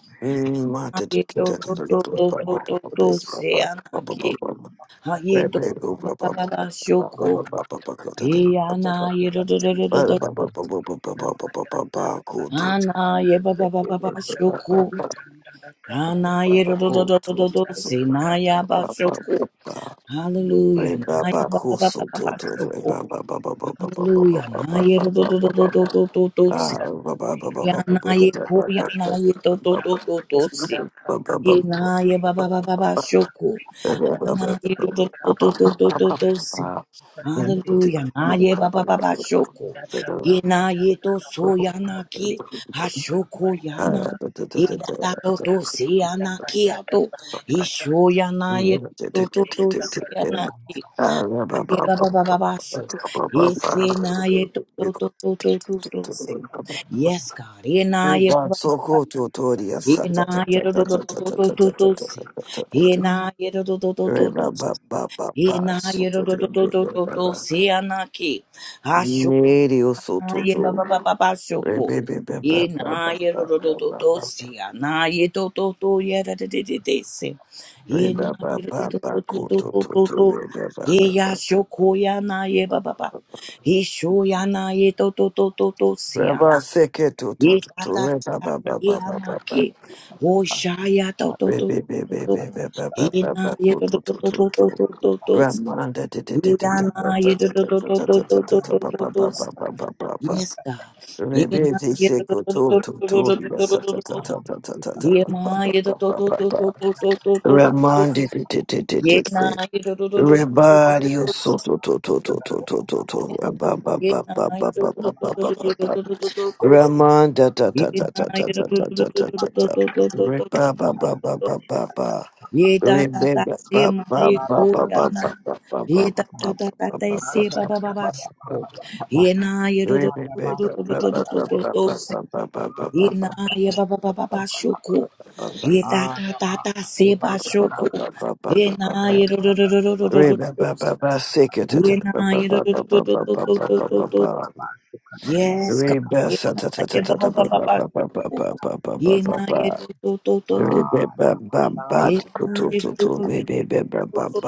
Speaker 5: ah
Speaker 1: Remata to
Speaker 5: ye
Speaker 1: the
Speaker 5: to
Speaker 1: cat
Speaker 5: to
Speaker 1: and the
Speaker 5: to to
Speaker 1: club, ba-
Speaker 5: to
Speaker 1: ba-
Speaker 5: to
Speaker 1: ba- ba-
Speaker 5: to
Speaker 1: base, ba- ba-
Speaker 5: siana
Speaker 1: ba- ba- ba-
Speaker 5: ki
Speaker 1: ba- ba.
Speaker 5: ah ye to
Speaker 1: Rebe- go-
Speaker 5: ba
Speaker 1: ba-
Speaker 5: ba
Speaker 1: ba-
Speaker 5: ba
Speaker 1: ba-
Speaker 5: ba
Speaker 1: ba- ba- ba-
Speaker 5: shoku
Speaker 1: ba- ba- ba- go to
Speaker 7: Thank
Speaker 1: the-
Speaker 5: ye
Speaker 1: ba- ba- ba-
Speaker 5: ana ye do
Speaker 1: ba.
Speaker 5: do do do do
Speaker 1: Ba-
Speaker 5: do
Speaker 1: ba-
Speaker 5: do
Speaker 1: ba- ba- ba- ba- ba- ba- ba- ba- ba- ba- go to-
Speaker 5: ana ye ba ba
Speaker 1: Re-
Speaker 5: ba
Speaker 1: re-
Speaker 5: ba ba
Speaker 1: re- re- ba-
Speaker 5: shoku
Speaker 1: ba- ba- ba- oh,
Speaker 5: Hallelujah.
Speaker 1: to- to- to- ba- ba- ba- ba- ba.
Speaker 5: Hallelujah.
Speaker 1: Re- ba-
Speaker 5: Naya
Speaker 1: ba-
Speaker 5: ba ba
Speaker 1: go
Speaker 5: ba ba
Speaker 1: so-
Speaker 5: ba
Speaker 1: to-
Speaker 5: ba
Speaker 1: to- re-
Speaker 5: shoko
Speaker 1: ba- ba- ba- ba- ba- ba- ba- ba- ba-
Speaker 5: Hallelujah. Naya Bakshoko. Hallelujah. do
Speaker 1: ba- ba- ba- ba-
Speaker 5: do do
Speaker 1: ba-
Speaker 5: do
Speaker 1: ba- ba-
Speaker 5: do do do
Speaker 1: Ah,
Speaker 5: si. Ya naya ko ya naya do do do do do si. Ye naya ba ba ba ba ba shoko. Naya ro do do do do do do do si. Hallelujah. Na ye ba ba shoko. Ye na ye to so ya na ki. Ha shoko ya na. Ye da da to to se ya na ki ya to. Ye
Speaker 7: you.
Speaker 5: sho ya na ye to to to se ya na ki. Na ye ba ba ba sho. Ye se na ye to to to to to to to se. Yes, God. Ye na ye
Speaker 1: Riba
Speaker 5: ba
Speaker 1: soko tutoria
Speaker 5: Ye
Speaker 1: sata
Speaker 5: na
Speaker 1: tata
Speaker 5: ye to to to
Speaker 1: tata
Speaker 5: to
Speaker 1: tata
Speaker 5: to to
Speaker 1: tata
Speaker 5: to to
Speaker 1: tata
Speaker 5: se.
Speaker 1: tata
Speaker 5: Ye
Speaker 1: tata.
Speaker 5: na ye to to to to to to
Speaker 1: Riba ba ba ba ba
Speaker 5: Ina yero
Speaker 1: soto
Speaker 5: do do
Speaker 1: riba
Speaker 5: do do do
Speaker 1: riba
Speaker 5: do
Speaker 1: ba.
Speaker 5: sianaki. Asho
Speaker 1: Neri o
Speaker 5: na
Speaker 1: soto
Speaker 5: ye ba
Speaker 1: to.
Speaker 5: ba ba ba ba shoko.
Speaker 1: Riba riba ba ba ba
Speaker 5: Ina
Speaker 1: ba
Speaker 5: yero do do
Speaker 1: ba
Speaker 5: do do
Speaker 1: ba ba.
Speaker 5: siana ye do do do ye da de de de de se. Ina
Speaker 1: Riba ba
Speaker 5: yero
Speaker 1: ba
Speaker 5: do
Speaker 1: ba
Speaker 5: do do do
Speaker 1: koto
Speaker 5: do
Speaker 1: to
Speaker 5: do
Speaker 1: to
Speaker 5: do.
Speaker 1: riba ba
Speaker 5: Ye
Speaker 1: ba ba.
Speaker 5: ya shoko ya na ye ba ba ba. He sho ya na ye do do do do do sia.
Speaker 1: Riba seke to to
Speaker 5: Ye
Speaker 1: to to
Speaker 5: ta ta
Speaker 1: riba
Speaker 5: ta
Speaker 1: ba ba
Speaker 5: ye
Speaker 1: ba ba ba ba.
Speaker 5: anaki. O sha ya do do do
Speaker 1: Riba
Speaker 5: do
Speaker 1: riba riba
Speaker 5: do.
Speaker 1: riba ba ba ba ba
Speaker 5: Ina yero do
Speaker 1: koto to
Speaker 5: do
Speaker 1: to to.
Speaker 5: do
Speaker 1: to.
Speaker 5: do do do do
Speaker 1: Ramanda di- di- di- di- di-
Speaker 5: Yana, yada, do, do, do, do, do, do, do,
Speaker 1: ba-
Speaker 5: do,
Speaker 1: ba- ba- ba- ba- ba- ba-
Speaker 5: do.
Speaker 1: ba- ba- ba- ba- ba- ba- ba- ba- ba- ba.
Speaker 5: Yes, God.
Speaker 1: Rebe
Speaker 5: Yana,
Speaker 1: di
Speaker 5: yada, do,
Speaker 1: seko
Speaker 5: do,
Speaker 1: to-
Speaker 5: do,
Speaker 1: to-
Speaker 5: do,
Speaker 1: to-
Speaker 5: do,
Speaker 1: di-
Speaker 5: do,
Speaker 1: ba-
Speaker 5: do,
Speaker 1: sa- ta-
Speaker 5: do, do,
Speaker 1: ta-
Speaker 5: do.
Speaker 1: ta- ta- ta- ta- ta- ba- ba-
Speaker 5: Yema,
Speaker 1: ba-
Speaker 5: yada,
Speaker 1: ba-
Speaker 5: do,
Speaker 1: ba-
Speaker 5: do,
Speaker 1: ba-
Speaker 5: do,
Speaker 1: ba.
Speaker 5: do, do, do, do, do, do, do.
Speaker 1: Ramandi di- di- di- di-
Speaker 4: Thank
Speaker 1: di- di.
Speaker 5: Yena, yada, do, do, do, do, do, do, do,
Speaker 1: Rebadi o so-
Speaker 5: do.
Speaker 1: to- to- to- to- to- to- to- to. Ra- ba- ba- ba-
Speaker 5: Yena,
Speaker 1: ba- ba-
Speaker 5: yada, do,
Speaker 1: ba-
Speaker 5: do,
Speaker 1: ba-
Speaker 5: do,
Speaker 1: ba-
Speaker 5: do, do,
Speaker 1: ba-
Speaker 5: do,
Speaker 1: ba- ba.
Speaker 5: do, do, do, do, do.
Speaker 1: Ramanda ta- ta- ta- ta-
Speaker 5: Yena,
Speaker 1: ta-
Speaker 5: yada,
Speaker 1: ta-
Speaker 5: do, do,
Speaker 1: ta-
Speaker 5: do,
Speaker 1: ta- ta-
Speaker 5: do, do, do, do, do, do, do,
Speaker 1: ta- ta.
Speaker 5: do,
Speaker 1: Re-
Speaker 5: do,
Speaker 1: ba-
Speaker 5: do,
Speaker 1: ba- ba-
Speaker 5: do,
Speaker 1: ba-
Speaker 5: do.
Speaker 1: ba-
Speaker 4: you.
Speaker 1: ba- ba.
Speaker 5: Ye ta ta ta te ma ye
Speaker 4: Baba,
Speaker 5: ko
Speaker 1: Remember,
Speaker 5: ya na. Ye ta ta ta ta te se ba ba ba ba sho. Ye na ye do do do do do do do do do do do. Ye na ye ba ba ba ba ba sho Ye ta ta ta ta se ba sho Ye na ye do do do do do do do do do. Ye na ye do do do do do do do do do. do. Yes, God. Ye na ye ba ba ba
Speaker 4: Arima
Speaker 5: ba ba sho Ye na ye do do do do do. Ye na ye do do do do do. do.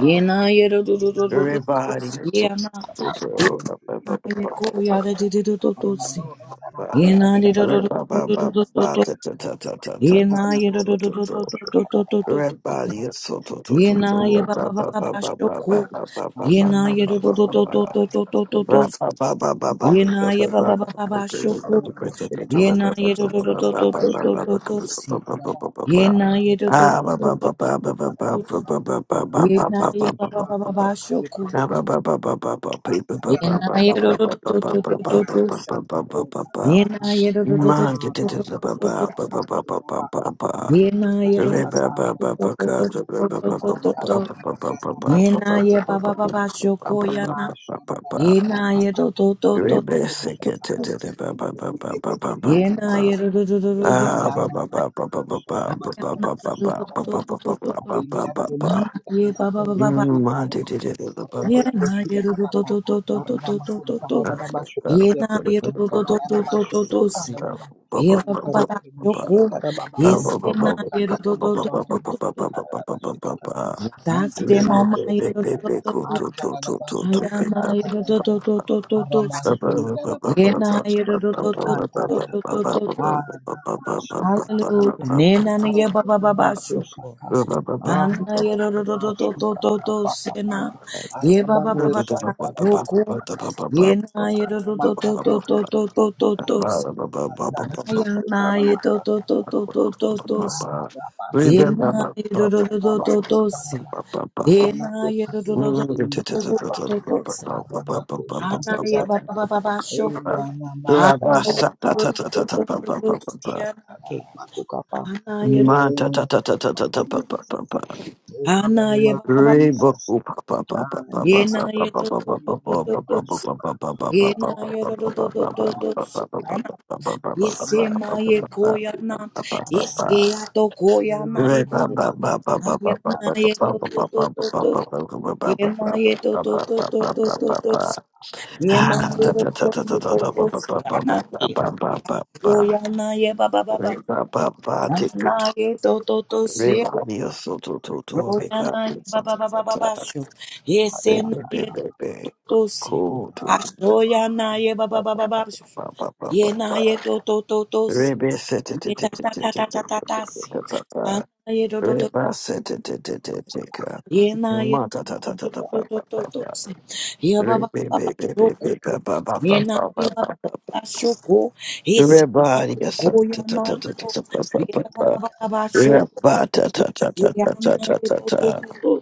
Speaker 5: Yena yero do do do do do do
Speaker 1: Everybody.
Speaker 5: si
Speaker 1: So-
Speaker 5: yana
Speaker 1: so- so- so,
Speaker 5: aye ko yada di do do do do si. Yena di do do do do do do do do do. Yena yero do do do do
Speaker 1: so.
Speaker 5: do do do do do do.
Speaker 1: Everybody is so to to to
Speaker 5: Yena ye
Speaker 1: to
Speaker 5: ba ba ba ba ba shoko. Yena
Speaker 4: na
Speaker 5: yero do
Speaker 4: mashara
Speaker 5: do
Speaker 4: na
Speaker 5: do do do
Speaker 4: makala
Speaker 5: do do do do.
Speaker 1: red
Speaker 5: si.
Speaker 4: makulpa
Speaker 1: ba ba ba ba ba ba ba ba ba ba ba ba ba ba ba Ra ba ba ba ba ba ba
Speaker 5: Yena
Speaker 1: ba
Speaker 5: ye
Speaker 1: ba
Speaker 5: ba
Speaker 1: ba
Speaker 5: ba ba
Speaker 1: ba.
Speaker 5: ba ba
Speaker 1: Okay, let's
Speaker 5: shoko.
Speaker 1: get it, let's get it, let's
Speaker 5: Yena
Speaker 1: get it,
Speaker 5: yero do
Speaker 1: ba
Speaker 5: do
Speaker 1: ba
Speaker 5: do
Speaker 1: ba ba
Speaker 5: do
Speaker 1: ba
Speaker 5: do
Speaker 1: ba
Speaker 5: do do
Speaker 1: ba
Speaker 5: do si.
Speaker 1: ba ba ba ba ba ba.
Speaker 5: Yena yero do do
Speaker 1: Ah, ba
Speaker 5: do
Speaker 1: ba
Speaker 5: do do
Speaker 1: ba
Speaker 5: do.
Speaker 1: ba ba ba ba ba ba ba ba ba ba
Speaker 5: Yena
Speaker 1: ba
Speaker 5: ye ba
Speaker 1: ba
Speaker 5: ba
Speaker 1: ba
Speaker 5: ba
Speaker 1: ba
Speaker 5: ba
Speaker 1: ba.
Speaker 5: ba shoko.
Speaker 4: Ramakusha,
Speaker 5: Ye ye do do do do do do Yena yero do, do do do do do do do Yena yero do do, do do do do
Speaker 4: Thank
Speaker 5: do do do Yena ye ba ba ba ba shoko yana. Yena yero do, do do do Yena yero do, do do do do Yana yero do do do do, ba ba ba ba ba ba ba ba, baba baba yenaye do do do do do do do do do.
Speaker 1: Ba ba
Speaker 5: Yena yerodododododosi. Yerabababashoko.
Speaker 4: you.
Speaker 5: Yesena
Speaker 4: Antara masuk
Speaker 5: yerododododododo. Yataste mama yerododododo. Ayama yerododododododosi. Yena yerodododododododododosi. Hallelujah. Nena nige babababashoko. Ana yerodododododododosena. Yebabababashoko.
Speaker 1: ba
Speaker 5: Yena
Speaker 1: ba Rebecca,
Speaker 5: yerododododododododosi. Ayamaye to to to to to to to.
Speaker 4: ke
Speaker 5: Yemaye do do do do do do.
Speaker 4: Aramakotarama,
Speaker 5: Yemaye do do do do do do do
Speaker 4: Aramakotarishindaraba,
Speaker 5: do do do. Anaye ba ba
Speaker 4: Aramakoshantidaraba,
Speaker 5: ba ba ba shoko. Anaye
Speaker 4: Enanamashandaraba,
Speaker 5: do do do do do do do. Yanake.
Speaker 4: Aramakoshandarabakukapa.
Speaker 5: Anaye
Speaker 4: In the name of Jesus, in the name
Speaker 5: Anaye
Speaker 4: of
Speaker 5: ba ba ba ba.
Speaker 4: Jesus, Anaba,
Speaker 5: Yenaye to to do do do do.
Speaker 4: Enamasuka, Oh,
Speaker 5: Yenaye do do do do
Speaker 4: Mama
Speaker 5: do
Speaker 4: suka,
Speaker 5: do.
Speaker 4: Mamasuka,
Speaker 5: Yesema ye koyana,
Speaker 4: Antanamasuka, Anama,
Speaker 5: yeske yato koyana
Speaker 1: Cool.
Speaker 5: ye,
Speaker 4: Enama,
Speaker 5: ayana ye to to to
Speaker 4: Anama,
Speaker 5: to to, yema ye to to to to to to to, yema ye to to to to to, yana ye, koyana ye ba ba ba ba, yana ye to to to se, koyana ye ba ba ba ba ba ba sho, yesena ye to to to se, asho yana ye ba ba ba ba ba sho, yena ye to to to to si, ye ta ta ta ta ta ta ta si. Ana ye do do do,
Speaker 1: Rebaseteteteteteka.
Speaker 5: ye na ye do do do do do do si.
Speaker 1: Matatatatapapapapa.
Speaker 5: Ye ba ba ba ba shoko, ye na ye ba
Speaker 1: Rebebebebebebabababababababa.
Speaker 5: ba ba ba shoko, ye si na ye ko ya na ye do, ye ba ba
Speaker 1: Rebarigasatatatatatatatapapapa.
Speaker 5: ba ba ba shoko, ye si ya na ye do do
Speaker 1: Rebatatatatatatatata.
Speaker 5: do do,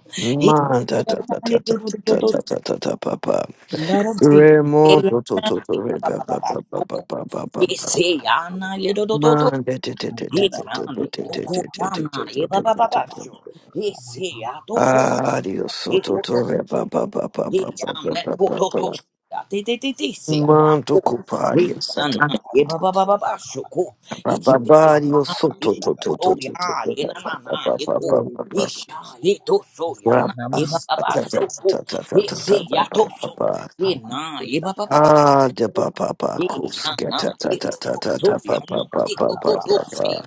Speaker 5: ye si ya na ye do do do do do.
Speaker 1: Mantatatatatatatatatatatapapa.
Speaker 5: Blood of Jesus. Ye ya na
Speaker 1: Remontotototo.
Speaker 5: ye ba ba ba ba shoko, ye
Speaker 1: Rebabababababababa.
Speaker 5: si ya na ye do do do do.
Speaker 1: Man,
Speaker 5: He ran the toko yana, eba baba basho. He se a toko,
Speaker 1: Ah, Dios,
Speaker 5: he
Speaker 1: soto
Speaker 5: hoto,
Speaker 1: torre, pa pa pa pa
Speaker 5: he
Speaker 1: pa
Speaker 5: ran
Speaker 1: pa pa
Speaker 5: the
Speaker 1: pa pa
Speaker 5: toto
Speaker 1: pa.
Speaker 5: tosia, te te te te sea.
Speaker 1: Manto
Speaker 5: He
Speaker 1: copari,
Speaker 5: ran,
Speaker 1: sata.
Speaker 5: eba baba basho,
Speaker 1: Pa pa pa, Dios, soto to to to to to
Speaker 5: Soya,
Speaker 1: to pa pa
Speaker 5: Yenamana,
Speaker 1: pa pa
Speaker 5: Yeko,
Speaker 1: pa
Speaker 4: Glory
Speaker 1: pa
Speaker 4: to
Speaker 1: pa.
Speaker 5: Yesha,
Speaker 4: Jesus.
Speaker 5: Yeto
Speaker 3: you.
Speaker 1: Ra-
Speaker 5: Soyana,
Speaker 1: a-
Speaker 4: Antanama
Speaker 1: a-
Speaker 5: Yebaba
Speaker 1: ta- ta-
Speaker 5: Soko,
Speaker 1: ta- ta- ta- ta- ta-
Speaker 5: Yese
Speaker 1: ta- pa
Speaker 5: Yato
Speaker 1: pa
Speaker 5: So,
Speaker 1: pa.
Speaker 5: Yena, Yebaba
Speaker 1: Ah, de pa
Speaker 5: Soko,
Speaker 1: pa pa, cusca,
Speaker 5: Yana,
Speaker 1: ta ta ta ta
Speaker 5: Yeto
Speaker 1: ta ta pa
Speaker 5: Soyana,
Speaker 1: pa
Speaker 4: shuka
Speaker 1: pa pa
Speaker 4: kaka
Speaker 5: Yeto
Speaker 1: pa
Speaker 5: Toto
Speaker 1: pa
Speaker 4: papa.
Speaker 1: pa.
Speaker 5: Sia,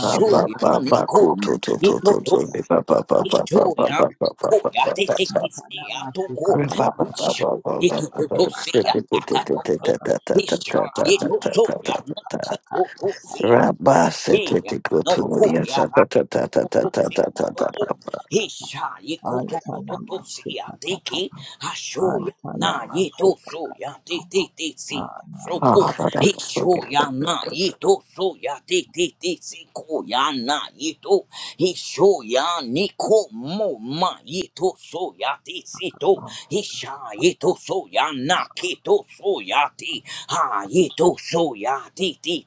Speaker 1: Pa pa pa pa,
Speaker 5: Niko,
Speaker 1: co to to to to
Speaker 5: Yeto
Speaker 1: to pa pa pa pa pa pa
Speaker 5: Yeshoya,
Speaker 1: pa pa pa
Speaker 5: Niko,
Speaker 1: pa pa
Speaker 5: Yate
Speaker 1: pa.
Speaker 5: Teki
Speaker 4: Antanama shuka
Speaker 5: Toko,
Speaker 4: kaka
Speaker 1: Thank you,
Speaker 4: papa.
Speaker 5: Yesha, Yeto Toto
Speaker 1: Jesus. Thank
Speaker 5: Tata Yesha, Yeto Soyana, Yeto To yeah, no cool, yeah, Hishoya Hito soya ti ti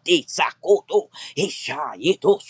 Speaker 5: ti sakoto. Hisha yito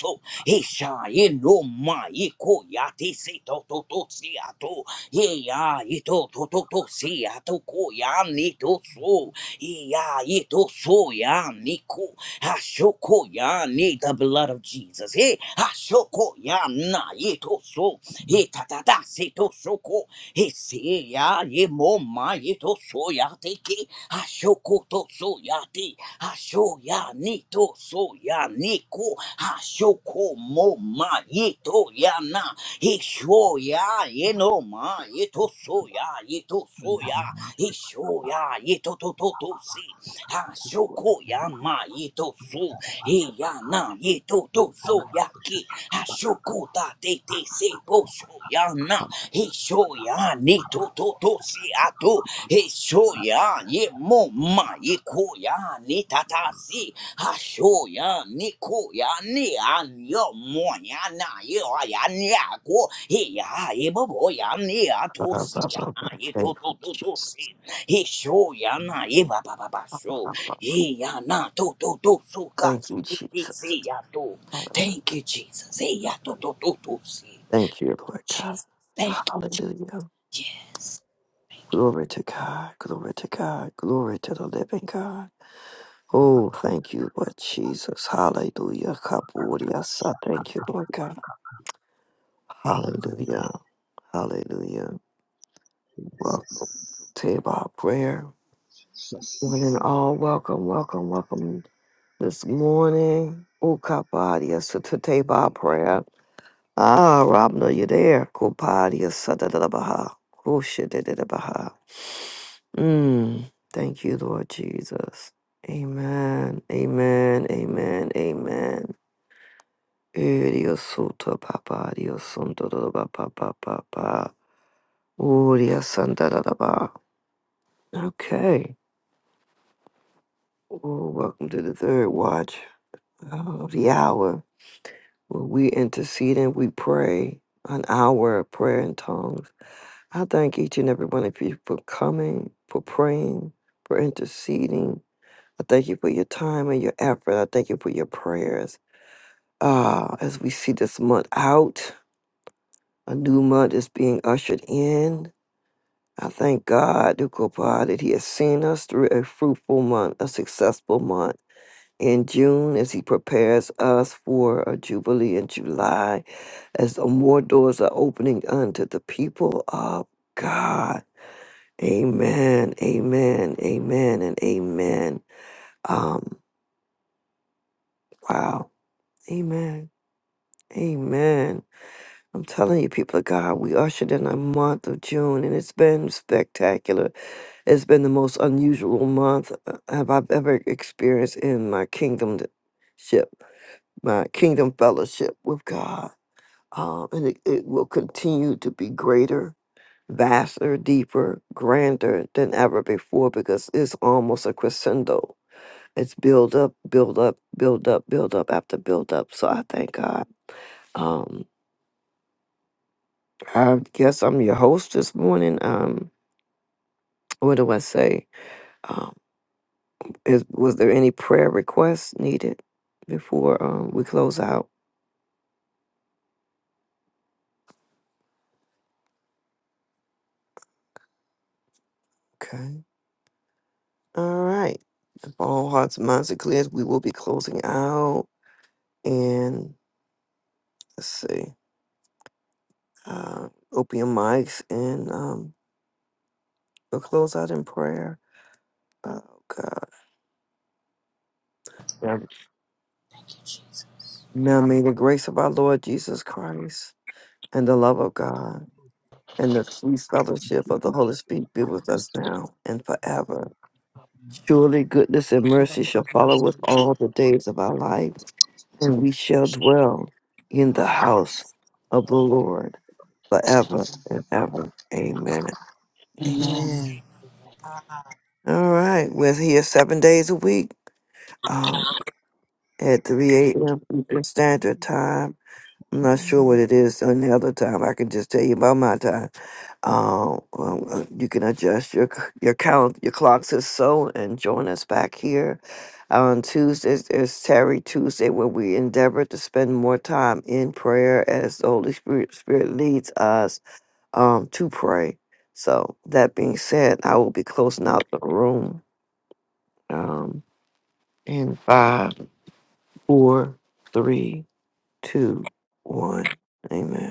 Speaker 5: Isha eno ma iko ya te se to to to si ato. Ye ya ito to to to si ato ko ya ni to so. Ye ya ito so ya ni ko. Hashoko ya ni the blood of Jesus. Hey, hashoko ya na ito so. He ta ta ta se to so Eseya ye mo ma ye to so ya te ke ashoko to so ya te asho ya ni to so ya ni ko ashoko mo ma ye to ya na isho ya ye no ma ye to so ya ye to so ya isho ya ye to to to to si ashoko ya ma ye to so e ya na ye to to so ya ki ashoko ta te te se bo so ya na he show ya ni to to to si ato. He show ya ye mo ma ye ko ya ni tata si. Ha show ya ni ko ya ni an yo mo ya na ye wa ya ni a ko. He ya ye bo bo ya ni a to si ya na ye to to to to si. He show ya na ye ba ba ba ba show. He ya na to to to so ka ti
Speaker 1: you,
Speaker 5: ti ti
Speaker 1: Jesus.
Speaker 5: si ya to. Thank you Jesus. He ya to to to to si.
Speaker 1: Thank you, Lord God.
Speaker 5: Jesus. Thank you.
Speaker 1: Hallelujah.
Speaker 5: Yes.
Speaker 1: Glory to God. Glory to God. Glory to the living God. Oh, thank you, Lord Jesus. Hallelujah. Kaburia sa. Thank you, Lord God. Hallelujah. Hallelujah. Welcome
Speaker 4: Jesus.
Speaker 1: to our prayer. One and all, welcome, welcome, welcome this morning. Ukapadiya Sutateba prayer. Ah, Rabna, you're there. Kupadiya Satadabaha. Kushitadabaha. Mm. Thank you, Lord Jesus. Amen. Amen. Amen. Amen. Uriya Sutta Papadiya Sundadaba Papa Papa. Uriya Sandadaba. Okay. Well, welcome to the third watch of the hour where we intercede and we pray an hour of prayer in tongues. I thank each and every one of you for coming, for praying, for interceding. I thank you for your time and your effort. I thank you for your prayers. Uh, as we see this month out, a new month is being ushered in. I thank God, Dukopa, that He has seen us through a fruitful month, a successful month. in June as he prepares us for a jubilee in July, as the more doors are opening unto the people of God. Amen, amen, amen, and amen. Um, wow, amen, amen. I'm telling you, people of God, we ushered in a month of June, and it's been spectacular. It's been the most unusual month uh, have I've ever experienced in my kingdom ship, my kingdom fellowship with God. um, and it, it will continue to be greater, vaster, deeper, grander than ever before because it's almost a crescendo. It's build up, build up, build up, build up after build up. So I thank God. Um, I guess I'm your host this morning. Um, what do I say? Um, is, was there any prayer requests needed before um, we close out? Okay. All right. If all hearts and minds are clear, we will be closing out. And let's see. uh, open your mics and um, we'll close out in prayer. Oh God. Yeah. Now may the grace of our Lord Jesus Christ and the love of God and the sweet fellowship of the Holy Spirit be with us
Speaker 7: Conditions
Speaker 1: now and forever. Surely goodness and mercy shall follow us all the days of our life, and we shall dwell in the house of the Lord forever and ever. Amen. Amen.
Speaker 5: Amen.
Speaker 4: Jesus.
Speaker 8: Amen.
Speaker 1: All right. We're here seven days a week. Um, at 3 a.m. Eastern Standard Time. I'm not sure what it is on the other time. I can just tell you about my time. Um, um, uh, you can adjust your c- your count, your clocks is so, and join us back here on Tuesdays. It's Terry Tuesday, where we endeavor to spend more time in prayer as the Holy Spirit Spirit leads us um to pray. So that being said, I will be closing out the room um, in five, four, three two, one. Amen.